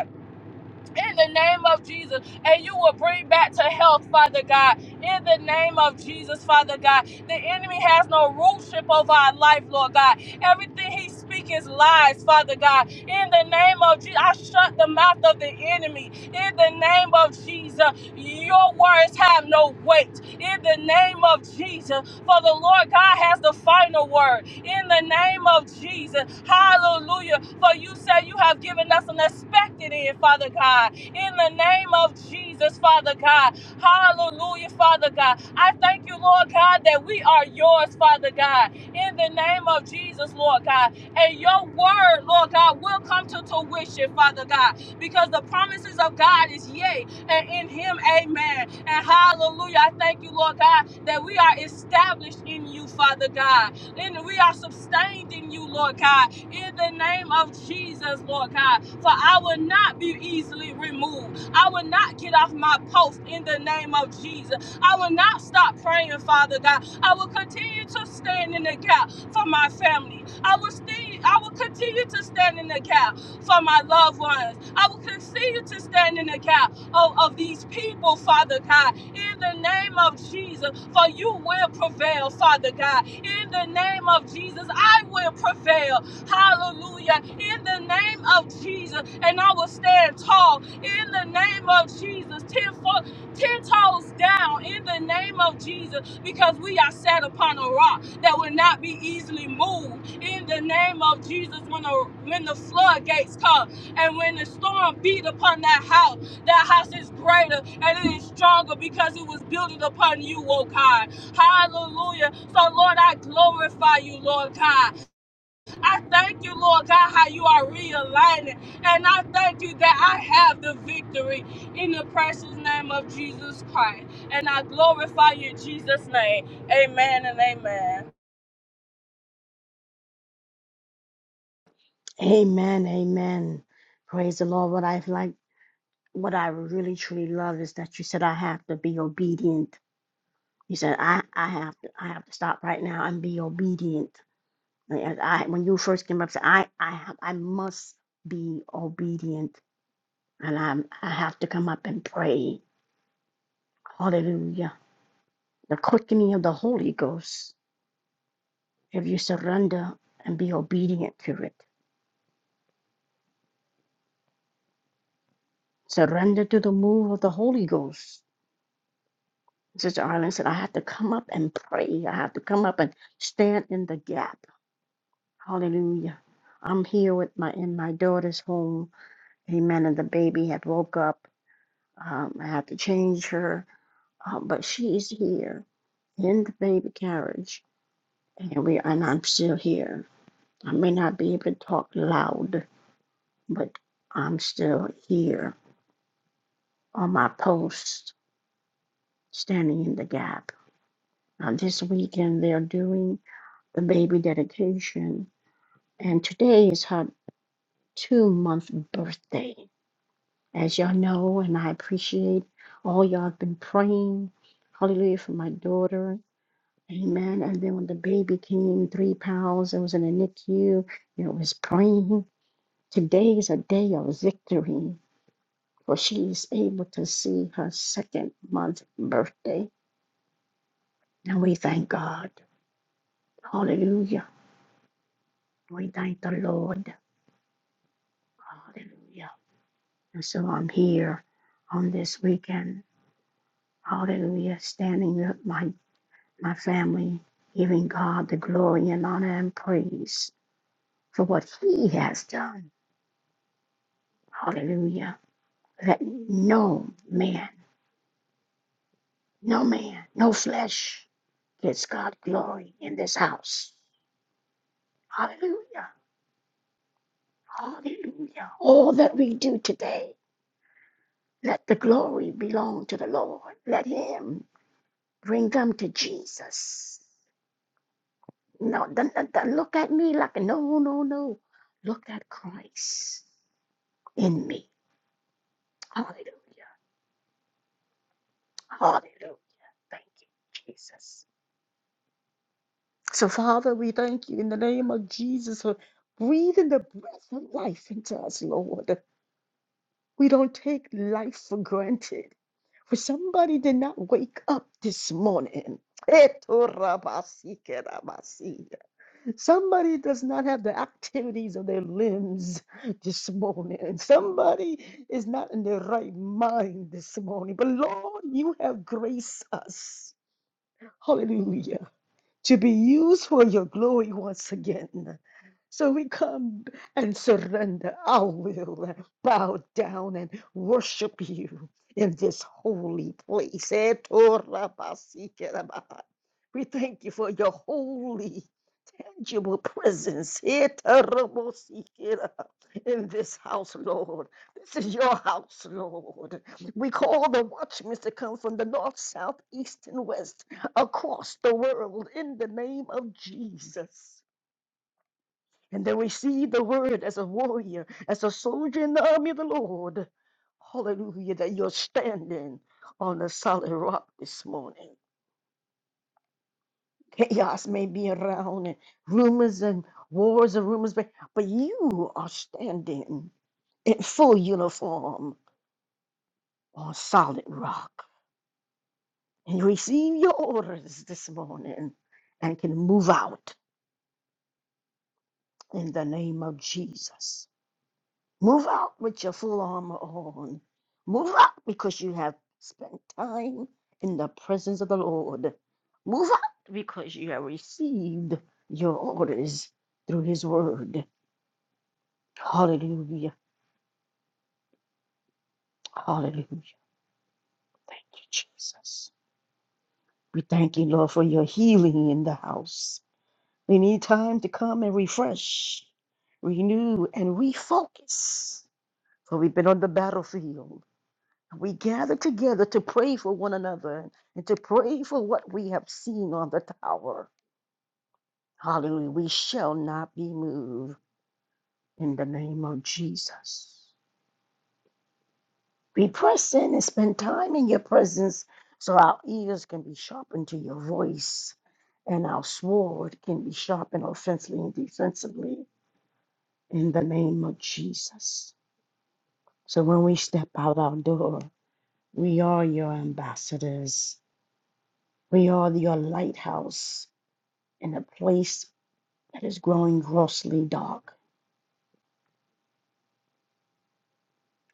[SPEAKER 8] in the name of Jesus, and you will bring back to health, Father God. In the name of Jesus, Father God, the enemy has no rulership over our life, Lord God. Everything he speaks is lies, Father God. In the name of Jesus, I shut the mouth of the enemy. In the name of Jesus, your words have no weight. In the name of Jesus, for the Lord God has the final word in the name of Jesus. Hallelujah. For you say you have given us an expected end, Father God. In the name of Jesus, Father God. Hallelujah, Father God. I thank you, Lord God, that we are yours, Father God. In the name of Jesus, Lord God. And your word, Lord God, will come to fruition, Father God. Because the promises of God is yea and in him, amen. And hallelujah. I thank you, Lord God, that we are established in you, Father God. And we are sustained in you, Lord God. In the name of Jesus, Lord God. For I will not be easily removed. I will not get off my post in the name of Jesus. I will not stop praying, Father God. I will continue to stand in the gap for my family. I will stay, I will continue to stand in the gap for my loved ones. I will continue to stand in the gap of, of these people, Father God, in the name of Jesus, for you will prevail, Father God. In the name of Jesus, I will prevail. Hallelujah. In the name of Jesus, and I will stand tall. In the name of Jesus, ten, fo- ten toes down. In the name of Jesus, because we are set upon a rock that will not be easily moved. In the name of Jesus, when the when the floodgates come and when the storm beat upon that house. That house is greater and it is stronger because it was built upon you, oh God. Hallelujah. So, Lord, I glorify you, Lord God. I thank you, Lord God, how you are realigning. And I thank you that I have the victory in the precious name of Jesus Christ. And I glorify you in Jesus' name. Amen and amen.
[SPEAKER 1] Amen. Amen. Praise the Lord. What I like, what I really truly love is that you said I have to be obedient. You said I, I have to I have to stop right now and be obedient. And I, when you first came up, said I I have, I must be obedient, and I'm I have to come up and pray. Hallelujah. the quickening of the Holy Ghost if you surrender and be obedient to it. Surrender to the move of the Holy Ghost. Sister Arlen said, I have to come up and pray. I have to come up and stand in the gap. Hallelujah. I'm here with my in my daughter's home. Amen. And the baby had woke up. Um, I had to change her, uh, but she's here in the baby carriage, and we and I'm still here. I may not be able to talk loud, but I'm still here on my post, standing in the gap. Now, this weekend, they're doing the baby dedication, and today is her two month birthday. As y'all know, and I appreciate all y'all have been praying, hallelujah, for my daughter. Amen. And then when the baby came, three pounds, it was in the NICU, you know, it was praying. Today is a day of victory. for she is able to see her second month birthday. And we thank God. Hallelujah. We thank the Lord. Hallelujah. And so I'm here on this weekend. Hallelujah. Standing with my, my family, giving God the glory and honor and praise for what He has done. Hallelujah. Let no man, no man, no flesh gets God glory in this house. Hallelujah. Hallelujah. All that we do today, let the glory belong to the Lord. Let Him bring them to Jesus. No, don't, don't- don't look at me like, no, no, no. Look at Christ in me. Hallelujah. Hallelujah. Thank you, Jesus. So, Father, we thank you in the name of Jesus for breathing the breath of life into us, Lord. We don't take life for granted. For somebody did not wake up this morning. Somebody does not have the activities of their limbs this morning. Somebody is not in their right mind this morning. But Lord, you have graced us. Hallelujah to be used for your glory once again. So we come and surrender our will, bow down and worship you in this holy place. Eh, Torah We thank you for your holy tangible presence here, Tarabosikira, in this house, Lord. This is your house, Lord. We call the watchmen to come from the north, south, east, and west across the world in the name of Jesus. And they receive the word as a warrior, as a soldier in the army of the Lord. Hallelujah, that you're standing on a solid rock this morning. Chaos may be around and rumors and wars and rumors, but, but you are standing in full uniform on solid rock and you receive your orders this morning and can move out in the name of Jesus. Move out with your full armor on. Move out because you have spent time in the presence of the Lord. Move out because you have received your orders through His word. Hallelujah. Hallelujah. Thank you, Jesus. We thank you, Lord, for your healing in the house. We need time to come and refresh, renew, and refocus. For we've been on the battlefield. We gather together to pray for one another and to pray for what we have seen on the tower. Hallelujah. We shall not be moved in the name of Jesus. Be present and spend time in your presence so our ears can be sharpened to your voice and our sword can be sharpened offensively and defensively in the name of Jesus. So when we step out our door, we are your ambassadors. We are your lighthouse in a place that is growing grossly dark.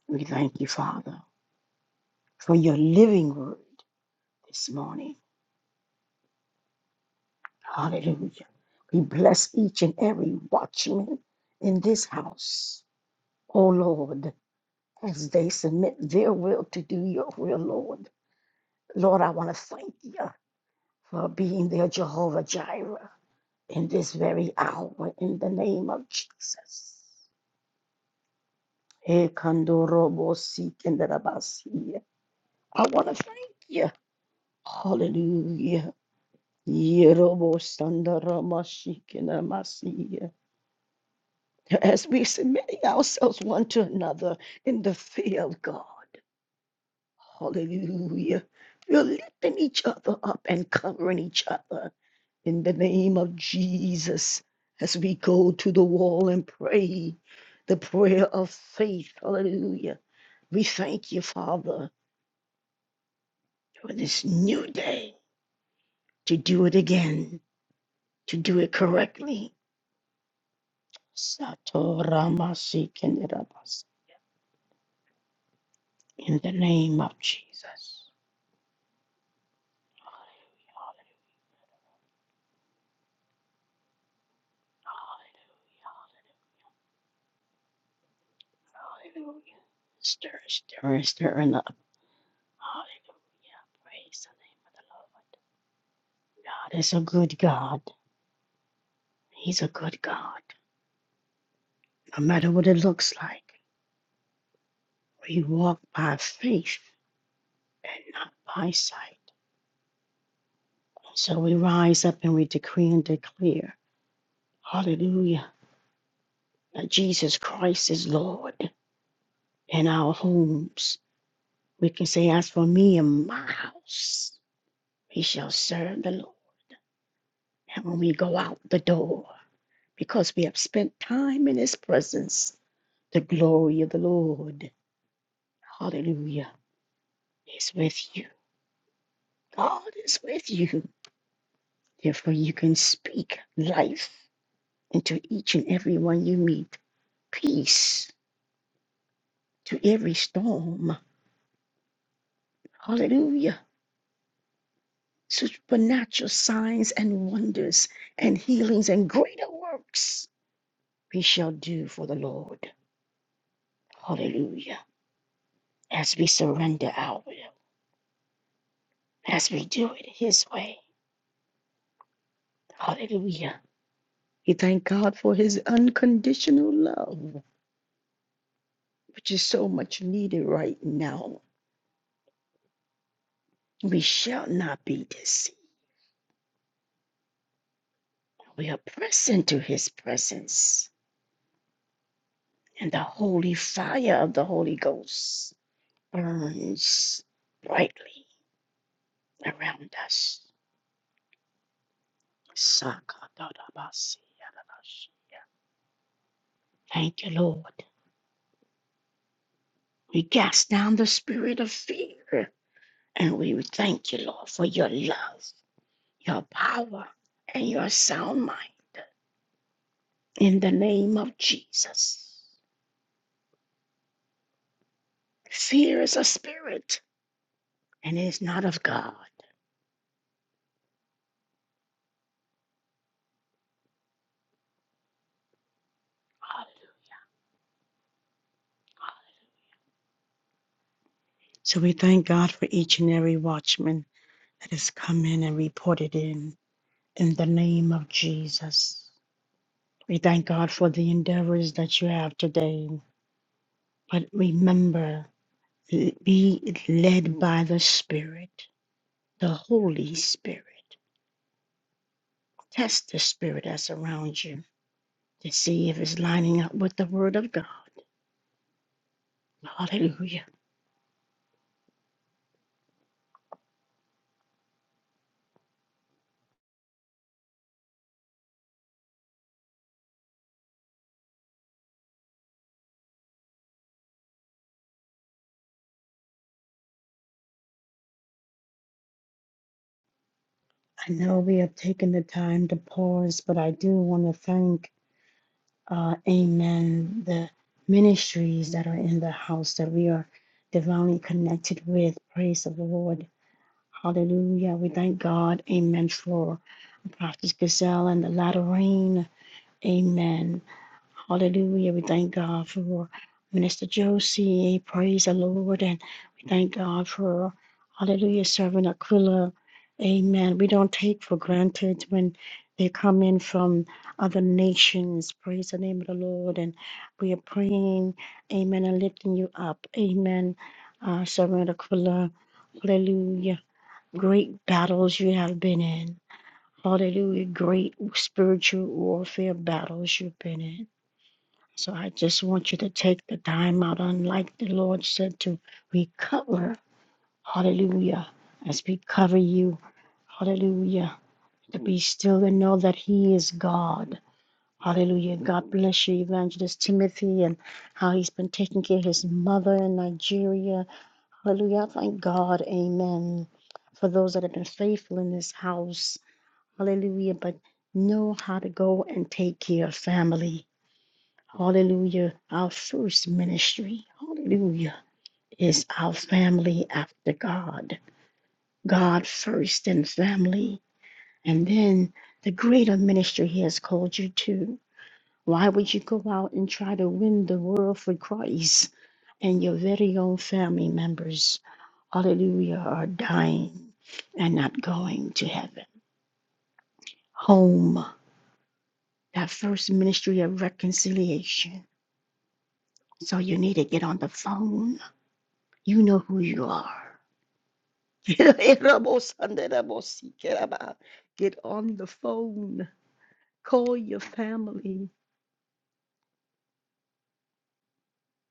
[SPEAKER 1] We thank you, Father, for your living word this morning. Hallelujah. We bless each and every watchman in this house. Oh Lord, as they submit their will to do your will, Lord. Lord, I want to thank you for being their Jehovah Jireh in this very hour in the name of Jesus. Eh, kandorobo si kenderabasi. I want to thank you. Hallelujah. Yerobo sandaramasi kenemasi. as we submit ourselves one to another in the fear of God. Hallelujah. We're lifting each other up and covering each other in the name of Jesus as we go to the wall and pray the prayer of faith. Hallelujah. We thank you, Father, for this new day to do it again, to do it correctly. Satoramasikinirabas. In the name of Jesus. Hallelujah. Hallelujah. Hallelujah! Stir, stir, stir it up. Hallelujah. Praise the name of the Lord. God is a good God. He's a good God. No matter what it looks like, we walk by faith and not by sight. So we rise up and we decree and declare, hallelujah, that Jesus Christ is Lord in our homes. We can say, as for me and my house, we shall serve the Lord. And when we go out the door, because we have spent time in His presence, the glory of the Lord, hallelujah, is with you. God is with you. Therefore, you can speak life into each and every one you meet, peace to every storm, hallelujah, supernatural signs and wonders and healings and greater works we shall do for the Lord, hallelujah, as we surrender our will. as we do it His way. Hallelujah. We thank God for His unconditional love, which is so much needed right now. We shall not be deceived. We are pressed into His presence, and the holy fire of the Holy Ghost burns brightly around us. Thank you, Lord. We cast down the spirit of fear, and we thank you, Lord, for your love. your power and your sound mind in the name of Jesus. Fear is a spirit and it is not of God. So we thank God for each and every watchman that has come in and reported in in the name of Jesus. We thank God for the endeavors that you have today. But remember, be led by the Spirit, the Holy Spirit. Test the Spirit that's around you to see if it's lining up with the Word of God. Hallelujah. I know we have taken the time to pause, but I do want to thank, uh, Amen, the ministries that are in the house that we are divinely connected with. Praise of the Lord. Hallelujah. We thank God, Amen, for Prophet Gazelle and the latter rain. Amen. Hallelujah. We thank God for Minister Josie. Praise the Lord. And we thank God for, hallelujah, Servant Aquila. Amen. We don't take for granted when they come in from other nations. Praise the name of the Lord. And we are praying, amen, and lifting you up. Amen. Uh, Servant Aquila. Hallelujah. Great battles you have been in. Hallelujah. Great spiritual warfare battles you've been in. So I just want you to take the time out, unlike the Lord said, to recover. Hallelujah. As we cover you, hallelujah. To be still and know that He is God. Hallelujah. God bless you, Evangelist Timothy, and how he's been taking care of his mother in Nigeria. Hallelujah. I Thank God. Amen. For those that have been faithful in this house. Hallelujah. But know how to go and take care of family. Hallelujah. Our first ministry, hallelujah, is our family after God. God first and family. And then the greater ministry He has called you to. Why would you go out and try to win the world for Christ and your very own family members? Hallelujah, are dying and not going to heaven. Home, that first ministry of reconciliation. So you need to get on the phone You know who you are. Get on the phone. Call your family.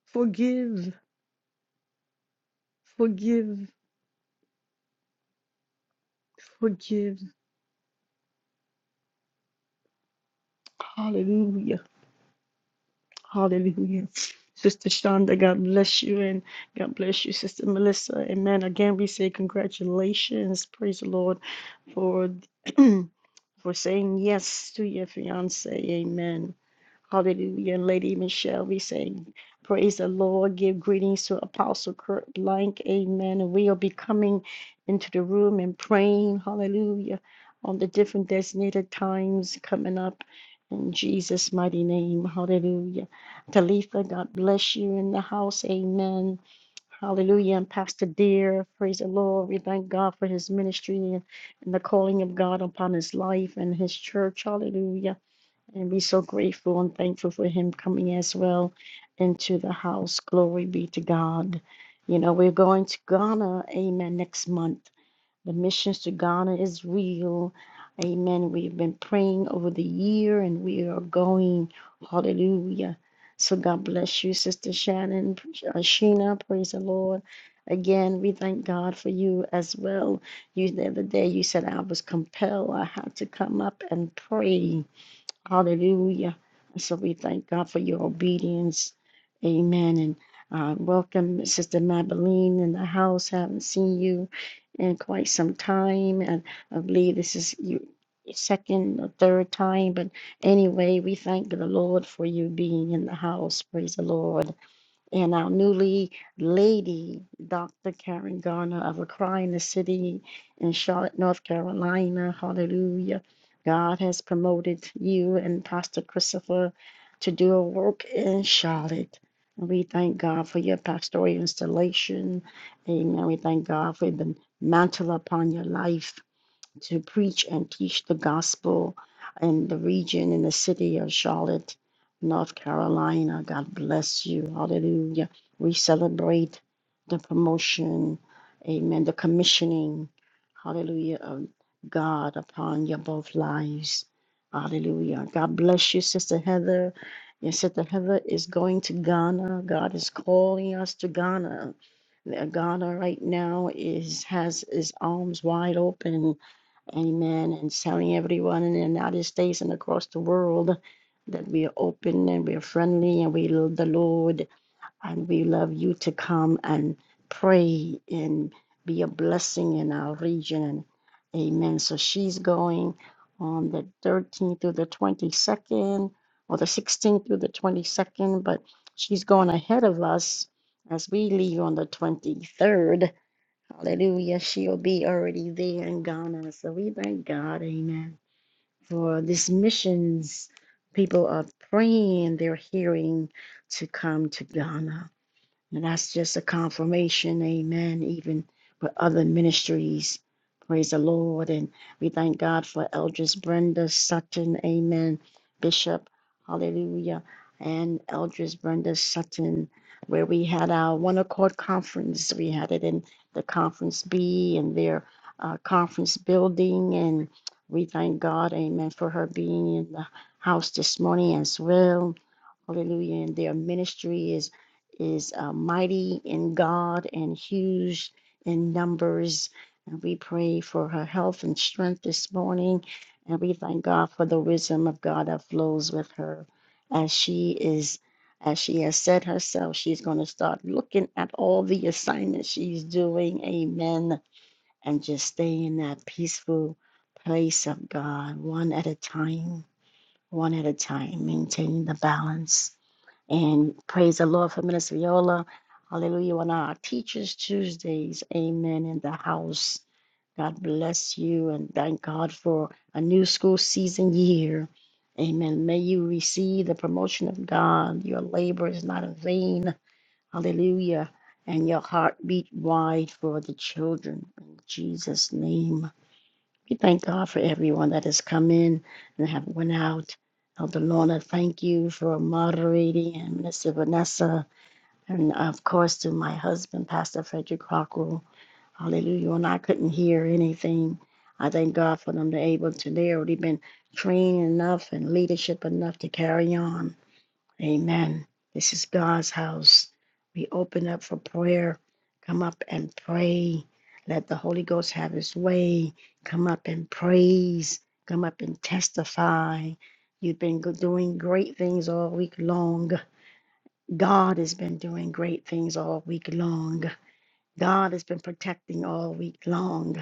[SPEAKER 1] Forgive, forgive, forgive. Hallelujah. Hallelujah. Sister Shonda, God bless you. And God bless you, Sister Melissa. Amen. Again, we say congratulations. Praise the Lord for for saying yes to your fiance. Amen. Hallelujah. Lady Michelle, we sing Praise the Lord. Give greetings to Apostle Kurt Blank. Amen. And we'll be coming into the room and praying. Hallelujah. On the different designated times coming up in Jesus' mighty name. Hallelujah. Talitha, God bless you in the house. Amen. Hallelujah. And Pastor Dear, praise the Lord. We thank God for his ministry and the calling of God upon his life and his church. Hallelujah. And we're so grateful and thankful for him coming as well into the house. Glory be to God. You know, we're going to Ghana, amen, next month. The missions to Ghana is real. Amen. We've been praying over the year and we are going. Hallelujah. So God bless you, Sister Shannon, uh, Sheena. Praise the Lord. Again, we thank God for you as well. You the other day you said I was compelled. I had to come up and pray. Hallelujah. And so we thank God for your obedience. Amen. And uh, welcome, Sister Mabeline, in the house. Haven't seen you in quite some time. And I believe this is your second or third time. But anyway, we thank the Lord for you being in the house. Praise the Lord and our newly lady, Dr. Karen Garner of a cry in the City in Charlotte, North Carolina. Hallelujah. God has promoted you and Pastor Christopher to do a work in Charlotte. And We thank God for your pastoral installation. Amen. We thank God for the mantle upon your life to preach and teach the gospel in the region, in the city of Charlotte, North Carolina. God bless you. Hallelujah. We celebrate the promotion, amen, the commissioning, hallelujah, of God upon your both lives. Hallelujah. God bless you, Sister Heather. Your Sister Heather is going to Ghana. God is calling us to Ghana. Uh, Ghana right now is has its arms wide open Amen. And telling everyone in the United States and across the world that we are open and we are friendly and we love the Lord and we love you to come and pray and be a blessing in our region. And amen. So she's going on the 13th through the 22nd or the 16th through the 22nd, but she's going ahead of us as we leave on the 23rd. Hallelujah. She'll be already there in Ghana. So we thank God, amen, for this missions. People are praying, they're hearing to come to Ghana. And that's just a confirmation, amen, even with other ministries. Praise the Lord. And we thank God for Eldris Brenda Sutton, amen, Bishop, hallelujah, and Eldris Brenda Sutton, where we had our One Accord Conference. We had it in the Conference B and their uh, conference building. And we thank God, amen, for her being in the house this morning as well. Hallelujah. And their ministry is is uh, mighty in God and huge in numbers. And we pray for her health and strength this morning. And we thank God for the wisdom of God that flows with her as she is as she has said herself, she's going to start looking at all the assignments she's doing. Amen. And just stay in that peaceful place of God, one at a time, one at a time, maintaining the balance. And praise the Lord for Minister Viola. Hallelujah. On our Teachers Tuesdays. Amen. In the house. God bless you and thank God for a new school season year. Amen. May you receive the promotion of God. Your labor is not in vain. Hallelujah. And your heart beat wide for the children. In Jesus' name. We thank God for everyone that has come in and have went out. Elder Lorna, thank you for moderating, and Minister Vanessa, and of course to my husband, Pastor Frederick Rockwell. Hallelujah. When I couldn't hear anything, I thank God for them. They're able to, they already been trained enough and leadership enough to carry on. Amen. This is God's house. We open up for prayer. Come up and pray. Let the Holy Ghost have his way. Come up and praise. Come up and testify. You've been go- doing great things all week long. God has been doing great things all week long. God has been protecting all week long.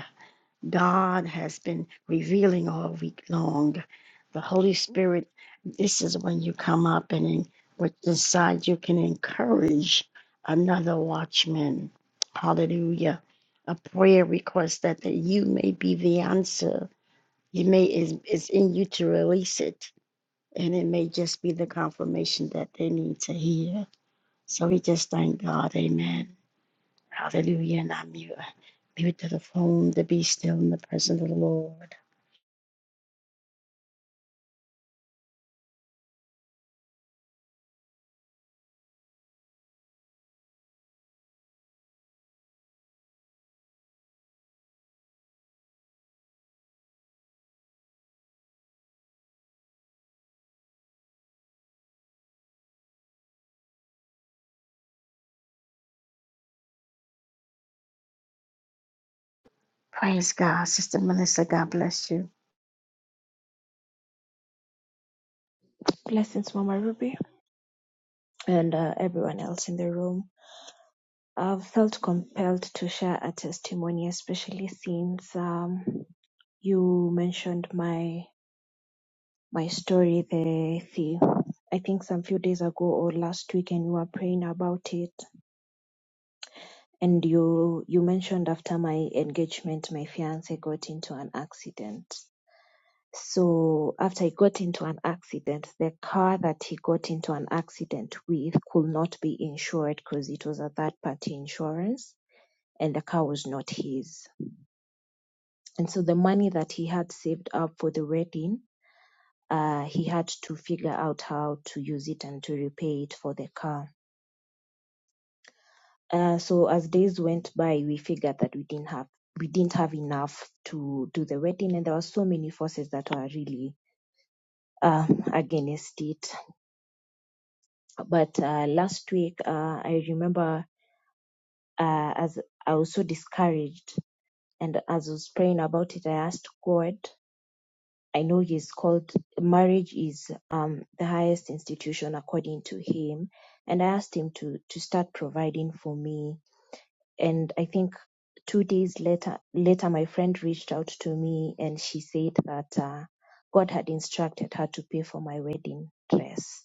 [SPEAKER 1] God has been revealing all week long. The Holy Spirit, this is when you come up and in, with inside you can encourage another watchman. Hallelujah. A prayer request that, that you may be the answer. You may is is in you to release it. And it may just be the confirmation that they need to hear. So we just thank God. Amen. Hallelujah. And I'm you. Be to the phone to be still in the presence of the Lord. Praise God, Sister Melissa. God bless you.
[SPEAKER 9] Blessings, Mama Ruby, and uh, everyone else in the room. I've felt compelled to share a testimony, especially since um, you mentioned my my story. The, the I think some few days ago or last week, and we were praying about it. And you you mentioned after my engagement, my fiance got into an accident, So after he got into an accident, the car that he got into an accident with could not be insured because it was a third party insurance and the car was not his. And so the money that he had saved up for the wedding, uh, he had to figure out how to use it and to repay it for the car. Uh, so as days went by, we figured that we didn't have we didn't have enough to do the wedding, and there were so many forces that were really um, against it. But uh, last week, uh, I remember uh, as I was so discouraged, and as I was praying about it, I asked God. I know He's called marriage is um, the highest institution according to Him, and I asked Him to to start providing for me. And I think two days later, later my friend reached out to me, and she said that uh, God had instructed her to pay for my wedding dress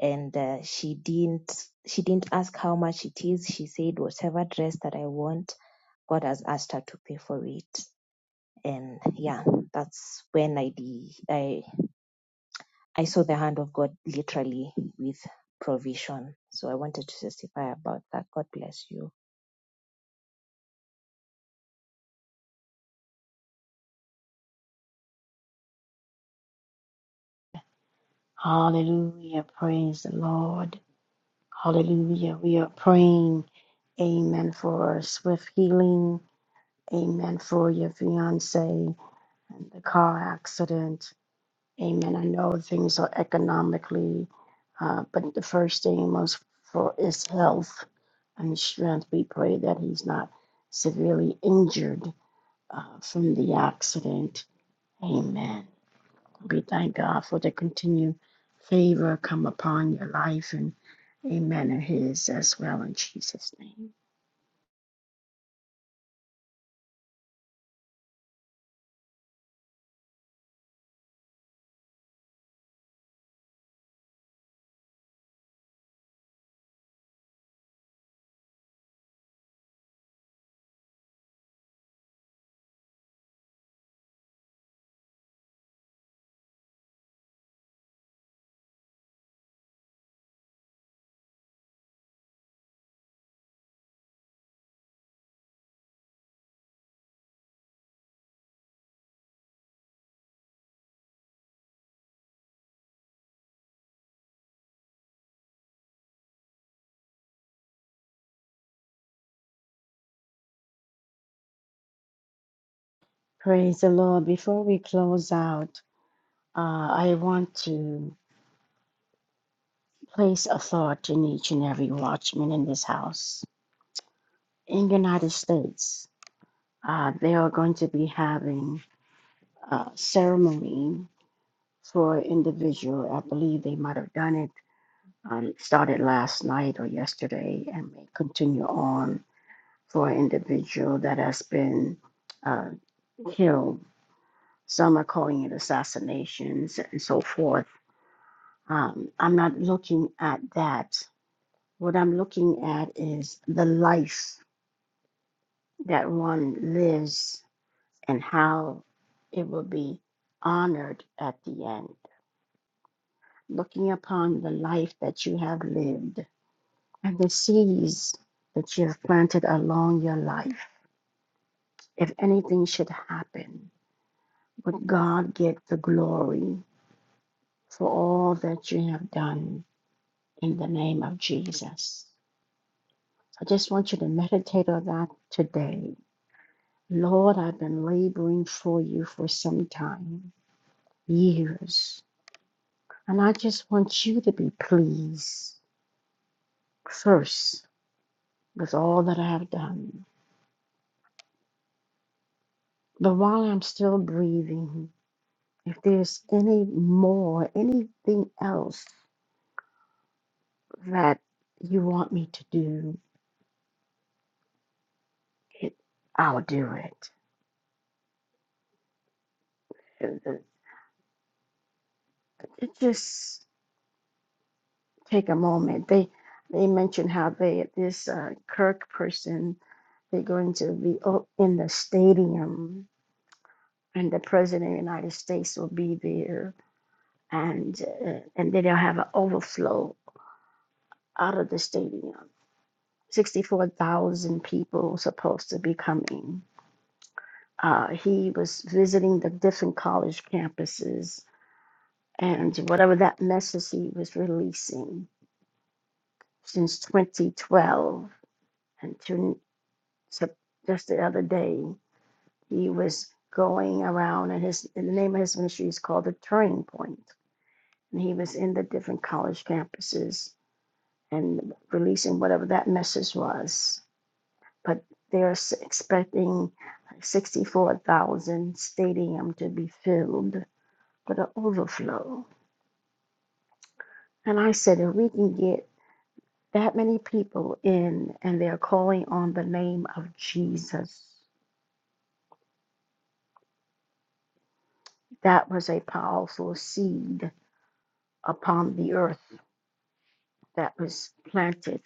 [SPEAKER 9] and uh, she didn't she didn't ask how much it is she said whatever dress that i want god has asked her to pay for it and yeah that's when i de- i i saw the hand of god literally with provision so i wanted to testify about that god bless you
[SPEAKER 1] Hallelujah. Praise the Lord. Hallelujah. We are praying. Amen. For swift healing. Amen. For your fiance and the car accident. Amen. I know things are economically, uh, but the first thing most for is health and strength. We pray that he's not severely injured uh, from the accident. Amen. We thank God for the continued favor come upon your life and amen of his as well in Jesus' name. Praise the Lord. Before we close out, uh, I want to place a thought in each and every watchman in this house. In the United States, uh, they are going to be having a ceremony for individual. I believe they might have done it, um, started last night or yesterday and may continue on for an individual that has been uh, killed. Some are calling it assassinations and so forth. Um, I'm not looking at that. What I'm looking at is the life that one lives and how it will be honored at the end. Looking upon the life that you have lived and the seeds that you have planted along your life. If anything should happen, But God get the glory for all that you have done in the name of Jesus. I just want you to meditate on that today. Lord, I've been laboring for you for some time, years. And I just want you to be pleased first with all that I have done. But while I'm still breathing, if there's any more, anything else that you want me to do, it, I'll do it. it, it- it just take a moment. They they mentioned how they this uh, Kirk person they're going to be o- in the stadium, and the president of the United States will be there, and uh, and then they'll have an overflow out of the stadium. Sixty-four thousand people supposed to be coming. Uh, he was visiting the different college campuses and whatever that message he was releasing since 2012 and to so just the other day he was going around and his and the name of his ministry is called the turning point and he was in the different college campuses and releasing whatever that message was but they're s- expecting 64,000 stadium to be filled with an overflow and i said if we can get that many people in and they're calling on the name of jesus that was a powerful seed upon the earth that was planted.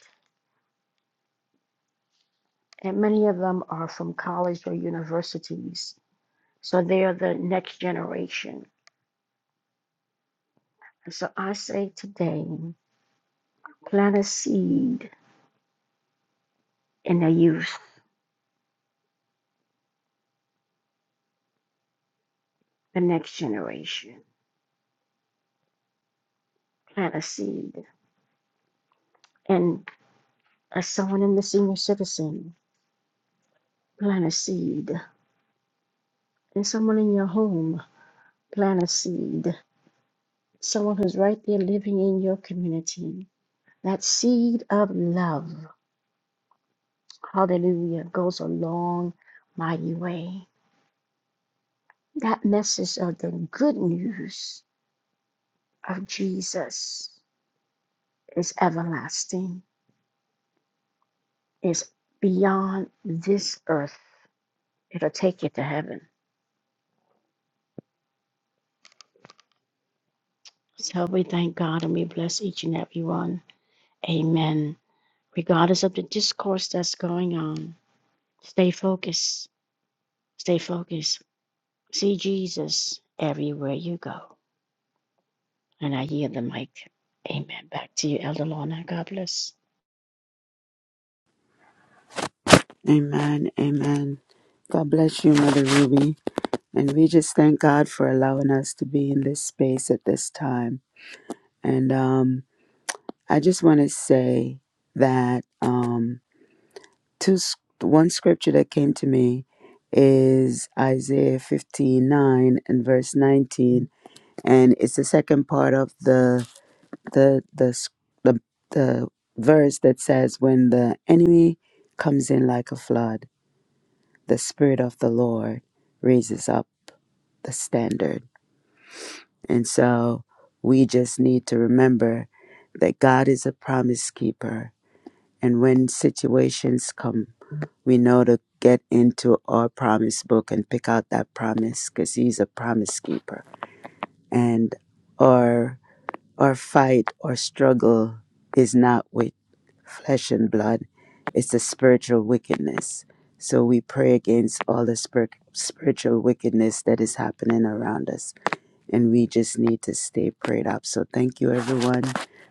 [SPEAKER 1] And many of them are from college or universities. So they are the next generation. And so I say today, plant a seed in the youth, the next generation. Plant a seed. And as someone in the senior citizen, plant a seed. And someone in your home, plant a seed. Someone who's right there living in your community. That seed of love Hallelujah goes a long, mighty way. That message of the good news of Jesus is everlasting, is beyond this earth. It'll take you to heaven. So we thank God and we bless each and every one. Amen. Regardless of the discourse that's going on, stay focused. Stay focused. See Jesus everywhere you go. And I yield the mic. Amen. Back to you, Elder Lorna. God bless.
[SPEAKER 2] Amen. Amen. God bless you, Mother Ruby. And we just thank God for allowing us to be in this space at this time. And um, I just want to say that um, two, one scripture that came to me is Isaiah 15 9 and verse 19. And it's the second part of the, the, the, s- the, the verse that says, When the enemy comes in like a flood, the Spirit of the Lord raises up the standard. And so we just need to remember that God is a promise keeper. And when situations come, we know to get into our promise book and pick out that promise because He's a promise keeper. And our, our fight or struggle is not with flesh and blood, it's the spiritual wickedness. So we pray against all the spir- spiritual wickedness that is happening around us and we just need to stay prayed up. So thank you everyone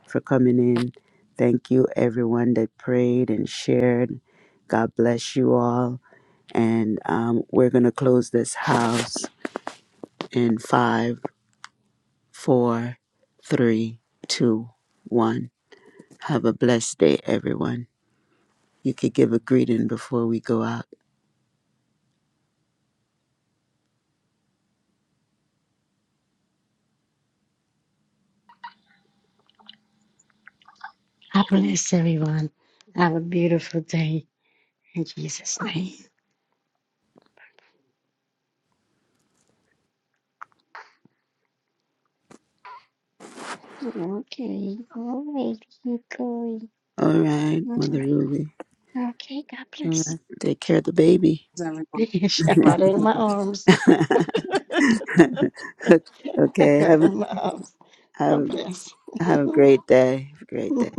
[SPEAKER 2] for coming in. Thank you everyone that prayed and shared. God bless you all. And um, we're gonna close this house in five, four, three, two, one. Have a blessed day, everyone. You could give a greeting before we go out.
[SPEAKER 1] I bless everyone. Have a beautiful day in Jesus' name. Okay, all right, keep going.
[SPEAKER 2] All right,
[SPEAKER 1] All
[SPEAKER 2] Mother
[SPEAKER 1] right,
[SPEAKER 2] Ruby.
[SPEAKER 1] okay, God
[SPEAKER 2] All
[SPEAKER 1] bless.
[SPEAKER 2] right, take care of the baby.
[SPEAKER 3] Everyone,
[SPEAKER 1] I
[SPEAKER 3] bless
[SPEAKER 1] got it in
[SPEAKER 3] you.
[SPEAKER 1] my arms. I
[SPEAKER 2] okay,
[SPEAKER 1] got it
[SPEAKER 2] have
[SPEAKER 1] in my arms. God
[SPEAKER 2] have
[SPEAKER 1] bless.
[SPEAKER 2] Have a great day. Have a great day.